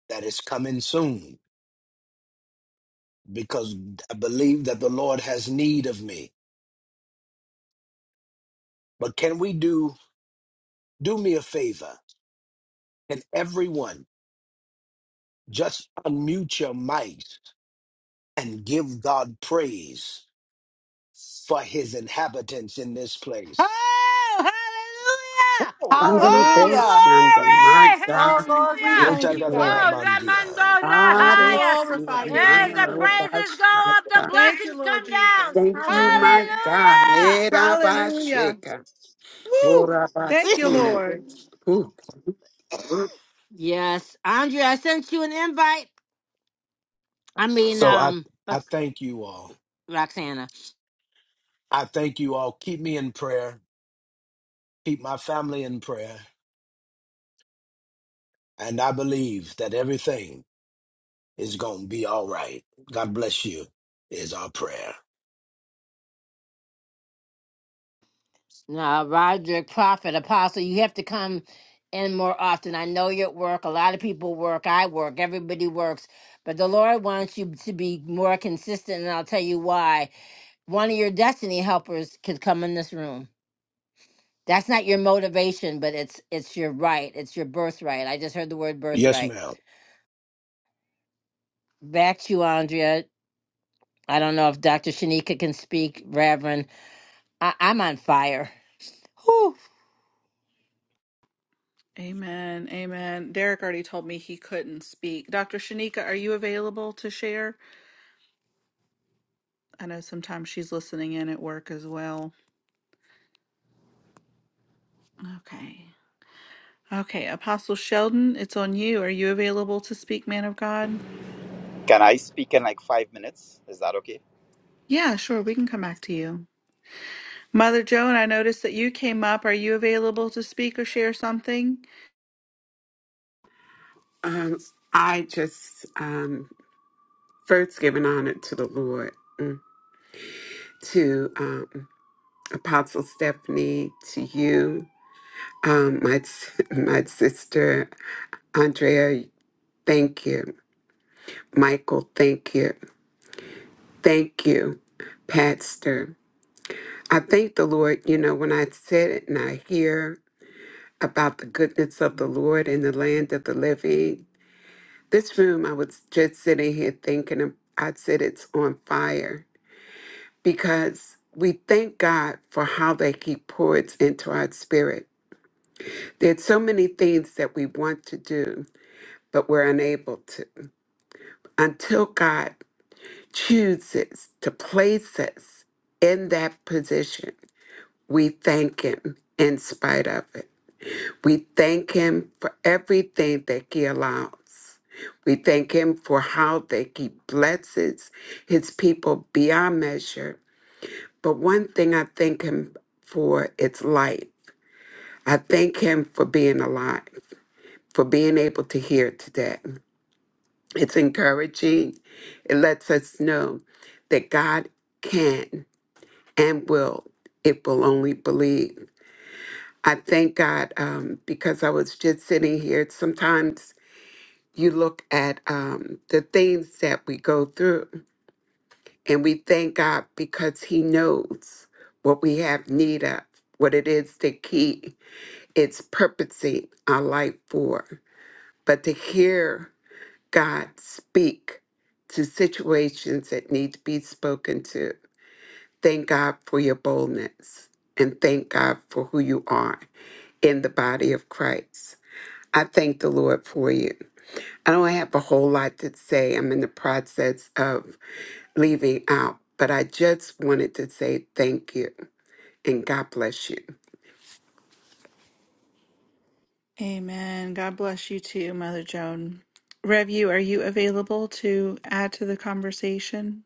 Speaker 7: that it's coming soon because I believe that the Lord has need of me. But can we do do me a favor? Can everyone just unmute your mics and give God praise for his inhabitants in this place?
Speaker 1: Oh, hallelujah!
Speaker 7: Oh.
Speaker 8: I'm gonna
Speaker 1: Oh,
Speaker 8: push
Speaker 2: Uh,
Speaker 8: and my
Speaker 1: glory!
Speaker 2: Oh
Speaker 8: God.
Speaker 2: Lord, we
Speaker 8: Thank
Speaker 2: thank
Speaker 8: you,
Speaker 2: you,
Speaker 1: Hallelujah!
Speaker 8: Lord.
Speaker 2: God.
Speaker 1: Oh,
Speaker 7: Utadadadamandia.
Speaker 1: Ramando
Speaker 2: We
Speaker 1: Rahaya!
Speaker 8: Parecia,
Speaker 2: glorify your
Speaker 1: As
Speaker 2: name,
Speaker 1: the
Speaker 2: Lord.
Speaker 1: praises go up, the
Speaker 8: marabashata.
Speaker 2: Thank you,
Speaker 1: blessings
Speaker 2: Lord
Speaker 1: come down.
Speaker 2: Jesus.
Speaker 8: Thank you, my
Speaker 2: Hallelujah.
Speaker 8: God.
Speaker 2: Hallelujah.
Speaker 8: Erabasheka,
Speaker 2: Thank you,
Speaker 8: orabasia.
Speaker 1: Hallelujah!
Speaker 2: Lord.
Speaker 8: Ooh.
Speaker 1: yes, Andrea, I sent you an invite. I mean,
Speaker 7: So I
Speaker 1: um,
Speaker 7: I
Speaker 1: what's-
Speaker 7: thank you all.
Speaker 1: Roxana.
Speaker 7: I thank you all. Keep me in prayer. Keep my family in prayer. And I believe that everything It's going to be all right. God bless you, is our prayer.
Speaker 1: Now, Roger, prophet, apostle, you have to come in more often. I know you're at work. A lot of people work. I work. Everybody works. But the Lord wants you to be more consistent, and I'll tell you why. One of your destiny helpers could come in this room. That's not your motivation, but it's it's your right. It's your birthright. I just heard the word
Speaker 7: Yes,
Speaker 1: birthright.
Speaker 7: ma'am.
Speaker 1: Back to you, Andrea. I don't know if Dr. Shanika can speak, Reverend. I, I'm on fire. Whew.
Speaker 2: Amen. Amen. Derek already told me he couldn't speak. Dr. Shanika, are you available to share? I know sometimes she's listening in at work as well. Okay. Okay. Apostle Sheldon, it's on you. Are you available to speak, man of God?
Speaker 9: Can I speak in like five minutes? Is that okay?
Speaker 2: Yeah, sure. We can come back to you. Mother Joan, I noticed that you came up. Are you available to speak or share something?
Speaker 8: Um, I just um, first giving honor to the Lord, mm, to um, Apostle Stephanie, to you, um, my s- my sister Andrea. Thank you, Michael. Thank you. Thank you, Pastor. I thank the Lord. You know, when I said it and I hear about the goodness of the Lord in the land of the living, this room, I was just sitting here thinking, of- I said it's on fire because we thank God for how that He pours into our spirit. There's so many things that we want to do, but we're unable to until God chooses to place us in that position We thank Him in spite of it. We thank Him for everything that He allows. We thank Him for how that He blesses His people beyond measure. But one thing I thank Him for its life. I thank Him for being alive, for being able to hear today. It's encouraging. It lets us know that God can and will, if we'll only believe. I thank God um, because I was just sitting here. Sometimes you look at um, the things that we go through, and we thank God because He knows what we have need of, what it is the key, it's purposing our life for. But to hear God speak to situations that need to be spoken to, thank God for your boldness and thank God for who you are in the body of Christ. I thank the Lord for you. I don't have a whole lot to say. I'm in the process of leaving out, but I just wanted to say thank you and God bless you.
Speaker 2: Amen. God bless you too, Mother Joan. Rev, you, are you available to add to the conversation?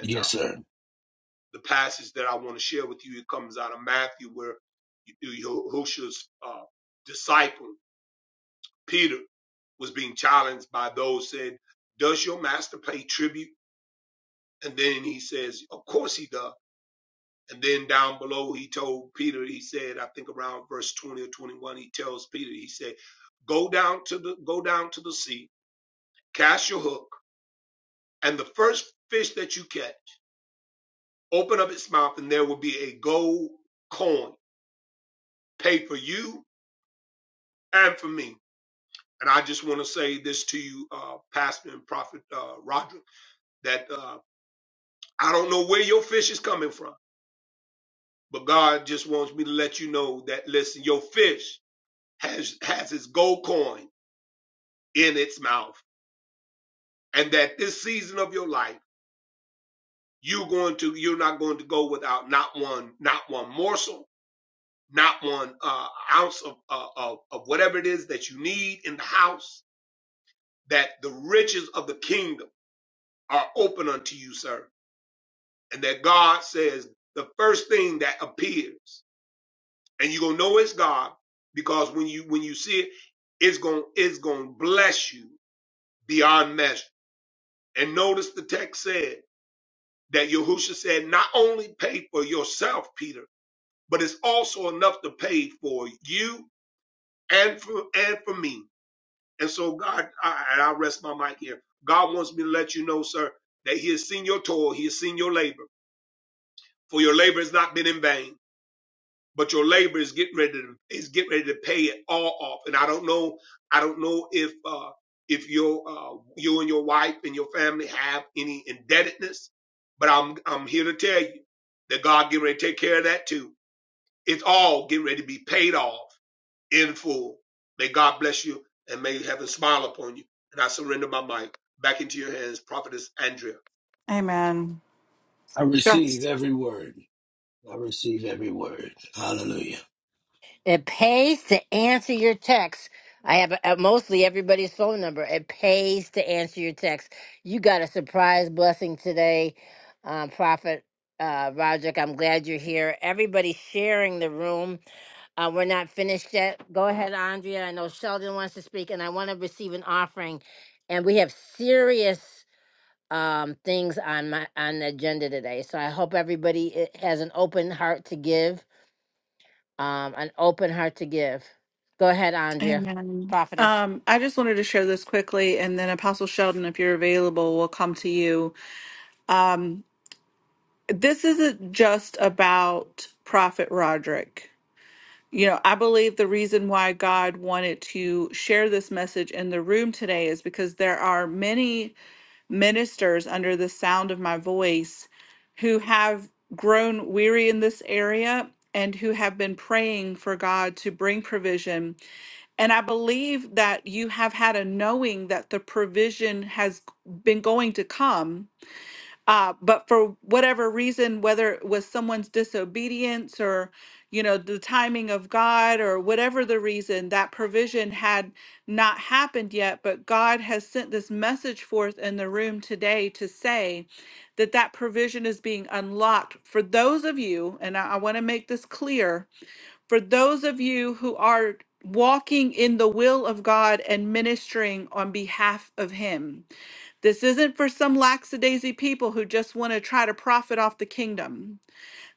Speaker 7: Yes, sir.
Speaker 2: Amen.
Speaker 7: I
Speaker 2: Sure.
Speaker 7: receive every word. I receive every word. Hallelujah.
Speaker 1: It pays to answer your text. I have uh, mostly everybody's phone number. It pays to answer your text. You got a surprise blessing today, um, Prophet uh, Roderick. I'm glad you're here. Everybody sharing the room. Uh, we're not finished yet. Go ahead, Andrea. I know Sheldon wants to speak, and I want to receive an offering. And we have serious um, things on my on the agenda today. So I hope everybody eh, has an open heart to give um, an open heart to give. Go ahead, Andrea,
Speaker 2: Amen.
Speaker 1: prophetess.
Speaker 2: Um, I just wanted to share this quickly, and then Apostle Sheldon, if you're available, will come to you. Um, this isn't just about Prophet Roderick. You know, I believe the reason why God wanted to share this message in the room today is because there are many ministers under the sound of my voice who have grown weary in this area and who have been praying for God to bring provision And I believe that you have had a knowing that the provision has been going to come. Uh, but for whatever reason, whether it was someone's disobedience or, you know, the timing of God or whatever the reason, that provision had not happened yet. But God has sent this message forth in the room today to say that that provision is being unlocked for those of you, and I, I want to make this clear for those of you who are walking in the will of God and ministering on behalf of Him. This isn't for some lackadaisy people who just want to try to profit off the kingdom.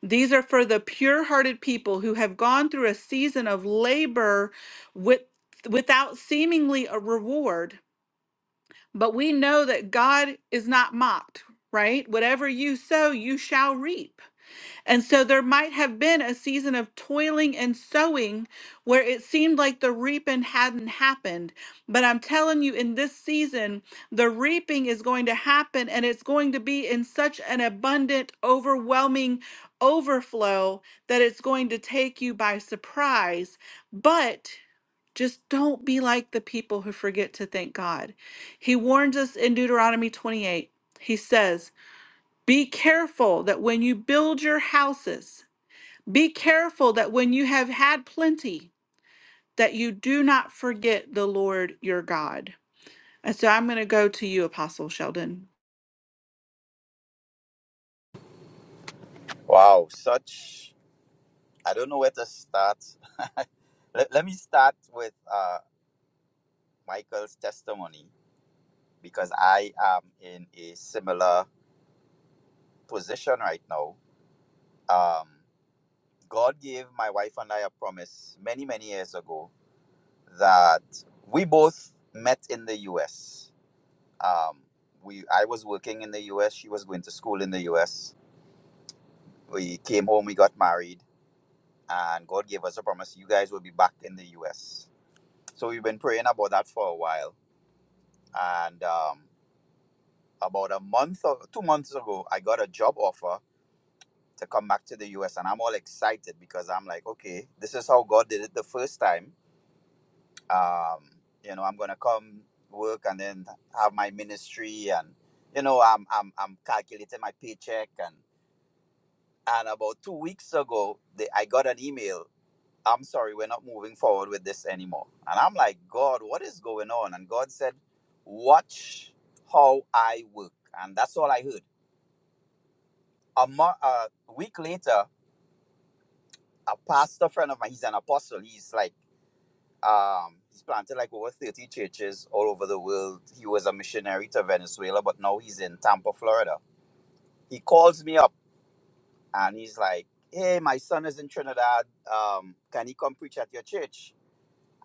Speaker 2: These are for the pure hearted people who have gone through a season of labor with, without seemingly a reward. But we know that God is not mocked, right? Whatever you sow, you shall reap. And so there might have been a season of toiling and sowing where it seemed like the reaping hadn't happened. But I'm telling you, in this season, the reaping is going to happen and it's going to be in such an abundant, overwhelming overflow that it's going to take you by surprise. But just don't be like the people who forget to thank God. He warns us in Deuteronomy 28. He says, be careful that when you build your houses, be careful that when you have had plenty, that you do not forget the Lord your God. And so I'm going to go to you, Apostle Sheldon.
Speaker 9: Wow, such. I don't know where to start. let, let me start with uh, Michael's testimony because I am in a similar position right now. Um, God gave my wife and I a promise many, many years ago that we both met in the US. Um, we, I was working in the US, she was going to school in the US. We came home, we got married and God gave us a promise you guys will be back in the US. So we've been praying about that for a while. And um, about a month or two months ago, I got a job offer to come back to the US. And I'm all excited because I'm like, okay, this is how God did it the first time. Um, you know, I'm going to come work and then have my ministry. And, you know, I'm, I'm, I'm calculating my paycheck. And, and about two weeks ago, they, I got an email I'm sorry, we're not moving forward with this anymore. And I'm like, God, what is going on? And God said, Watch how I work. And that's all I heard. A, mo- a week later, a pastor friend of mine, he's an apostle. He's like, um, he's planted like over 30 churches all over the world. He was a missionary to Venezuela, but now he's in Tampa, Florida. He calls me up and he's like, Hey, my son is in Trinidad. Um, can he come preach at your church?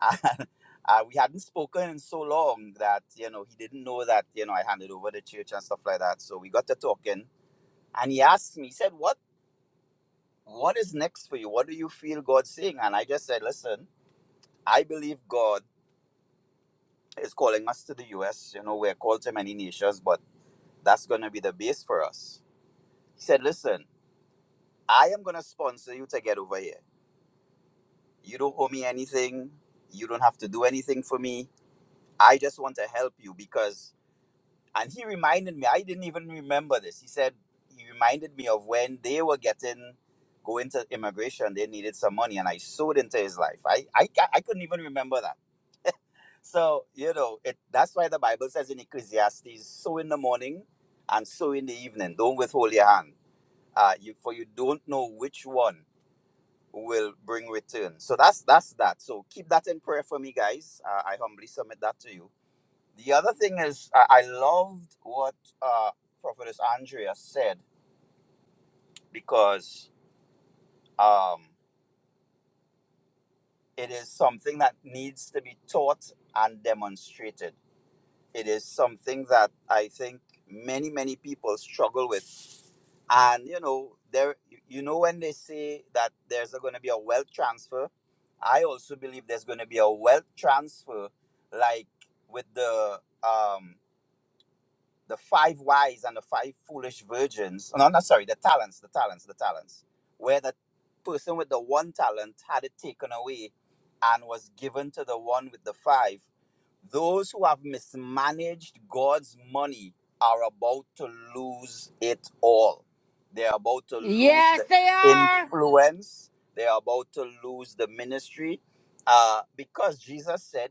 Speaker 9: And uh, we hadn't spoken in so long that you know he didn't know that you know I handed over the church and stuff like that. So we got to talking, and he asked me, he said, "What what is next for you? What do you feel God's saying?" And I just said, "Listen, I believe God is calling us to the U.S. You know, we're called to many nations, but that's going to be the base for us." He said, "Listen, I am going to sponsor you to get over here. You don't owe me anything. You don't have to do anything for me. I just want to help you because." And he reminded me, I didn't even remember this. He said, he reminded me of when they were getting, going to immigration, they needed some money, and I sowed into his life. I, I, ca- I couldn't even remember that. So, you know, it, that's why the Bible says in Ecclesiastes, sow in the morning and sow in the evening. Don't withhold your hand, uh, you, for you don't know which one will bring return. So that's that's that. So keep that in prayer for me, guys. Uh, I humbly submit that to you the other thing is, I, I loved what uh, Prophetess Andrea said because um, it is something that needs to be taught and demonstrated. It is something that I think many, many people struggle with. And, you know, there, you know, when they say that there's going to be a wealth transfer, I also believe there's going to be a wealth transfer, like with the um, the five wise and the five foolish virgins. No, not sorry, the talents, the talents, the talents, where the person with the one talent had it taken away and was given to the one with the five. Those who have mismanaged God's money are about to lose it all. They're about to lose
Speaker 1: Yes,
Speaker 9: the
Speaker 1: they are.
Speaker 9: influence. They're about to lose the ministry. Uh, because Jesus said,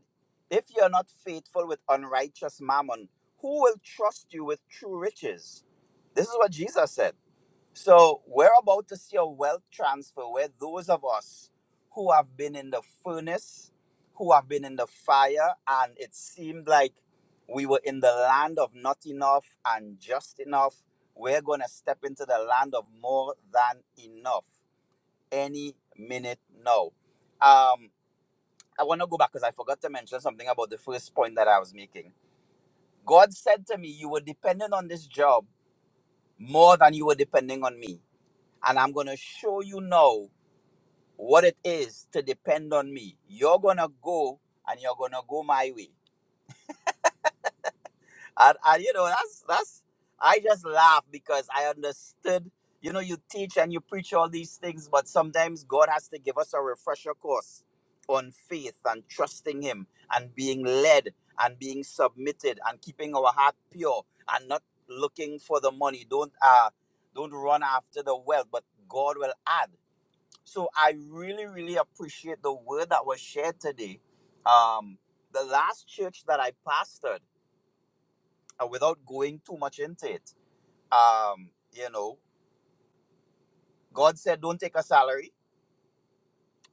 Speaker 9: if you're not faithful with unrighteous mammon, who will trust you with true riches? This is what Jesus said. So we're about to see a wealth transfer where those of us who have been in the furnace, who have been in the fire, and it seemed like we were in the land of not enough and just enough, we're going to step into the land of more than enough any minute now. Um, I want to go back because I forgot to mention something about the first point that I was making. God said to me, You were dependent on this job more than you were depending on me and I'm going to show you now what it is to depend on me. You're going to go and you're going to go my way. And, and you know, that's, that's, I just laugh because I understood, you know, you teach and you preach all these things, but sometimes God has to give us a refresher course on faith and trusting Him and being led and being submitted and keeping our heart pure and not looking for the money. Don't, uh, don't run after the wealth, but God will add. So I really, really appreciate the word that was shared today. Um, the last church that I pastored, uh, without going too much into it, um, you know, God said, "Don't take a salary."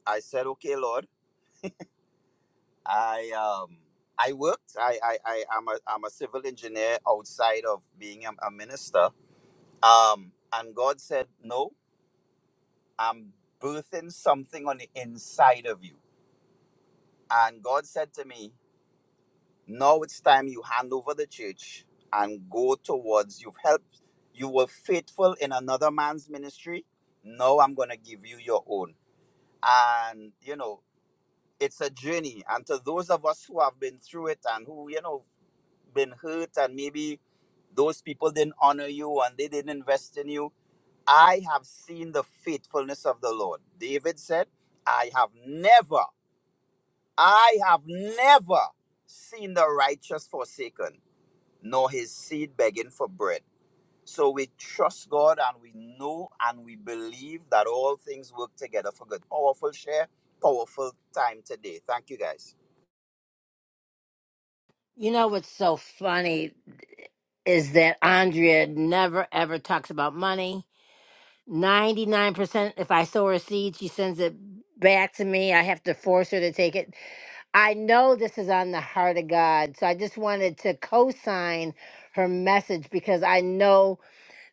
Speaker 9: I said, "Okay, Lord." I um, I worked. I I I am a I'm a civil engineer outside of being a, a minister. Um, and God said, "No, I'm birthing something on the inside of you." And God said to me, Now it's time you hand over the church and go towards you've helped. You were faithful in another man's ministry. Now I'm going to give you your own. And, you know, it's a journey. And to those of us who have been through it and who, you know, been hurt and maybe those people didn't honor you and they didn't invest in you, I have seen the faithfulness of the Lord. David said, I have never, I have never seen the righteous forsaken nor his seed begging for bread. So we trust God and we know and we believe that all things work together for good. Powerful share, powerful time today. Thank you guys.
Speaker 1: You know what's so funny is that Andrea never ever talks about money. 99% if I sow her seed, she sends it back to me. I have to force her to take it. I know this is on the heart of God. So I just wanted to co sign her message because I know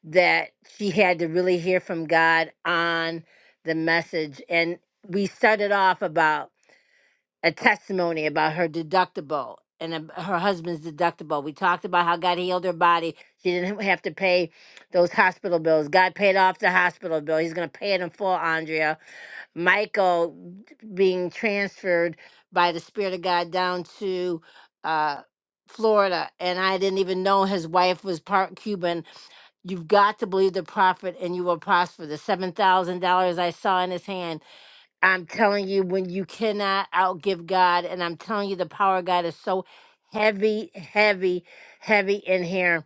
Speaker 1: that she had to really hear from God on the message. And we started off about a testimony about her deductible and ab- her husband's deductible. We talked about how God healed her body. She didn't have to pay those hospital bills. God paid off the hospital bill. He's going to pay it in full, Andrea. Michael being transferred by the Spirit of God down to uh, Florida. And I didn't even know his wife was part Cuban You've got to believe the prophet and you will prosper. The $7,000 I saw in his hand, I'm telling you, when you cannot outgive God, and I'm telling you, the power of God is so heavy, heavy, heavy in here.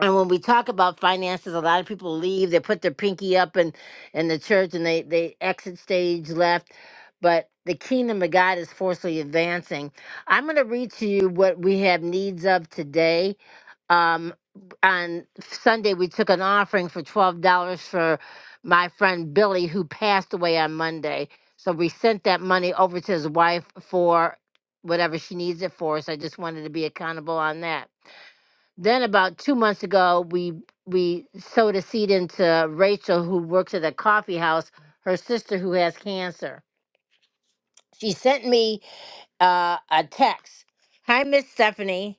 Speaker 1: And when we talk about finances, a lot of people leave, they put their pinky up in, in the church and they, they exit stage left. But the kingdom of God is forcefully advancing. I'm going to read to you what we have needs of today um, on Sunday, we took an offering for twelve dollars for my friend Billy, who passed away on Monday. So we sent that money over to his wife for whatever she needs it for. So I just wanted to be accountable on that. Then about two months ago, we we sowed a seed into Rachel, who works at a coffee house. Her sister, who has cancer, she sent me uh, a text. Hi, Miss Stephanie.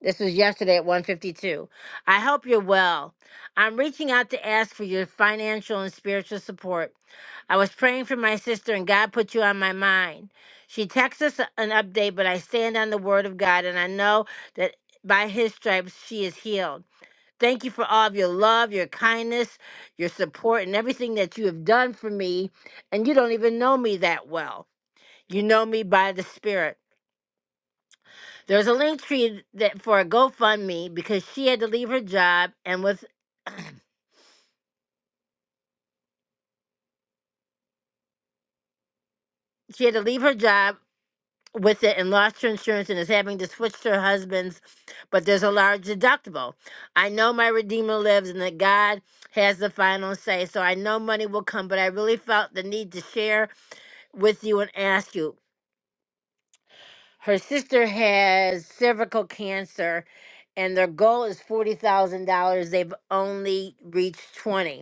Speaker 1: This was yesterday at 152. I hope you're well. I'm reaching out to ask for your financial and spiritual support. I was praying for my sister and God put you on my mind. She texts us an update, but I stand on the word of God and I know that by his stripes she is healed. Thank you for all of your love, your kindness, your support, and everything that you have done for me. And you don't even know me that well. You know me by the Spirit. There's a link tree that for a GoFundMe because she had to leave her job and with she had to leave her job with it and lost her insurance and is having to switch to her husband's, but there's a large deductible. I know my Redeemer lives and that God has the final say, so I know money will come, but I really felt the need to share with you and ask you. Her sister has cervical cancer and their goal is $40,000. They've only reached 20.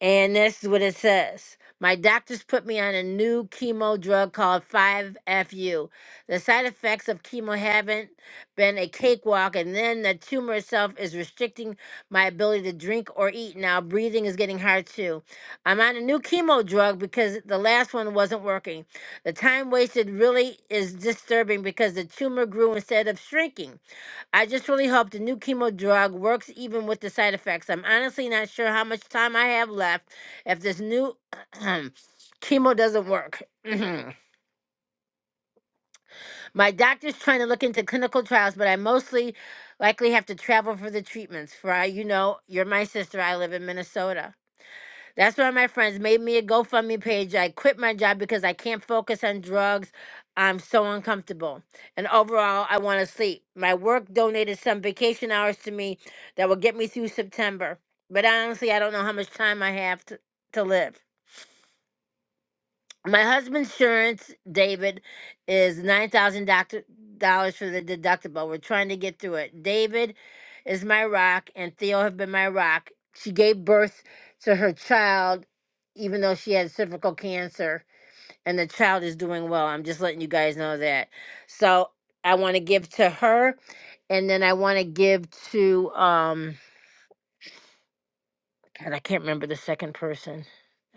Speaker 1: And this is what it says. My doctors put me on a new chemo drug called 5FU. The side effects of chemo haven't been a cakewalk, and then the tumor itself is restricting my ability to drink or eat now. Breathing is getting hard too. I'm on a new chemo drug because the last one wasn't working. The time wasted really is disturbing because the tumor grew instead of shrinking. I just really hope the new chemo drug works even with the side effects. I'm honestly not sure how much time I have left if this new chemo doesn't work. My doctor's trying to look into clinical trials, but I mostly likely have to travel for the treatments. For I, you know, you're my sister. I live in Minnesota. That's why my friends made me a GoFundMe page. I quit my job because I can't focus on drugs. I'm so uncomfortable. And overall, I want to sleep. My work donated some vacation hours to me that will get me through September. But honestly, I don't know how much time I have to, to live. My husband's insurance, David, is nine thousand dollars for the deductible. We're trying to get through it. David is my rock, and Theo have been my rock. She gave birth to her child, even though she had cervical cancer, and the child is doing well. I'm just letting you guys know that. So I want to give to her, and then I want to give to um. God, I can't remember the second person.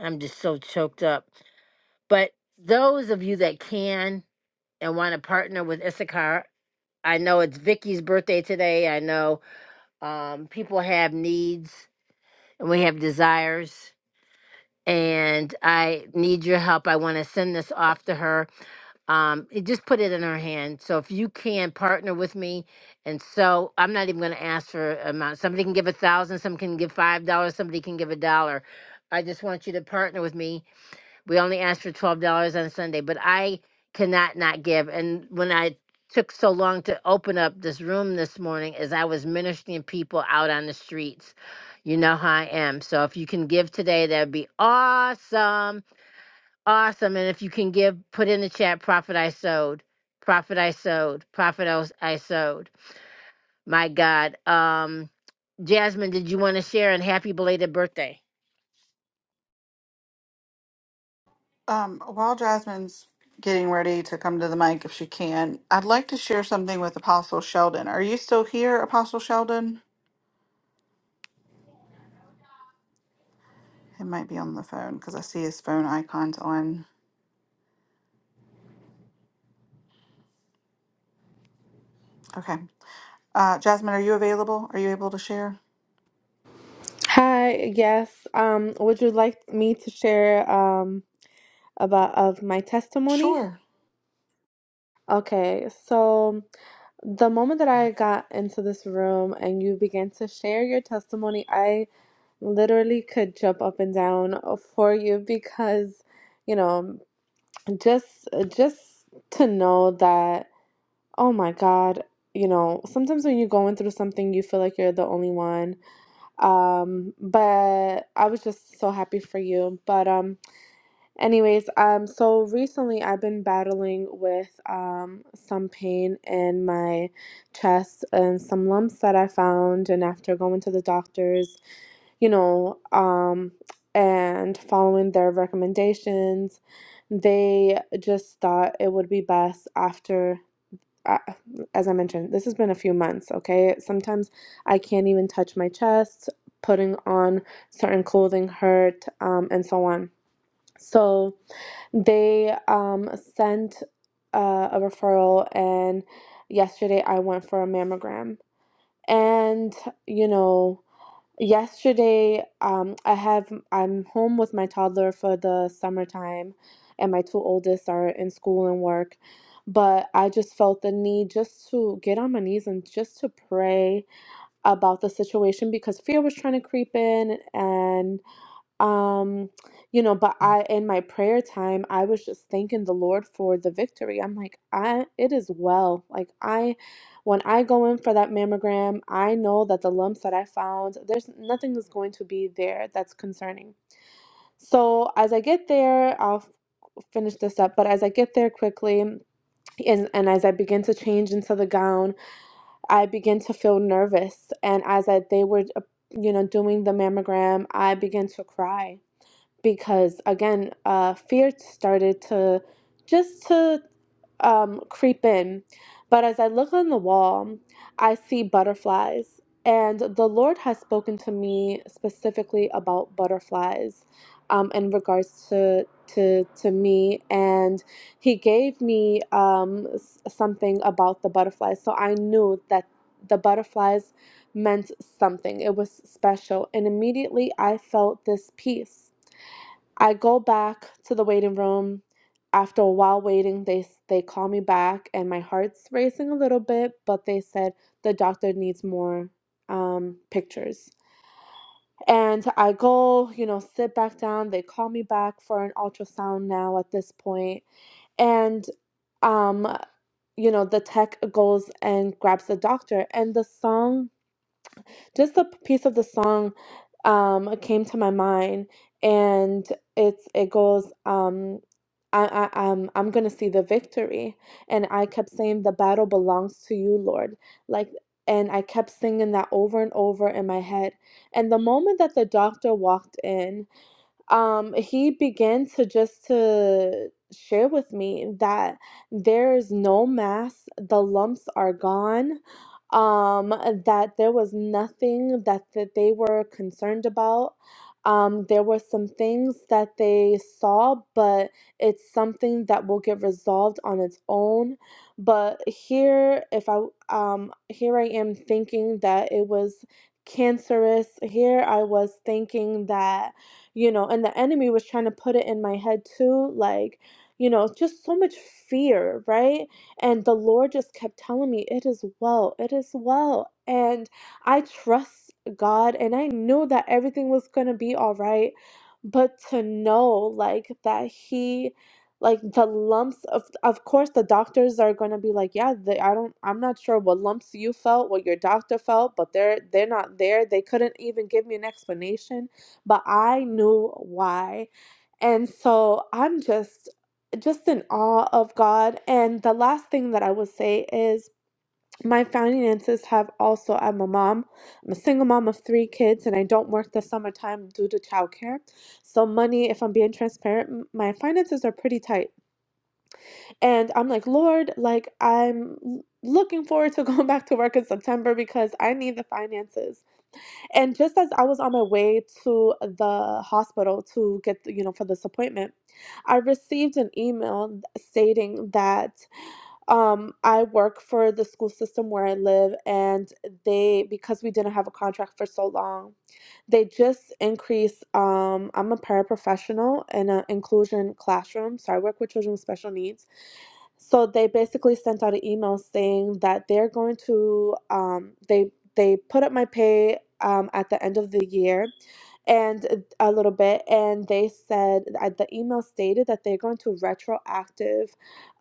Speaker 1: I'm just so choked up. But those of you that can. and want to partner with Issachar. I know it's Vicky's birthday today. I know um, people have needs and we have desires. And I need your help. I want to send this off to her. Um, it- just put it in her hand. So if you can partner with me, and so I'm not even going to ask for an amount. Somebody can give a thousand. Some can give five dollars. Somebody can give a dollar. I just want you to partner with me we only asked for twelve dollars on Sunday, but I cannot not give. And when I took so long to open up this room this morning, is I was ministering people out on the streets. You know how I am. So if you can give today, that'd be awesome, awesome. And if you can give, put in the chat. Profit I sowed. Profit I sowed. Profit I s- I sowed. My God. Um, Jasmine, did you want to share? And happy belated birthday.
Speaker 2: Um, while Jasmine's getting ready to come to the mic if she can, I'd like to share something with Apostle Sheldon. Are you still here, Apostle Sheldon? He might be on the phone because I see his phone icons on. Okay. Uh, Jasmine, are you available? Are you able to share?
Speaker 10: Hi, yes. Um, would you like me to share um about of my testimony?
Speaker 2: Sure.
Speaker 10: Okay, so the moment that I got into this room and you began to share your testimony, I literally could jump up and down for you because, you know, just just to know that, oh my God, you know, sometimes when you're going through something, you feel like you're the only one. Um, but I was just so happy for you. But um Anyways, um, so recently I've been battling with um, some pain in my chest and some lumps that I found. And after going to the doctors, you know, um, and following their recommendations, they just thought it would be best after. Uh, as I mentioned, this has been a few months, okay? Sometimes I can't even touch my chest, putting on certain clothing hurt, um, and so on. So, they um, sent uh, a referral, and yesterday I went for a mammogram. And you know, yesterday um, I have I'm home with my toddler for the summertime, and my two oldest are in school and work. But I just felt the need just to get on my knees and just to pray about the situation because fear was trying to creep in and. Um, you know, but I in my prayer time, I was just thanking the Lord for the victory. I'm like, I it is well. Like I when I go in for that mammogram, I know that the lumps that I found, there's nothing that's going to be there that's concerning. So as I get there, I'll f- finish this up, but as I get there quickly and, and as I begin to change into the gown, I begin to feel nervous. And as I, they were, uh, you know, doing the mammogram, I began to cry because again uh, fear started to just to um, creep in but as i look on the wall i see butterflies and the lord has spoken to me specifically about butterflies um, in regards to to to me and he gave me um, s- something about the butterflies so i knew that the butterflies meant something it was special and immediately i felt this peace I go back to the waiting room. After a while waiting, they they call me back, and my heart's racing a little bit. But they said the doctor needs more um, pictures. And I go, you know, sit back down. They call me back for an ultrasound now at this point, and um, you know, the tech goes and grabs the doctor, and the song just a piece of the song um, came to my mind, and it's it goes. Um, I, I, I'm, I'm gonna see the victory, and I kept saying the battle belongs to you, Lord. Like, and I kept singing that over and over in my head. And the moment that the doctor walked in, um he began to just to share with me that there is no mass the lumps are gone um that there was nothing that that they were concerned about um there were some things that they saw but it's something that will get resolved on its own but here if i um here i am thinking that it was cancerous here i was thinking that you know, and the enemy was trying to put it in my head too, like, you know, just so much fear, right? And the Lord just kept telling me, it is well, it is well. And I trust God and I knew that everything was going to be all right. But to know, like, that He, like the lumps of of course the doctors are going to be like yeah they, i don't i'm not sure what lumps you felt what your doctor felt but they're they're not there they couldn't even give me an explanation but I knew why. And so I'm just just in awe of God. And the last thing that I will say is my finances have also I'm a mom. I'm a single mom of three kids and I don't work the summertime due to childcare. So money, if I'm being transparent, m- my finances are pretty tight. And I'm like, Lord, like I'm l- looking forward to going back to work in September because I need the finances and just as I was on my way to the hospital to get, you know, for this appointment, I received an email stating that um, I work for the school system where I live, and they, because we didn't have a contract for so long, they just increased. Um, I'm a paraprofessional in an inclusion classroom, so I work with children with special needs so they basically sent out an email saying that they're going to um, they they put up my pay um, at the end of the year and a little bit and they said uh, the email stated that they're going to retroactive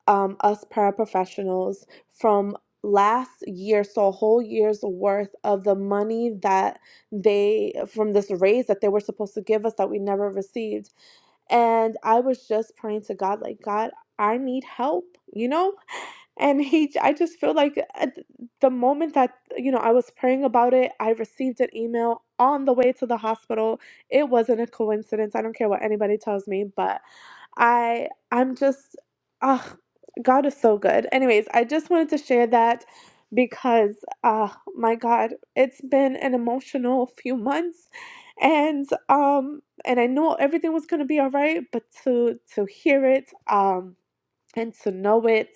Speaker 10: um, us paraprofessionals from last year so a whole year's worth of the money that they from this raise that they were supposed to give us that we never received and i was just praying to god like god I need help, you know? And he, I just feel like at the moment that, you know, I was praying about it, I received an email on the way to the hospital. It wasn't a coincidence. I don't care what anybody tells me, but I, I'm just, ugh, God is so good. Anyways, I just wanted to share that because, uh, my God, it's been an emotional few months and, um, and I knew everything was going to be all right, but to, to hear it, um, and to know it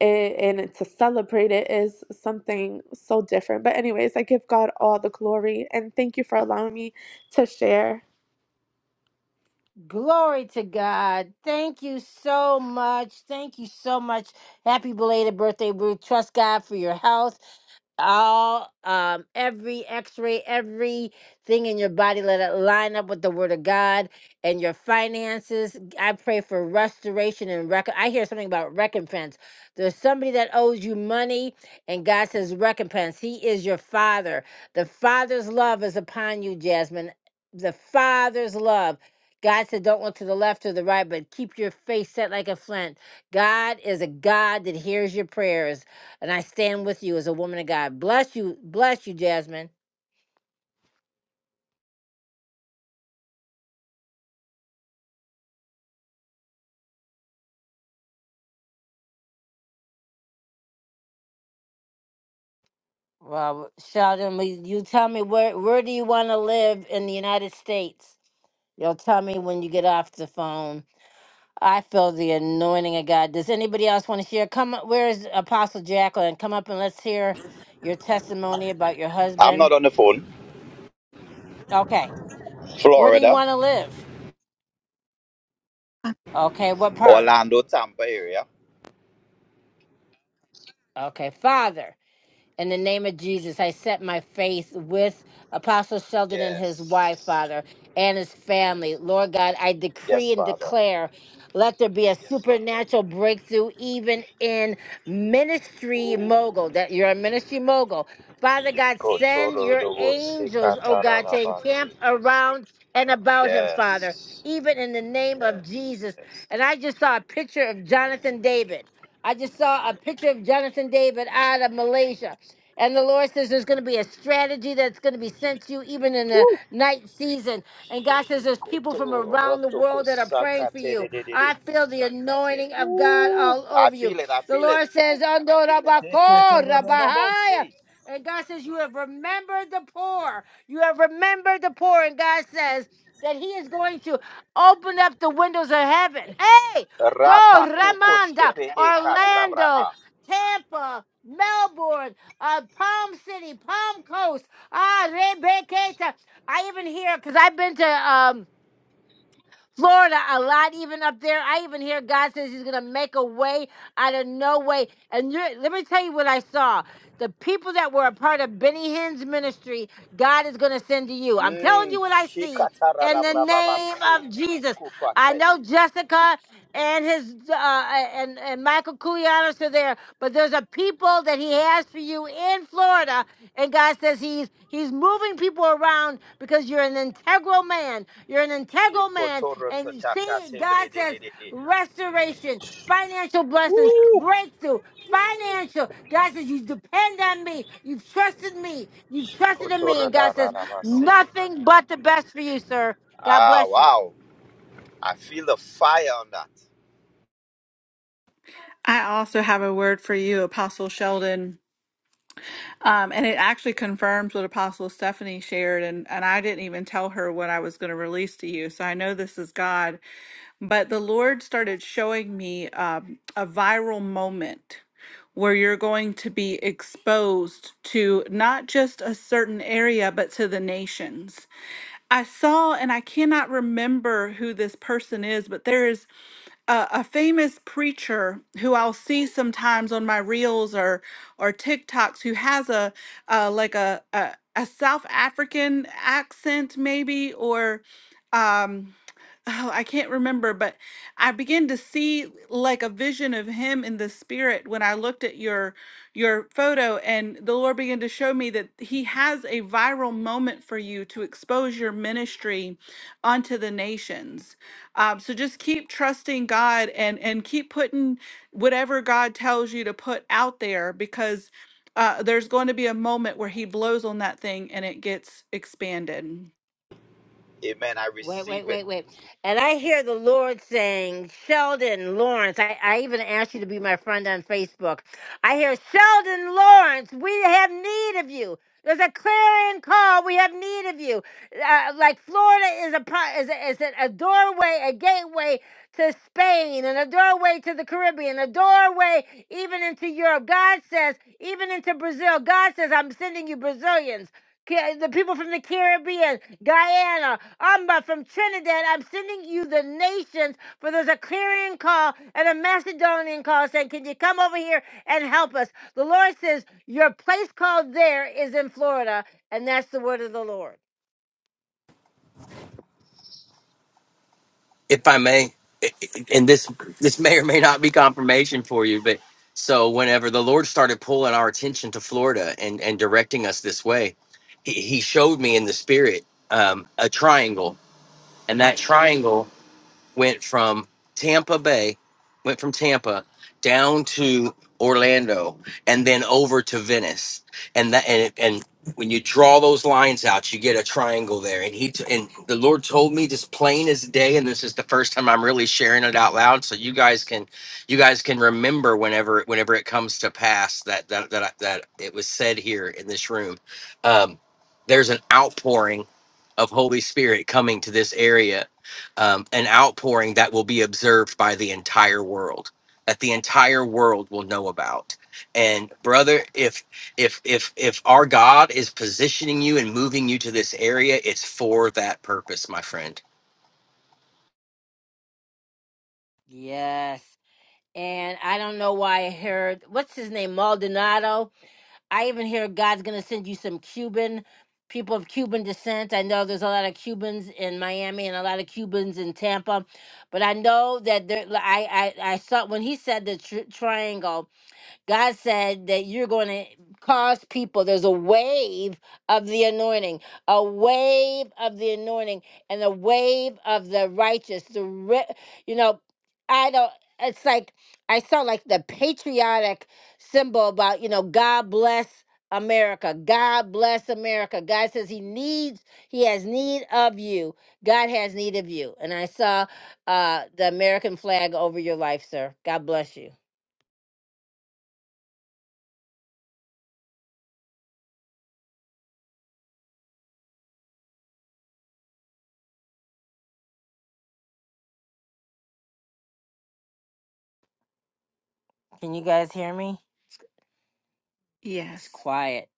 Speaker 10: and, and to celebrate it is something so different. But, anyways, I give God all the glory and thank you for allowing me to share.
Speaker 1: Glory to God. Thank you so much. Thank you so much. Happy belated birthday, Ruth. Trust God for your health all um every x-ray everything in your body let it line up with the word of god and your finances i pray for restoration and rec- i hear something about recompense there's somebody that owes you money and god says recompense he is your father the father's love is upon you jasmine the father's love God said, don't look to the left or the right, but keep your face set like a flint. God is a God that hears your prayers. And I stand with you as a woman of God. Bless you, bless you, Jasmine. Well, Sheldon, will you tell me where where do you want to live in the United States? You'll tell me when you get off the phone. I feel the anointing of God. Does anybody else want to share? Come, up- where is Apostle Jacqueline? Come up and let's hear your testimony about your
Speaker 9: I'm not
Speaker 1: husband.
Speaker 9: on the phone.
Speaker 1: Okay, where do you
Speaker 9: Florida,
Speaker 1: want to live? Okay, what part?
Speaker 9: Orlando, Tampa area.
Speaker 1: Okay, Father. In the name of Jesus, I set my faith with Apostle Sheldon and his wife,
Speaker 9: Yes.
Speaker 1: Father, and his family. Lord God, I
Speaker 9: Yes,
Speaker 1: decree and
Speaker 9: Father.
Speaker 1: declare let there be a supernatural breakthrough, even in ministry
Speaker 9: Oh.
Speaker 1: mogul, that you're a ministry mogul. Father God, send your angels, oh God, to
Speaker 9: Kotorodobosikatarabazi.
Speaker 1: encamp around and about him, Father,
Speaker 9: Yes.
Speaker 1: even in the name of Jesus.
Speaker 9: Yes.
Speaker 1: And I just saw a picture of Jonathan David. I just saw a picture of Jonathan David out of Malaysia. And the Lord says there's going to be a strategy that's going to be sent to you even in the
Speaker 9: Woo.
Speaker 1: night season. And God says there's people from around the world that are praying for you.
Speaker 9: Shikotorotokosakatererere.
Speaker 1: I feel the anointing of God
Speaker 9: Ooh,
Speaker 1: all
Speaker 9: I
Speaker 1: over you.
Speaker 9: feel it. I
Speaker 1: The
Speaker 9: feel it.
Speaker 1: Lord says, "Ando rabako rabahaya."
Speaker 9: Sekotorodorobose.
Speaker 1: and God says, You have remembered the poor. You have remembered the poor. And God says that He is going to open up the windows of heaven. Hey, so
Speaker 9: Rapa koko
Speaker 1: Ramanda,
Speaker 9: shkepe e kasabra
Speaker 1: Orlando,
Speaker 9: a.
Speaker 1: Tampa, Melbourne uh, Palm City, Palm Coast, ah, Rebecca. I even hear because I've been to um Florida a lot, even up there. I even hear God says He's gonna make a way out of no way. And you let me tell you what I saw. The people that were a part of Benny Hinn's ministry, God is gonna send to you. I'm telling
Speaker 9: Mm,
Speaker 1: you what I see.
Speaker 9: shikatara
Speaker 1: In the
Speaker 9: rabra baba
Speaker 1: name
Speaker 9: se.
Speaker 1: of Jesus. I
Speaker 9: Kupate.
Speaker 1: know Jessica and his uh, and and Michael Koulianos are there, but there's a people that he has for you in Florida, and God says he's he's moving people around because you're an integral man. You're an integral man,
Speaker 9: Shikotoro
Speaker 1: and
Speaker 9: totaka
Speaker 1: see,
Speaker 9: tebre
Speaker 1: God says restoration, financial blessings,
Speaker 9: Woo!
Speaker 1: breakthrough, financial. God says you depend on me. You've trusted me. You've trusted in me,
Speaker 9: Shikotoro
Speaker 1: and God says nothing but the best for you, sir. God
Speaker 9: Ah,
Speaker 1: bless you.
Speaker 9: wow. I feel the fire on that.
Speaker 2: I also have a word for you, Apostle Sheldon. Um, and it actually confirms what Apostle Stephanie shared. And, and I didn't even tell her what I was going to release to you. So I know this is God. But the Lord started showing me um, a viral moment where you're going to be exposed to not just a certain area, but to the nations. I saw, and I cannot remember who this person is, but there is a, a famous preacher who I'll see sometimes on my reels or or TikToks who has a uh, like a, a a South African accent maybe or um oh, I can't remember but I began to see like a vision of him in the spirit when I looked at your your photo and the Lord began to show me that he has a viral moment for you to expose your ministry unto the nations um, so just keep trusting God and and keep putting whatever God tells you to put out there because uh, there's going to be a moment where He blows on that thing and it gets expanded.
Speaker 9: Amen. I
Speaker 1: Wait, wait,
Speaker 9: receive it.
Speaker 1: wait, wait. And I hear the Lord saying, Sheldon Lawrence. I, I even asked you to be my friend on Facebook. I hear, Sheldon Lawrence, we have need of you. There's a clarion call. We have need of you. Uh, like Florida is a pro- is a, is a a doorway, a gateway to Spain, and a doorway to the Caribbean, a doorway even into Europe. God says, even into Brazil. God says, I'm sending you Brazilians. Ca- the people from the Caribbean, Guyana, Amba from Trinidad. I'm sending you the nations for there's a clearing call and a Macedonian call saying, Can you come over here and help us? The Lord says, Your place called there is in Florida, and that's the word of the Lord.
Speaker 5: if I may, and this this may or may not be confirmation for you, but so whenever the Lord started pulling our attention to Florida and and directing us this way, He, he showed me in the spirit um, a triangle, and that triangle went from Tampa Bay, went from Tampa down to Orlando, and then over to Venice, and that and and when you draw those lines out, you get a triangle there. And he t- and the Lord told me just plain as day, and this is the first time I'm really sharing it out loud, so you guys can you guys can remember whenever whenever it comes to pass that that that I- that it was said here in this room. Um, there's an outpouring of Holy Spirit coming to this area um, an outpouring that will be observed by the entire world that the entire world will know about and brother if if if if our god is positioning you and moving you to this area it's for that purpose my friend
Speaker 1: Yes. And I don't know why I heard, what's his name, Maldonado? I even hear God's going to send you some Cuban people of Cuban descent. I know there's a lot of Cubans in Miami and a lot of Cubans in Tampa, but I know that there. I I, I saw when he said the tr- triangle. God said that you're going to cause people, there's a wave of the anointing, a wave of the anointing, and a wave of the righteous. The ri- you know, I don't, it's like, I saw like the patriotic symbol about, you know, God bless America. God bless America. God says he needs, he has need of you. God has need of you. And I saw uh, the American flag over your life, sir. God bless you. Can you guys hear me? It's
Speaker 2: Yes.
Speaker 1: quiet.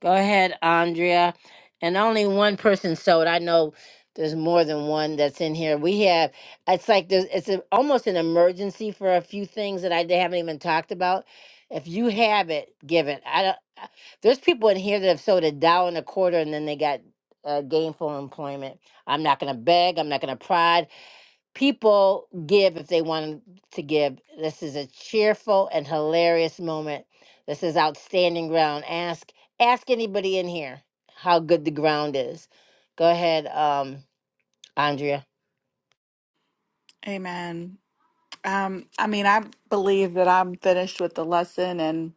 Speaker 1: Go ahead, Andrea. And only one person sold. I know there's more than one that's in here. We have. It's like there's. It's a, almost an emergency for a few things that I haven't even talked about. If you have it, give it. I don't. I- There's people in here that have sold a dollar and a quarter, and then they got uh, gainful employment. I'm not gonna beg. I'm not gonna prod people give if they want to give. This is a cheerful and hilarious moment. This is outstanding ground. Ask ask anybody in here how good the ground is. Go ahead, um, Andrea.
Speaker 2: Amen. Um, I mean, I believe that I'm finished with the lesson and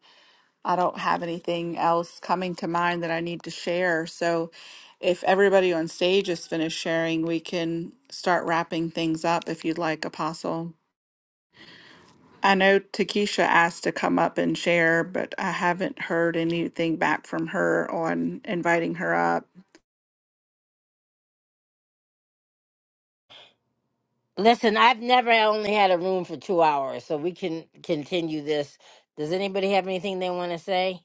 Speaker 2: I don't have anything else coming to mind that I need to share. So if everybody on stage is finished sharing, we can start wrapping things up if you'd like, Apostle. I know Takesha asked to come up and share, but I haven't heard anything back from her on inviting her up.
Speaker 1: Listen, I've never only had a room for two hours, so we can continue this. Does anybody have anything they want to say?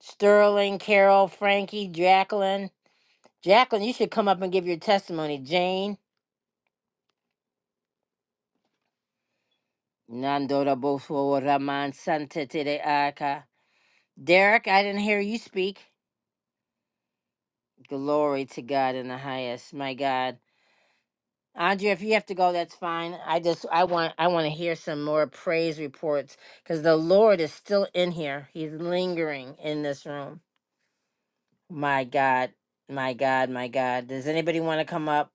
Speaker 1: Sterling, Carol, Frankie, Jacqueline. Jacqueline, you should come up and give your testimony. Jane. Nando da Boswo Raman Santa Aka. Derek, I didn't hear you speak. Glory to God in the highest. My God. Andrea, if you have to go, that's fine. I just I want I want to hear some more praise reports because the Lord is still in here. He's lingering in this room. My God, my God, my God. Does anybody want to come up?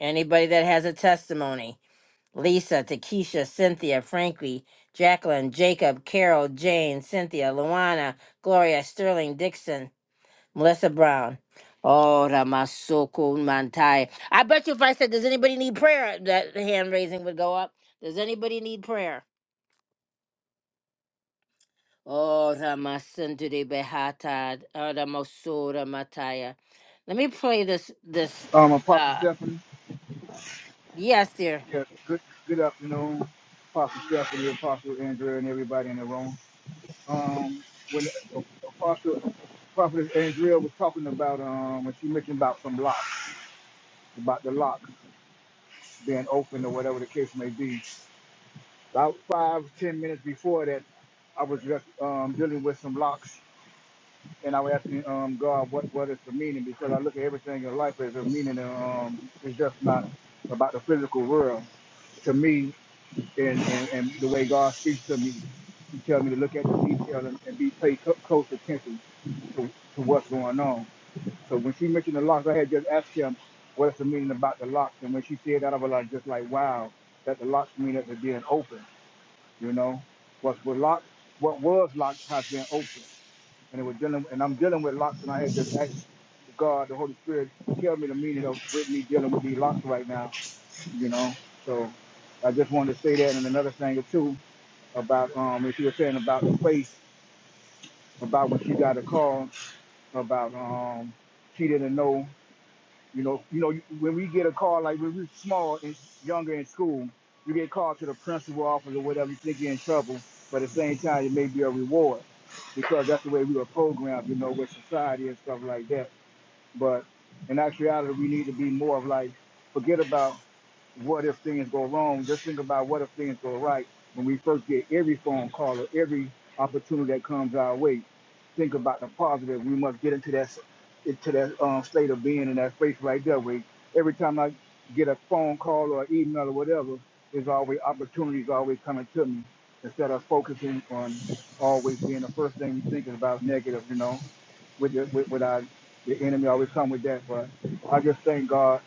Speaker 1: Anybody that has a testimony? Lisa, Takesha, Cynthia, Frankie, Jacqueline, Jacob, Carol, Jane, Cynthia, Luana, Gloria, Sterling, Dixon. Melissa Brown. Oh, Ramasoko Mantai. I bet you if I said, Does anybody need prayer? that hand raising would go up. Does anybody need prayer? Oh, Ramasundari Behata, Oh, Ramasura Mataya. Let me play this. this.
Speaker 11: Um, Apostle
Speaker 1: uh
Speaker 11: Stephanie.
Speaker 1: Yes, dear.
Speaker 11: Yeah, good good afternoon, Apostle Stephanie, Apostle Andrea, and everybody in the room. Um, when Apostle Prophet Andrea was talking about um, when she mentioned about some locks, about the lock being open or whatever the case may be. About five ten minutes before that, I was just um, dealing with some locks and I was asking um, God what what is the meaning because I look at everything in life as a meaning. And, um, it's just not about the physical world. To me, and, and, and the way God speaks to me, He tells me to look at the detail and, and be pay co- close attention to, to what's going on. So when she mentioned the locks, I had just asked him what's the meaning about the locks, and when she said that, I was like, just like wow, that the locks mean that they're being open. You know, what was locked, what was locked has been opened and it was dealing and I'm dealing with locks and I had just asked God, the Holy Spirit, tell me the meaning of with me dealing with these locks right now, you know. So I just wanted to say that and another thing too about um if you were saying about the faith, about when she got a call about um she didn't know you know, you know, when we get a call, like when we were small and younger in school, you get called to the principal office or whatever, you think you're in trouble, but at the same time, it may be a reward because that's the way we were programmed, you know, with society and stuff like that. But in actuality, we need to be more of like, forget about what if things go wrong. Just think about what if things go right when we first get every phone call or every opportunity that comes our way. Think about the positive. We must get into that into that um, state of being in that space right there. Where every time I get a phone call or email or whatever, there's always opportunities always coming to me instead of focusing on always being the first thing you thinking about negative. You know, with the, with, with our the enemy always come with that. But I just thank God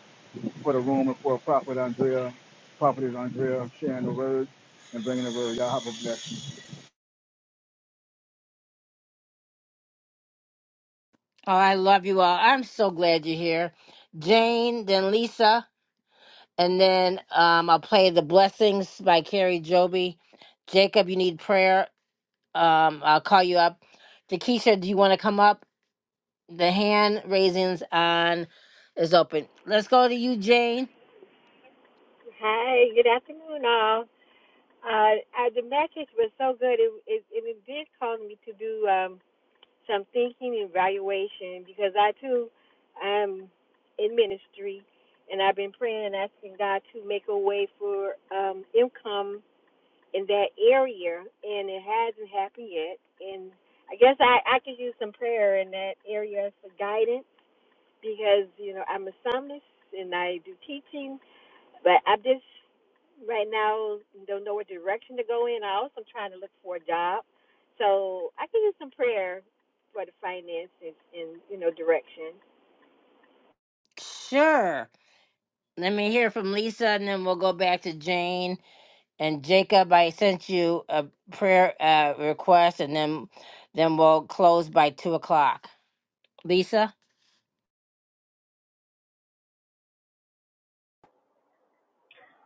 Speaker 11: for the room and for Prophet Andrea, Prophetess Andrea, sharing the word and bringing the word. Y'all have a blessing.
Speaker 1: Oh, I love you all. I'm so glad you're here. Jane, then Lisa, and then um, I'll play The Blessings by Carrie Joby. Jacob, you need prayer. Um, I'll call you up. Takesha, do you want to come up? The hand raisins on is open. Let's go to you, Jane.
Speaker 12: Hi. good afternoon, all. Uh, uh, the message was so good. It, it, and it did cause me to do um, some thinking and evaluation because I too am in ministry, and I've been praying and asking God to make a way for um, income in that area, and it hasn't happened yet. And I guess I, I could use some prayer in that area for guidance because you know I'm a psalmist and I do teaching, but I'm just right now don't know what direction to go in. I also am trying to look for a job, so I can use some prayer for the finances and, and you know direction.
Speaker 1: Sure. Let me hear from Lisa, and then we'll go back to Jane and Jacob. I sent you a prayer uh, request, and then then we'll close by two o'clock. Lisa.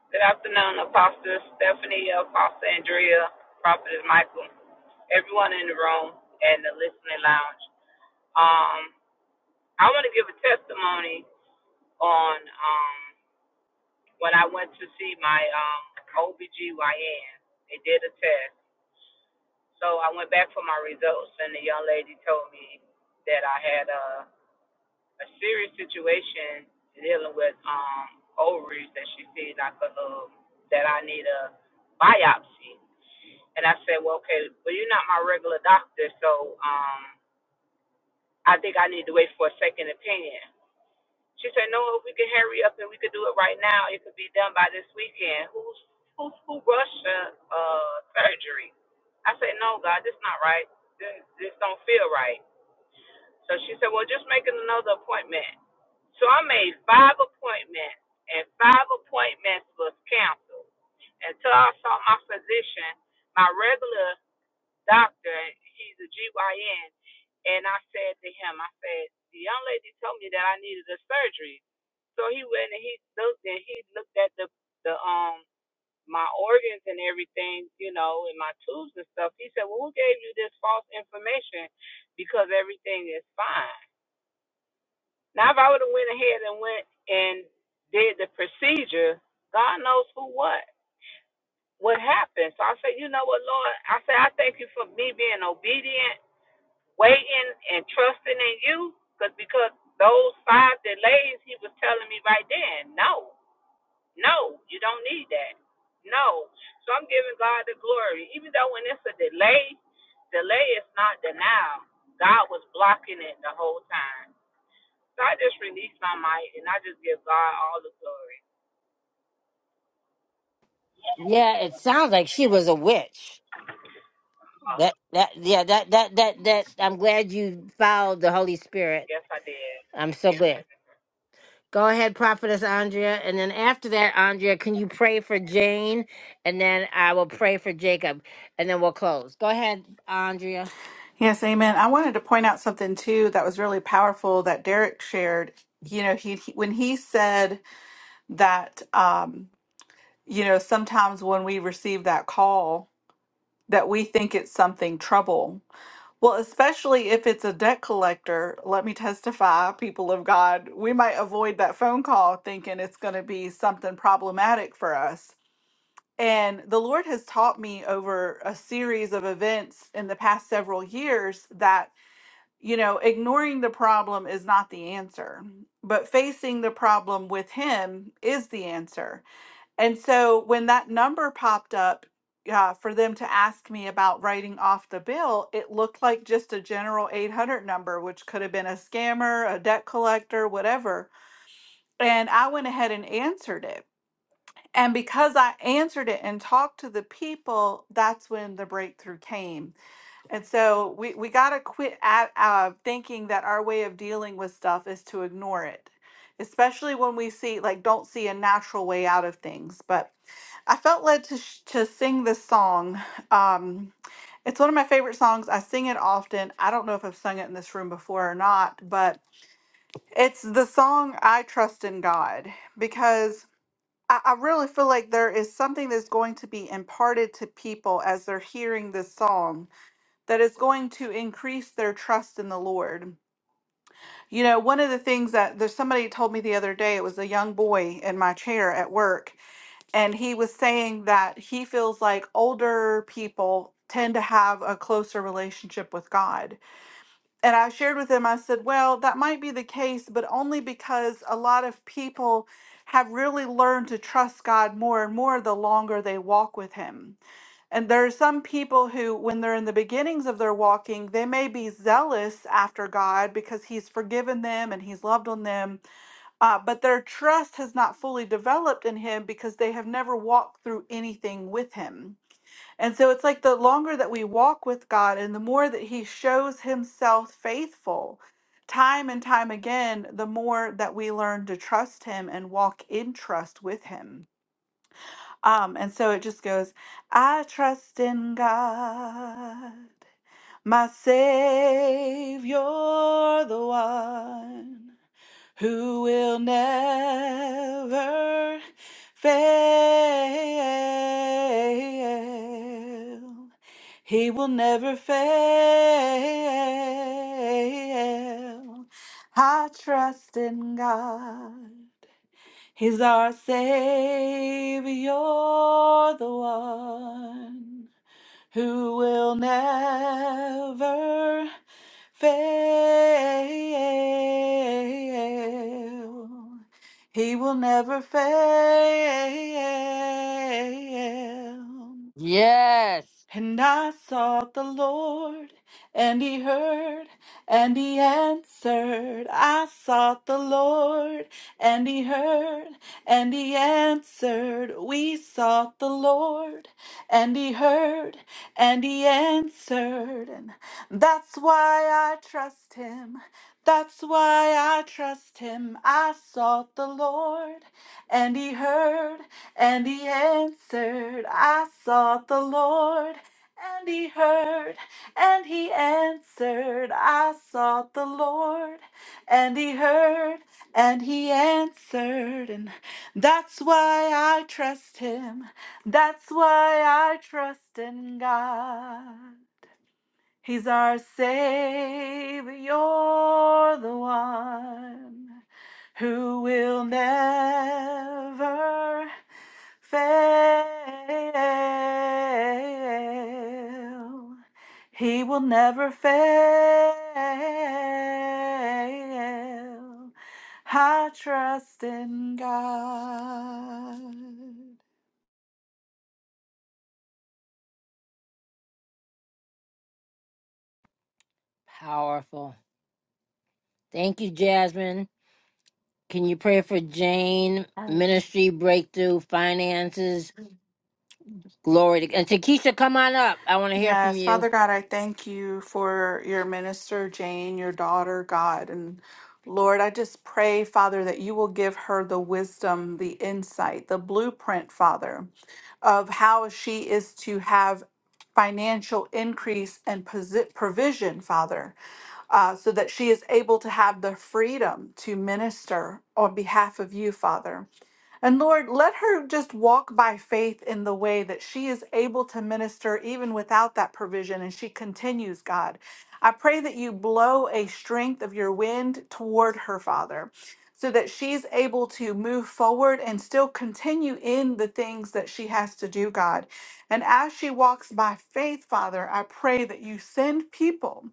Speaker 4: Good afternoon, Apostle Stephanie, Apostle Andrea, Prophetess Michael, everyone in the room and the listening lounge. Um, I want to give a testimony on um, when I went to see my um, OBGYN. They did a test. So I went back for my results, and the young lady told me that I had a, a serious situation dealing with um, ovaries that she said I could, um, that I need a biopsy. And I said, well, okay, well, you're not my regular doctor, so um, I think I need to wait for a second opinion. She said, no, we can hurry up and we could do it right now. It could be done by this weekend. Who's who's who rushed uh, uh, surgery? I said, no, God, this not right. This, this don't feel right. So she said, well, just make another appointment. So I made five appointments, and five appointments was canceled until I saw my physician. My regular doctor, he's a GYN, and I said to him, I said, the young lady told me that I needed a surgery. So he went and he looked and he looked at the the um my organs and everything, you know, and my tubes and stuff. He said, Well, who gave you this false information? Because everything is fine. Now, if I would have went ahead and went and did the procedure, God knows who what what happened. So I said, you know what, Lord? I said, I thank you for me being obedient waiting and trusting in you cause, because those five delays he was telling me right then no no you don't need that no so i'm giving god the glory even though when it's a delay delay is not denial god was blocking it the whole time so i just released my might and i just give god all the glory
Speaker 1: Yeah, it sounds like she was a witch. That that yeah that that that that. I'm glad you followed the Holy Spirit.
Speaker 4: yes i did
Speaker 1: I'm so glad. Go ahead, Prophetess Andrea. And then after that, Andrea, can you pray for Jane? And then I will pray for Jacob. And then we'll close. Go ahead, Andrea.
Speaker 2: Yes, amen. I wanted to point out something too that was really powerful that Derek shared. You know, he, he- when he said that um, you know, sometimes when we receive that call that we think it's something trouble. Well, especially if it's a debt collector, let me testify, people of God, we might avoid that phone call thinking it's going to be something problematic for us And the Lord has taught me over a series of events in the past several years that, you know, ignoring the problem is not the answer, but facing the problem with Him is the answer. And so when that number popped up, uh, for them to ask me about writing off the bill, it looked like just a general 800 number, which could have been a scammer, a debt collector, whatever. And I went ahead and answered it. And because I answered it and talked to the people, that's when the breakthrough came. And so we, we got to quit at, uh, thinking that our way of dealing with stuff is to ignore it, especially when we see, like, don't see a natural way out of things. But I felt led to, sh- to sing this song. Um, it's one of my favorite songs. I sing it often. I don't know if I've sung it in this room before or not, but it's the song I Trust in God because I, I really feel like there is something that's going to be imparted to people as they're hearing this song that is going to increase their trust in the Lord. You know, one of the things that there's somebody told me the other day, it was a young boy in my chair at work, and he was saying that he feels like older people tend to have a closer relationship with God and I shared with them, I said, well, that might be the case, but only because a lot of people have really learned to trust God more and more the longer they walk with Him. And there are some people who, when they're in the beginnings of their walking, they may be zealous after God because He's forgiven them and He's loved on them, uh, but their trust has not fully developed in Him because they have never walked through anything with Him. And so it's like the longer that we walk with God and the more that He shows Himself faithful, time and time again, the more that we learn to trust Him and walk in trust with Him. Um, and so it just goes, I trust in God, my Savior, the one who will never fail. He will never fail. I trust in God. He's our Savior, the one who will never fail. He will never fail.
Speaker 1: Yes.
Speaker 2: And I sought the Lord, and he heard, and he answered. I sought the Lord, and he heard, and he answered. We sought the Lord, and he heard, and he answered. And that's why I trust him. That's why I trust him. I sought the Lord, and he heard, and he answered. I sought the Lord and he heard and he answered, I sought the Lord. And he heard and he answered. And that's why I trust him. That's why I trust in God. He's our Savior, the one who will never fail. He will never fail. I trust in God.
Speaker 1: Powerful. Thank you, Jasmine. Can you pray for Jane, ministry, breakthrough, finances, glory to And Takesha, come on up. I want to hear from
Speaker 2: Yes,
Speaker 1: you.
Speaker 2: Father God, I thank you for your minister, Jane, your daughter, God. And Lord, I just pray, Father, that you will give her the wisdom, the insight, the blueprint, Father, of how she is to have financial increase and posi- provision, Father, uh, so that she is able to have the freedom to minister on behalf of you, Father. And Lord, let her just walk by faith in the way that she is able to minister even without that provision. And she continues, God. I pray that you blow a strength of your wind toward her, Father, so that she's able to move forward and still continue in the things that she has to do, God. And as she walks by faith, Father, I pray that you send people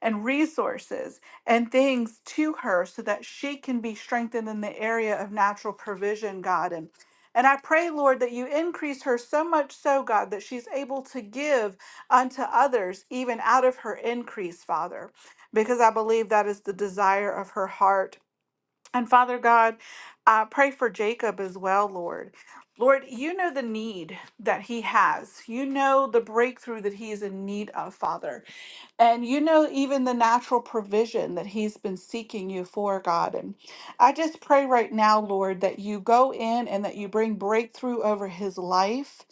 Speaker 2: and resources and things to her so that she can be strengthened in the area of natural provision, God. And, and I pray, Lord, that you increase her so much so, God, that she's able to give unto others even out of her increase, Father, because I believe that is the desire of her heart. And Father God, I pray for Jacob as well, Lord. Lord, you know the need that he has. You know the breakthrough that he is in need of, Father. And you know, even the natural provision that he's been seeking you for, God. And I just pray right now, Lord, that you go in and that you bring breakthrough over his life.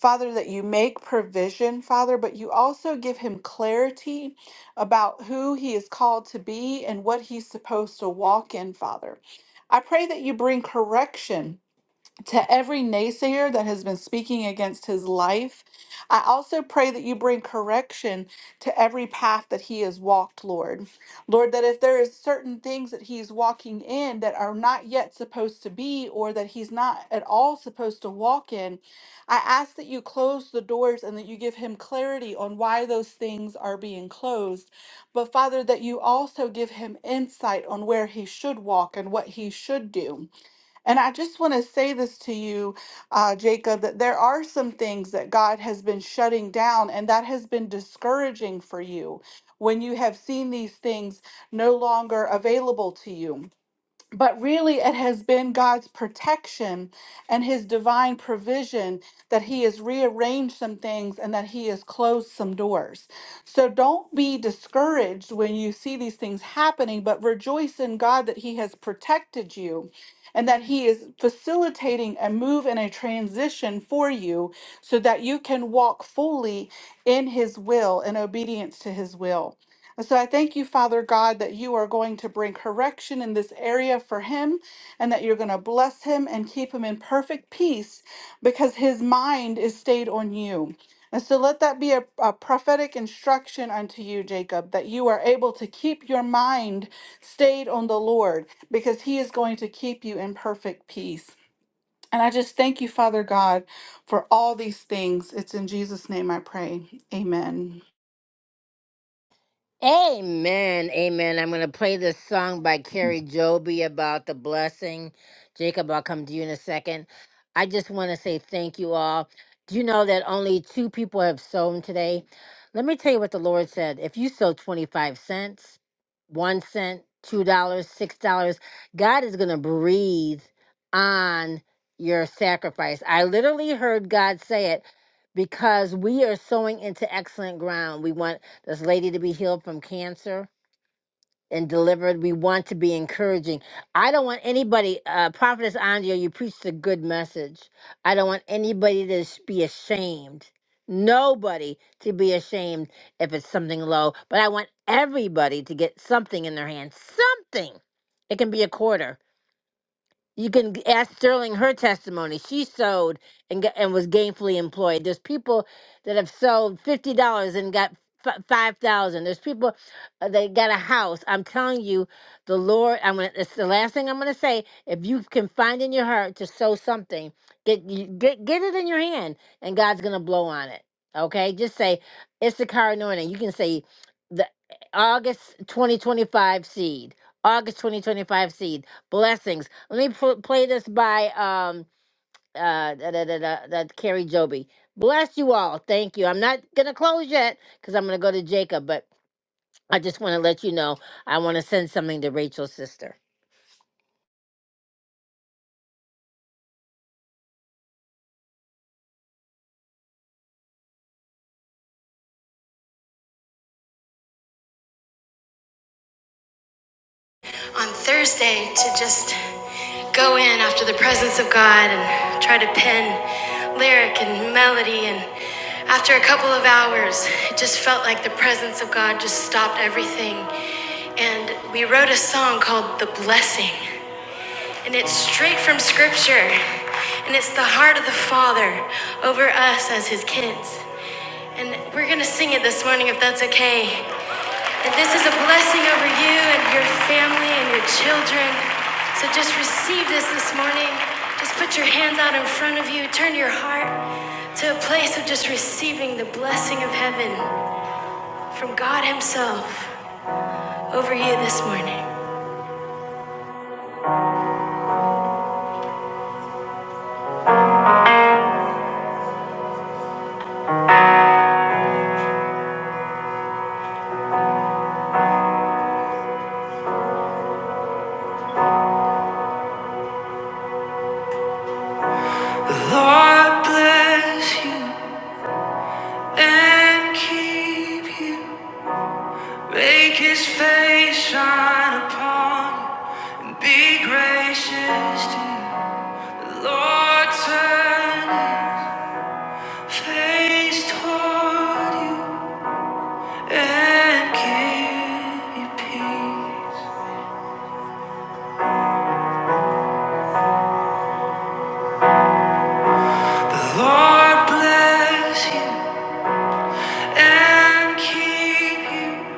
Speaker 2: Father, that you make provision, Father, but you also give him clarity about who he is called to be and what he's supposed to walk in, Father. I pray that you bring correction to every naysayer that has been speaking against his life. I also pray that you bring correction to every path that he has walked, Lord. Lord, that if there is certain things that he's walking in that are not yet supposed to be or that he's not at all supposed to walk in, I ask that you close the doors and that you give him clarity on why those things are being closed. But Father, that you also give him insight on where he should walk and what he should do. And I just want to say this to you, uh, Jacob, that there are some things that God has been shutting down, and that has been discouraging for you when you have seen these things no longer available to you but really it has been God's protection and his divine provision that he has rearranged some things and that he has closed some doors. So don't be discouraged when you see these things happening, but rejoice in God that he has protected you and that he is facilitating a move and a transition for you so that you can walk fully in his will and obedience to his will. And so I thank you, Father God, that you are going to bring correction in this area for him and that you're going to bless him and keep him in perfect peace because his mind is stayed on you. And so let that be a, a prophetic instruction unto you, Jacob, that you are able to keep your mind stayed on the Lord because he is going to keep you in perfect peace. And I just thank you, Father God, for all these things. It's in Jesus' name I pray. Amen.
Speaker 1: Amen. Amen. I'm going to play this song by Carrie Joby about the blessing. Jacob, I'll come to you in a second. I just want to say thank you all. Do you know that only two people have sown today? Let me tell you what the Lord said. If you sow 25 cents, one cent, two dollars, six dollars, God is going to breathe on your sacrifice. I literally heard God say it because we are sowing into excellent ground. We want this lady to be healed from cancer and delivered. We want to be encouraging. I don't want anybody, uh, Prophetess Andrea, you preached a good message. I don't want anybody to s- be ashamed. Nobody to be ashamed if it's something low, but I want everybody to get something in their hand. Something. It can be a quarter you can g- ask Sterling her testimony. She sewed and got, and was gainfully employed. There's people that have sewed fifty dollars and got f- five thousand. There's people uh, that got a house. I'm telling you, the Lord. I'm gonna. It's the last thing I'm gonna say. If you can find in your heart to sow something, get you, get get it in your hand, and God's gonna blow on it. Okay, just say it's the car anointing. You can say the August 2025 seed, August 2025 seed blessings. Let me pl- play this by um uh da, da, da, da, da, Carrie Joby. Bless you all. Thank you. I'm not gonna close yet because I'm gonna go to Jacob, but I just want to let you know I want to send something to Rachel's sister. on Thursday to just go in after the presence of God and try to pen lyric and melody. And after a couple of hours, it just felt like the presence of God just stopped everything. And we wrote a song called The Blessing. And it's straight from Scripture. And it's the heart of the Father over us as His kids. And we're going to sing it this morning if that's okay. And this is a blessing over you and your family and your children. So just receive this this morning. Just put your hands out in front of you. Turn your heart to a place of just receiving the blessing of heaven from God Himself over you this morning. The Lord bless you. and keep you. Make his face shine upon you and be gracious to you. Lord, turn his face toward you and give you peace. The Lord bless you and keep you.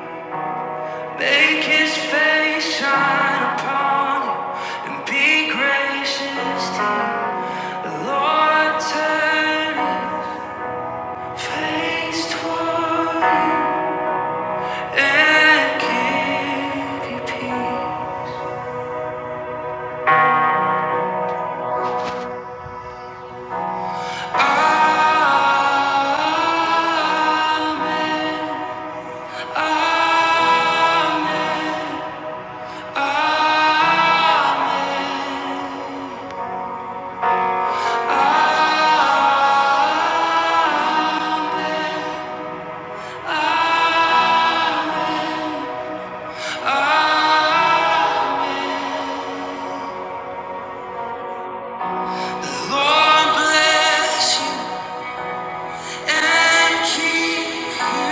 Speaker 1: Make his face shine upon you and be gracious to you. Lord, turn face toward you and give you peace. Amen. Amen. Amen. Amen. Lord, bless you and keep you.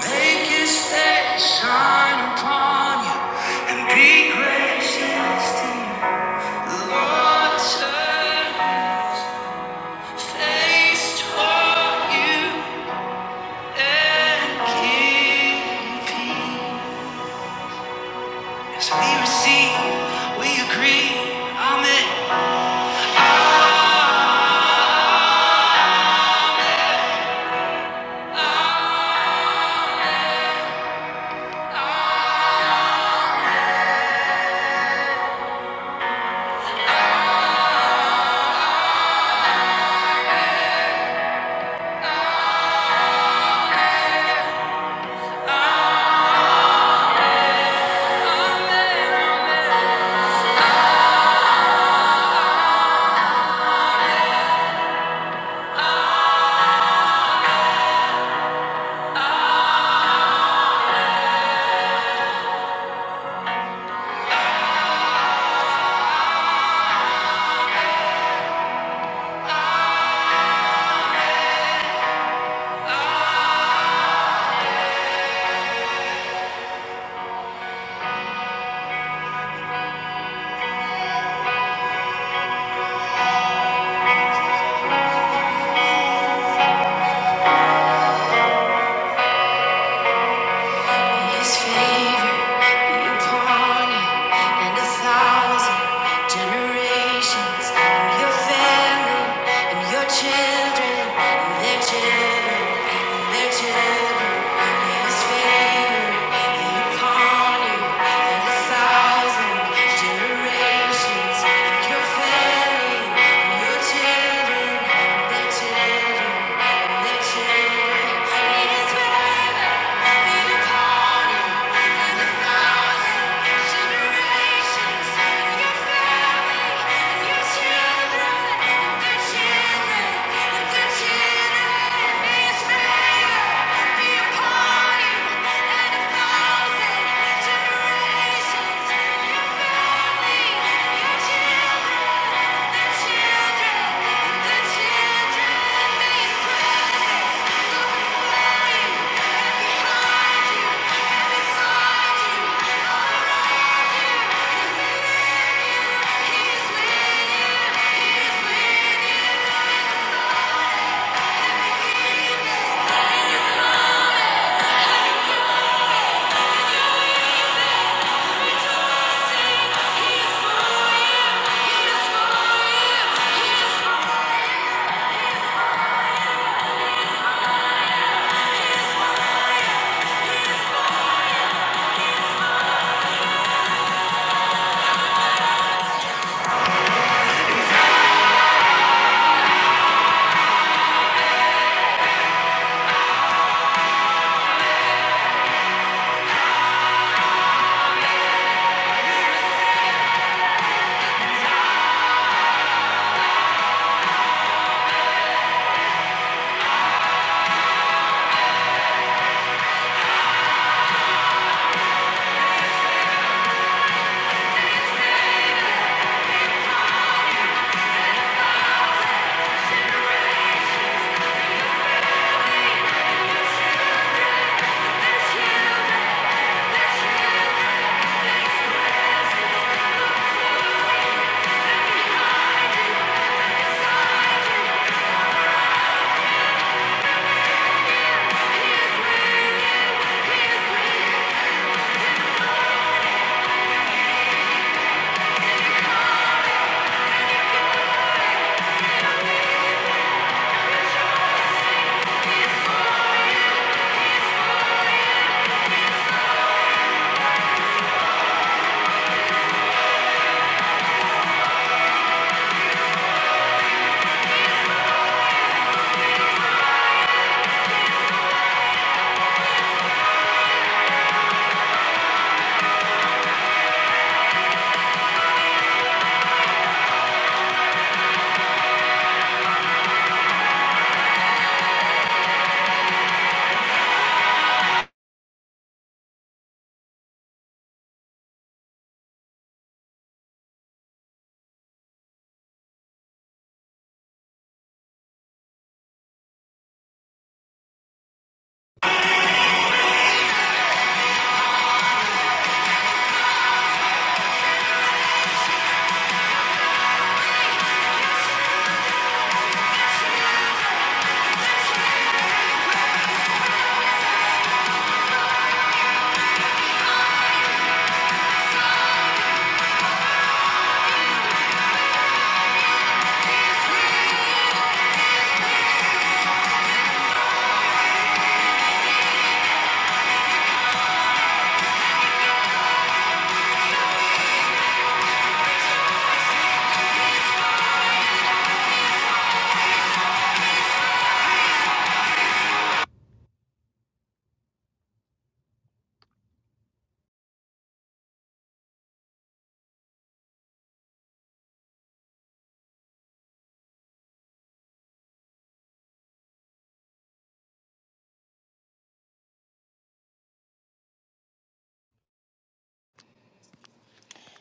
Speaker 1: Make his face shine upon you and be gracious to you. Lord turn face toward you and give you As we receive, we agree. Amen. His favor be upon you and a thousand generations, and your family, and your children, and their children, and their children. May His favor be upon you and a thousand generations, and your family, and your children, and their children, and their children. May His favor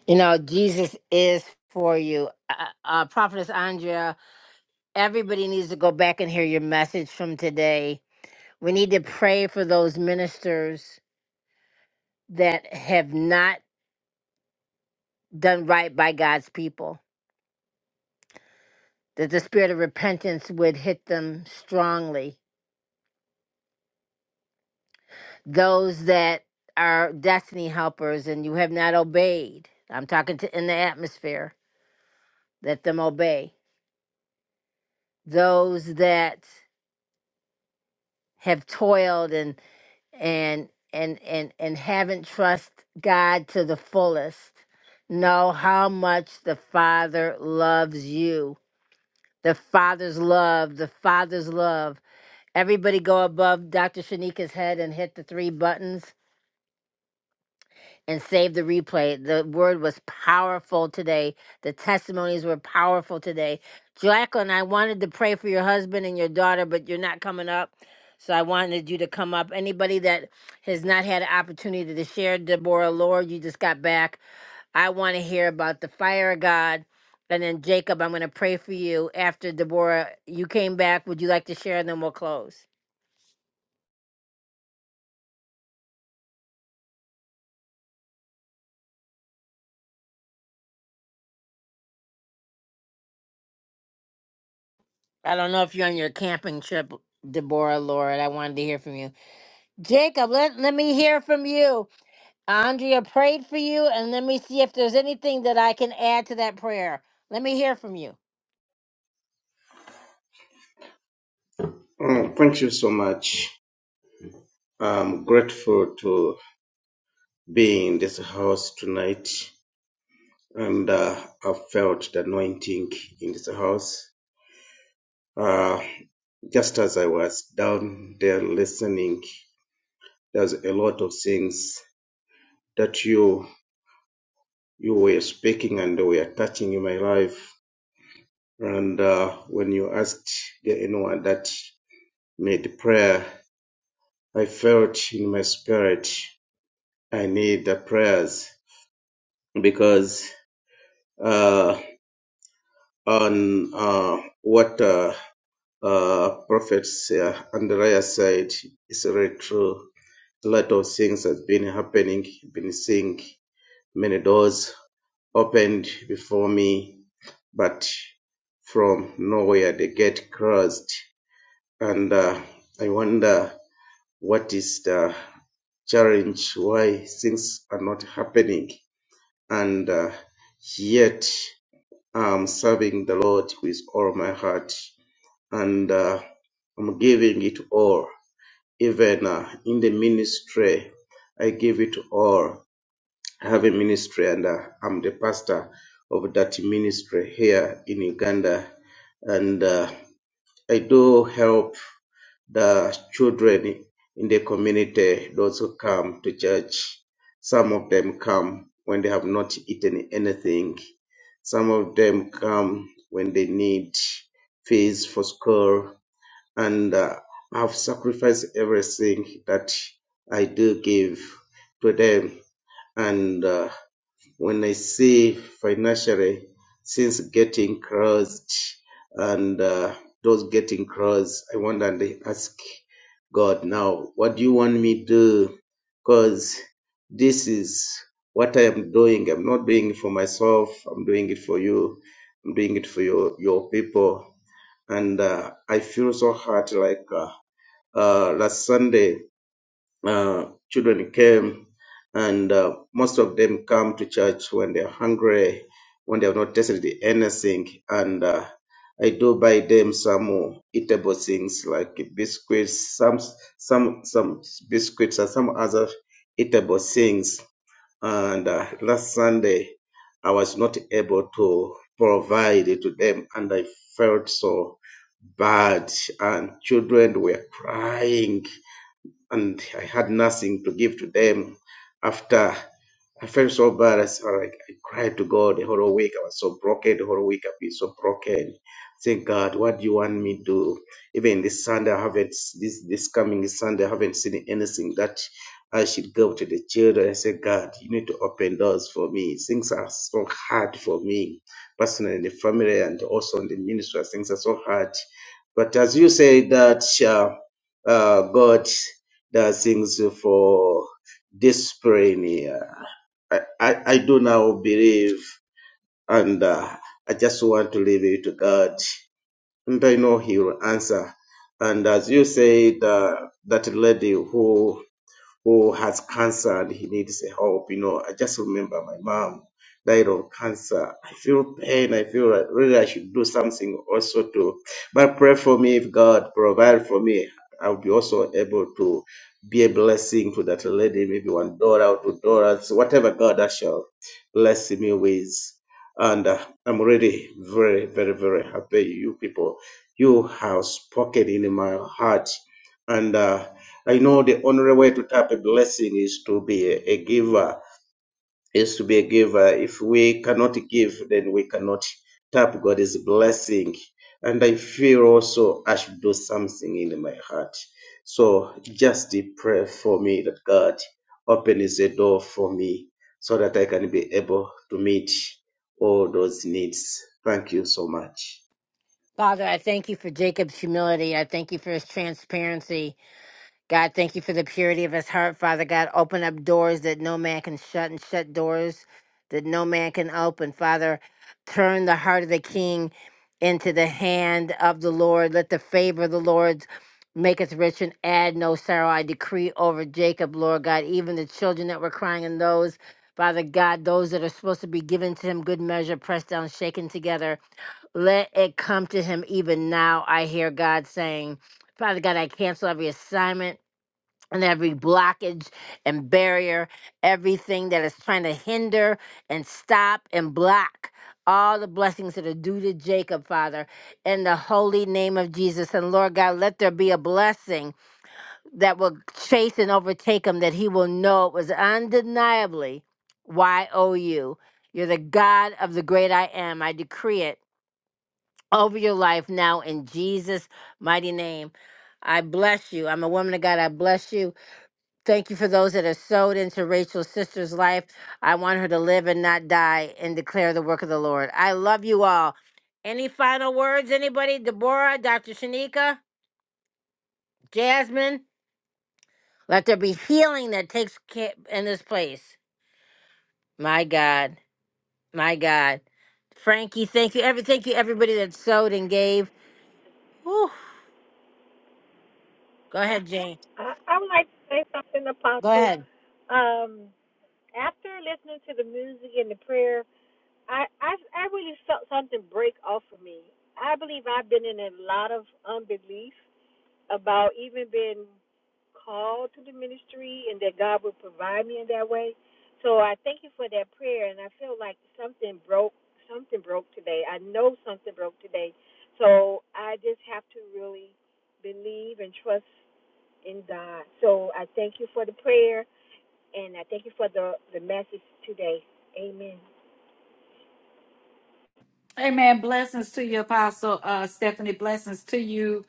Speaker 1: you know, Jesus is for you. Uh, uh, Prophetess Andrea, everybody needs to go back and hear your message from today. We need to pray for those ministers that have not done right by God's people, that the spirit of repentance would hit them strongly. Those that are destiny helpers and you have not obeyed, I'm talking to in the atmosphere, let them obey. Those that have toiled and and and and and haven't trust God to the fullest. Know how much the Father loves you The Father's love, the Father's love. Everybody go above Dr. Shanika's head and hit the three buttons and save the replay. The word was powerful today. The testimonies were powerful today. Jacqueline, I wanted to pray for your husband and your daughter, but you're not coming up. So I wanted you to come up. Anybody that has not had an opportunity to share, Deborah Lord, you just got back. I want to hear about the fire of God. And then Jacob, I'm going to pray for you after Deborah. You came back. Would you like to share? And then we'll close. I don't know if you're on your camping trip, Deborah Lord. I wanted to hear from you. Jacob, let, let me hear from you. Andrea prayed for you, and let me see if there's anything that I can add to that prayer. Let me hear from you.
Speaker 13: Uh, Thank you so much. I'm grateful to be in this house tonight, and uh, I felt the anointing in this house. Uh, just as I was down there listening, there's a lot of things that you you were speaking and were touching in my life. And uh, when you asked the anyone that made prayer, I felt in my spirit I need the prayers because uh, on uh, what uh, uh, Prophet uh, Andrea said is very true. A lot of things has been happening, been seeing many doors opened before me, but from nowhere they get closed. And uh, I wonder what is the challenge, why things are not happening. And uh, yet I'm serving the Lord with all my heart and uh, I'm giving it all. Even uh, in the ministry, I give it all. I have a ministry, and uh, I'm the pastor of that ministry here in Uganda. And uh, I do help the children in the community, those who come to church. Some of them come when they have not eaten anything. Some of them come when they need fees for school and uh, I've sacrificed everything that I do give to them. And uh, when I see financially, since getting crossed and uh, those getting crossed, I wonder and I ask God now, what do you want me to do? Because this is what I am doing. I'm not doing it for myself. I'm doing it for you. I'm doing it for your, your people and uh, I feel so hurt like uh, uh, last Sunday, uh, children came, and uh, most of them come to church when they're hungry, when they have not tasted anything. And uh, I do buy them some uh, eatable things like biscuits, some some some biscuits, and some other eatable things. And uh, last Sunday, I was not able to provide it to them, and I felt so bad. And children were crying and I had nothing to give to them. After I felt so bad, I, s- like, I cried to God the whole week. I was so broken the whole week. I've been so broken. Say, God, what do you want me to do? Even this Sunday, I haven't s- this this coming Sunday, I haven't seen anything that I should go to the children. I said, God, you need to open doors for me. Things are so hard for me, personally, in the family, and also in the ministry. Things are so hard. But as you say that, uh, uh, God that things for this praying. here. I, I, I do now believe and uh, I just want to leave it to God. And I know He will answer. And as you said, uh, that lady who who has cancer and he needs help. You know, I just remember my mom died of cancer. I feel pain. I feel like really I should do something also to, but pray for me if God provide for me. I'll be also able to be a blessing to that lady, maybe one dollar or two dollars, whatever God that shall bless me with. And uh, I'm really very, very, very happy you people. You have spoken in my heart. And uh, I know the only way to tap a blessing is to be a, a giver, is to be a giver. If we cannot give, then we cannot tap God's blessing. And I feel also I should do something in my heart. So just pray for me that God opens a door for me so that I can be able to meet all those needs. Thank you so much.
Speaker 1: Father, I thank you for Jacob's humility. I thank you for his transparency. God, thank you for the purity of his heart, Father God. Open up doors that no man can shut and shut doors that no man can open. Father, turn the heart of the king into the hand of the Lord. Let the favor of the Lord make us rich and add no sorrow. I decree over Jacob, Lord God, even the children that were crying and those, Father God, those that are supposed to be given to him, good measure, pressed down, shaken together. Let it come to him even now, I hear God saying. Father God, I cancel every assignment and every blockage and barrier, everything that is trying to hinder and stop and block all the blessings that are due to Jacob, Father, in the holy name of Jesus. And Lord God, let there be a blessing that will chase and overtake him, that he will know it was undeniably Y O U. You're the God of the great I am. I decree it over your life now in Jesus' mighty name. I bless you. I'm a woman of God. I bless you. Thank you for those that are sowed into Rachel's sister's life. I want her to live and not die and declare the work of the Lord. I love you all. Any final words, anybody? Deborah, Dr. Shanika, Jasmine? Let there be healing that takes ca- in this place. My God. My God. Frankie, thank you. Every thank you everybody that sowed and gave. Whew. Go ahead, Jane.
Speaker 12: I, I would like to say something,
Speaker 1: Go
Speaker 12: Apostle.
Speaker 1: ahead.
Speaker 12: Um, after listening to the music and the prayer, I I, I really felt something break off of me. I believe I've been in a lot of unbelief about even being called to the ministry and that God would provide me in that way. So I thank you for that prayer and I feel like something broke something broke today. I know something broke today. So I just have to really believe and trust in God. So I thank you for the prayer and I thank you for the, the message today. Amen.
Speaker 14: Amen. Blessings to you, Apostle uh, Stephanie. Blessings to you,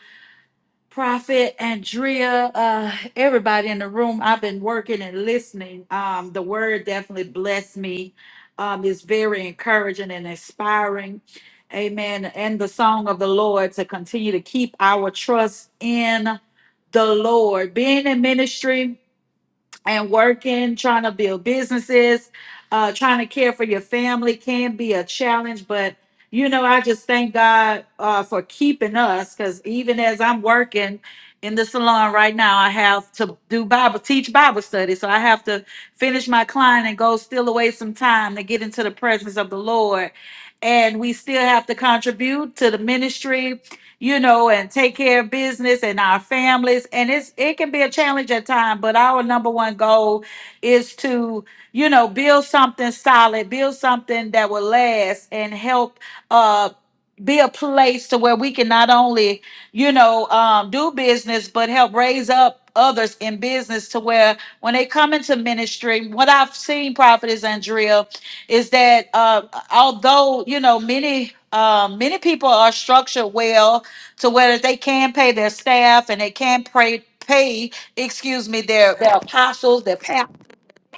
Speaker 14: Prophet Andrea. Uh, everybody in the room. I've been working and listening. Um, the word definitely blessed me. Um, it's very encouraging and inspiring. Amen. And the song of the Lord to continue to keep our trust in the Lord. Being in ministry, and working, trying to build businesses, uh, trying to care for your family can be a challenge. But you know, I just thank God uh, for keeping us because even as I'm working in the salon right now, I have to do Bible teach Bible study, so I have to finish my client and go steal away some time to get into the presence of the Lord. And we still have to contribute to the ministry you know, and take care of business and our families. And it's it can be a challenge at times, but our number one goal is to, you know, build something solid, build something that will last and help uh be a place to where we can not only, you know, um, do business, but help raise up others in business to where when they come into ministry, what I've seen, Prophetess Andrea, is that uh, although you know many um, many people are structured well to where they can pay their staff and they can pay pay excuse me their their apostles their pastors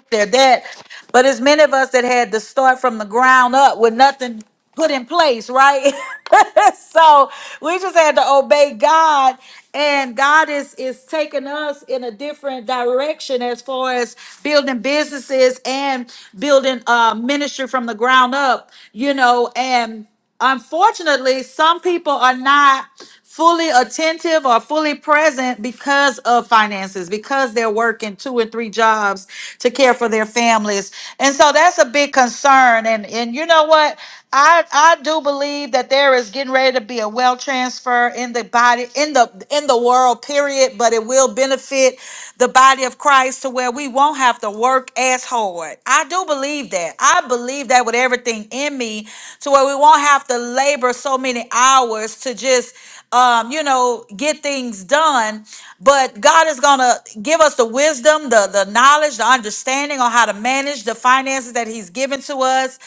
Speaker 14: they're that. But as many of us that had to start from the ground up with nothing put in place, right? so we just had to obey God, and God is is taking us in a different direction as far as building businesses and building uh, ministry from the ground up, you know, and unfortunately, some people are not fully attentive or fully present because of finances, because they're working two and three jobs to care for their families. And so that's a big concern. And and you know what? I I do believe that there is getting ready to be a wealth transfer in the body, in the in the world, period, but it will benefit the body of Christ to where we won't have to work as hard. I do believe that. I believe that with everything in me to where we won't have to labor so many hours to just um, you know, get things done. But God is gonna give us the wisdom, the the knowledge, the understanding on how to manage the finances that He's given to us,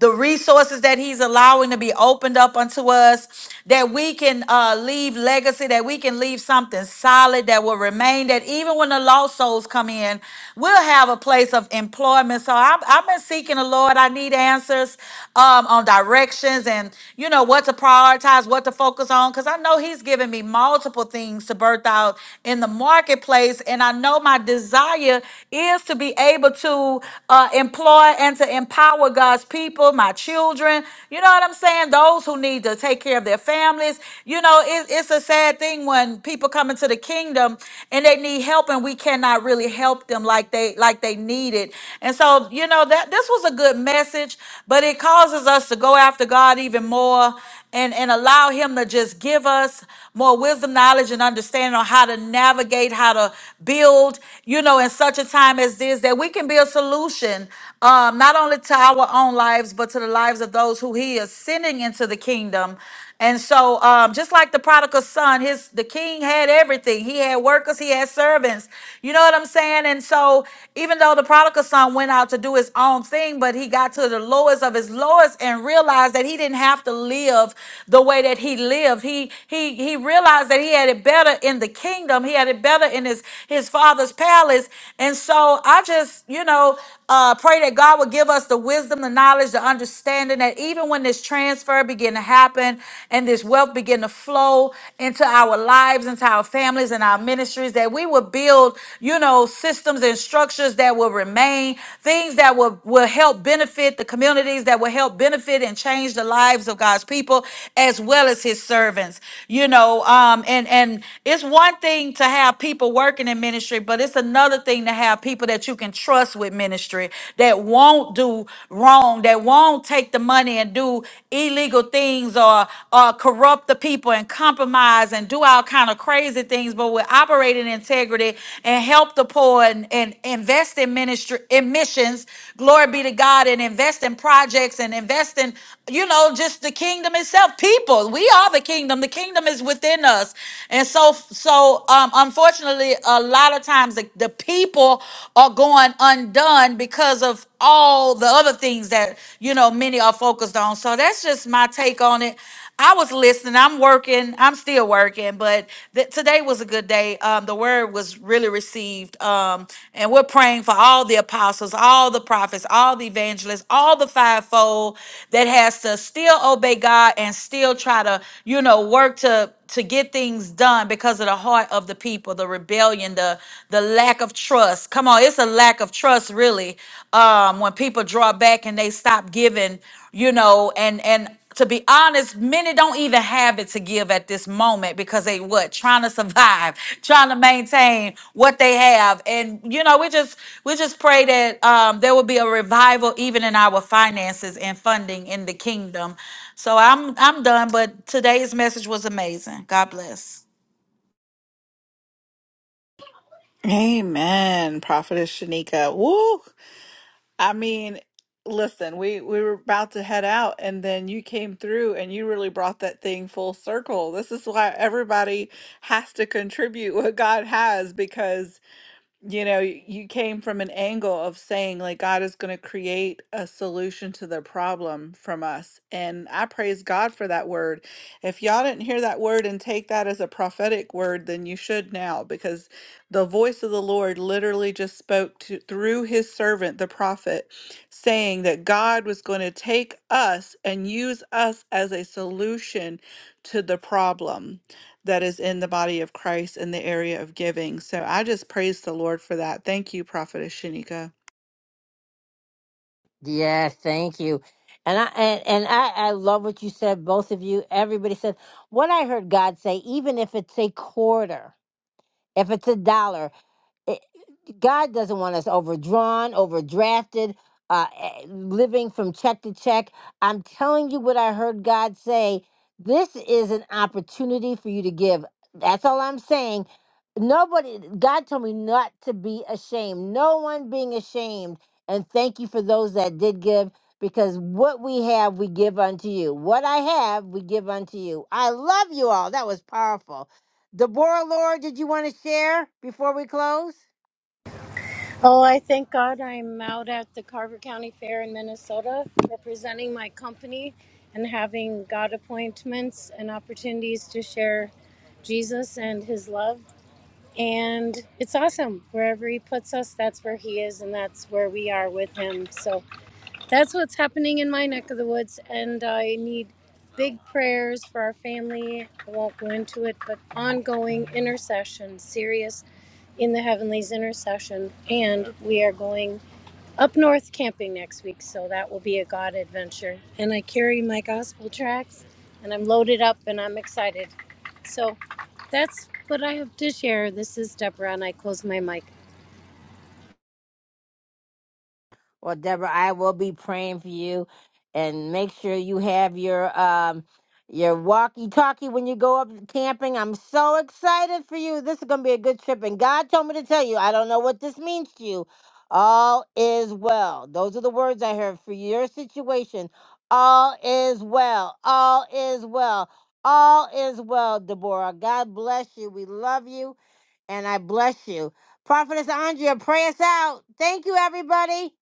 Speaker 14: the resources that He's allowing to be opened up unto us that we can uh, leave legacy, that we can leave something solid that will remain, that even when the lost souls come in, we'll have a place of employment. So I've, I've been seeking the Lord. I need answers um, on directions and, you know, what to prioritize, what to focus on, because I know He's given me multiple things to birth out in the marketplace. And I know my desire is to be able to uh, employ and to empower God's people, my children. You know what I'm saying? saying? Those who need to take care of their families. You know, it, it's a sad thing when people come into the kingdom and they need help and we cannot really help them like they like they need it. And so, you know, that this was a good message, but it causes us to go after God even more and, and allow him to just give us more wisdom, knowledge, and understanding on how to navigate, how to build, you know, in such a time as this, that we can be a solution um, not only to our own lives, but to the lives of those who he is sending into the kingdom. And so, um, just like the prodigal son, his the king had everything. He had workers, he had servants. You know what I'm saying? And so, even though the prodigal son went out to do his own thing, but he got to the lowest of his lowest and realized that he didn't have to live the way that he lived. He he he realized that he had it better in the kingdom. He had it better in his his father's palace. And so, I just you know. Uh, pray that God will give us the wisdom, the knowledge, the understanding that even when this transfer begin to happen and this wealth begin to flow into our lives, into our families and our ministries, that we will build, you know, systems and structures that will remain, things that will, will help benefit the communities, that will help benefit and change the lives of God's people as well as his servants. You know, um, and and it's one thing to have people working in ministry, but it's another thing to have people people that you can trust with ministry that won't do wrong, that won't take the money and do illegal things or, or corrupt the people and compromise and do all kind of crazy things, but will operate in integrity and help the poor and, and invest in ministry in missions. Glory be to God and invest in projects and invest in you know, just the kingdom itself. People, we are the kingdom. The kingdom is within us, and so, so um, unfortunately, a lot of times the, the people are going undone because of all the other things that you know many are focused on. So that's just my take on it. I was listening. I'm working. I'm still working, but th- today was a good day. Um, the word was really received. Um, and we're praying for all the apostles, all the prophets, all the evangelists, all the fivefold that has to still obey God and still try to, you know, work to to get things done because of the heart of the people, the rebellion, the the lack of trust. Come on, it's a lack of trust really. Um, when people draw back and they stop giving, you know, and and to be honest, many don't even have it to give at this moment because they what trying to survive, trying to maintain what they have, and you know we just we just pray that um, there will be a revival even in our finances and funding in the kingdom. So I'm I'm done, but today's message was amazing. God bless.
Speaker 2: Amen, Prophetess Shanika. Woo! I mean, listen, we we were about to head out, and then you came through, and you really brought that thing full circle. This is why everybody has to contribute what God has, because you know, y- you came from an angle of saying, like, God is going to create a solution to their problem from us. And I praise God for that word. If y'all didn't hear that word and take that as a prophetic word, then you should now, because the voice of the Lord literally just spoke to, through his servant, the prophet, saying that God was going to take us and use us as a solution to the problem that is in the body of Christ in the area of giving. So I just praise the Lord for that. Thank you, Prophetess Shanika.
Speaker 1: Yeah, thank you. And I and, and I, I love what you said, both of you. Everybody said what I heard God say, even if it's a quarter, if it's a dollar. God doesn't want us overdrawn, overdrafted, uh, eh, living from check to check. I'm telling you what I heard God say. This is an opportunity for you to give. That's all I'm saying. Nobody, God told me not to be ashamed. No one being ashamed. And thank you for those that did give, because what we have, we give unto you. What I have, we give unto you. I love you all. That was powerful. Deborah, Lord, did you want to share before we close?
Speaker 15: Oh, I thank God I'm out at the Carver County Fair in Minnesota representing my company and having God appointments and opportunities to share Jesus and his love. And it's awesome. Wherever he puts us, that's where he is and that's where we are with him. So that's what's happening in my neck of the woods. And I need big prayers for our family. I won't go into it, but ongoing intercession, serious in the Heavenly's Intercession, and we are going up north camping next week, so that will be a God adventure. And I carry my gospel tracks, and I'm loaded up, and I'm excited. So that's what I have to share. This is Deborah, and I close my mic.
Speaker 1: Well, Deborah, I will be praying for you, and make sure you have your um your walkie-talkie when you go up camping. I'm so excited for you. This is gonna be a good trip, and God told me to tell you. I don't know what this means to you. All is well. Those are the words I heard for your situation. All is well. All is well. All is well, Deborah. God bless you. We love you, and I bless you. Prophetess Andrea, pray us out. Thank you, everybody.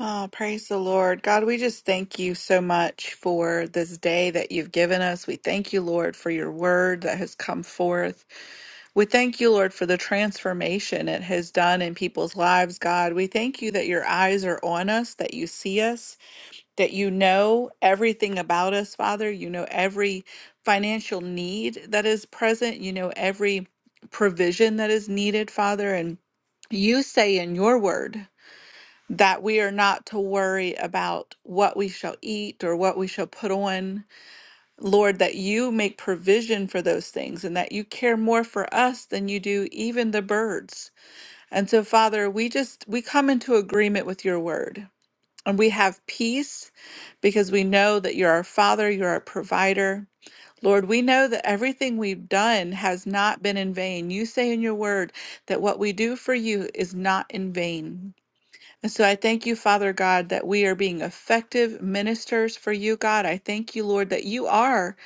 Speaker 2: Ah, praise the Lord. God, we just thank you so much for this day that you've given us. We thank you, Lord, for your word that has come forth. We thank you, Lord, for the transformation it has done in people's lives, God. We thank you that your eyes are on us, that you see us, that you know everything about us, Father. You know every financial need that is present. You know every provision that is needed, Father. And you say in your word that we are not to worry about what we shall eat or what we shall put on. Lord, that you make provision for those things and that you care more for us than you do even the birds. And so, Father, we just we come into agreement with your word. And we have peace because we know that you're our Father, you're our provider. Lord, we know that everything we've done has not been in vain. You say in your word that what we do for you is not in vain. And so I thank you, Father God, that we are being effective ministers for you, God. I thank you, Lord, that you are.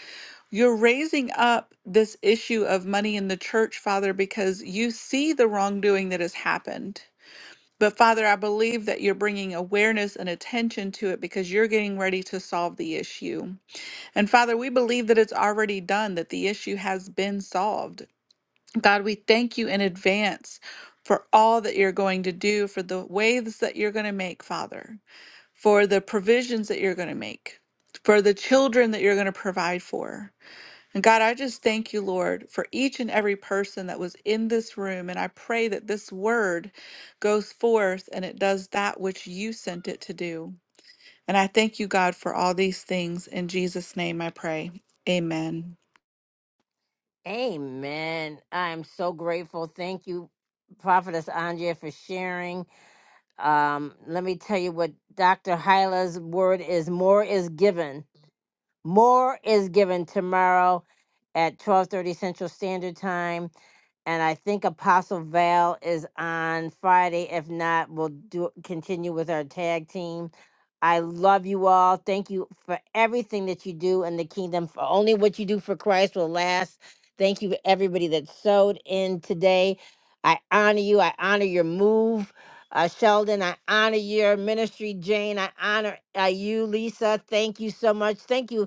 Speaker 2: You're raising up this issue of money in the church, Father, because you see the wrongdoing that has happened. But Father, I believe that you're bringing awareness and attention to it because you're getting ready to solve the issue. And Father, we believe that it's already done, that the issue has been solved. God, we thank you in advance for all that you're going to do, for the waves that you're going to make, Father, for the provisions that you're going to make, for the children that you're going to provide for. And God, I just thank you, Lord, for each and every person that was in this room. And I pray that this word goes forth and it does that which you sent it to do. And I thank you, God, for all these things. In Jesus' name I pray. Amen.
Speaker 1: Amen. I'm so grateful. Thank you, Prophetess Andrea, for sharing. Um, let me tell you what Dr. Hyla's word is more is given. More is given tomorrow at 12:30 Central Standard Time. And I think Apostle Val is on Friday. If not, we'll do continue with our tag team. I love you all. Thank you for everything that you do in the kingdom. For only what you do for Christ will last. Thank you to everybody that sewed in today. I honor you. I honor your move. Uh, Sheldon, I honor your ministry. Jane, I honor uh, you. Lisa, thank you so much. Thank you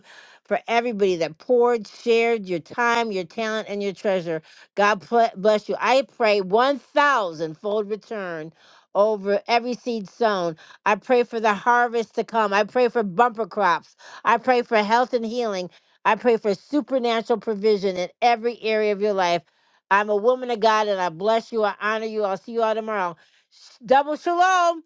Speaker 1: for everybody that poured, shared your time, your talent, and your treasure. God pl- bless you. I pray 1,000 fold return over every seed sown. I pray for the harvest to come. I pray for bumper crops. I pray for health and healing. I pray for supernatural provision in every area of your life. I'm a woman of God and I bless you. I honor you. I'll see you all tomorrow. Sh- Double shalom.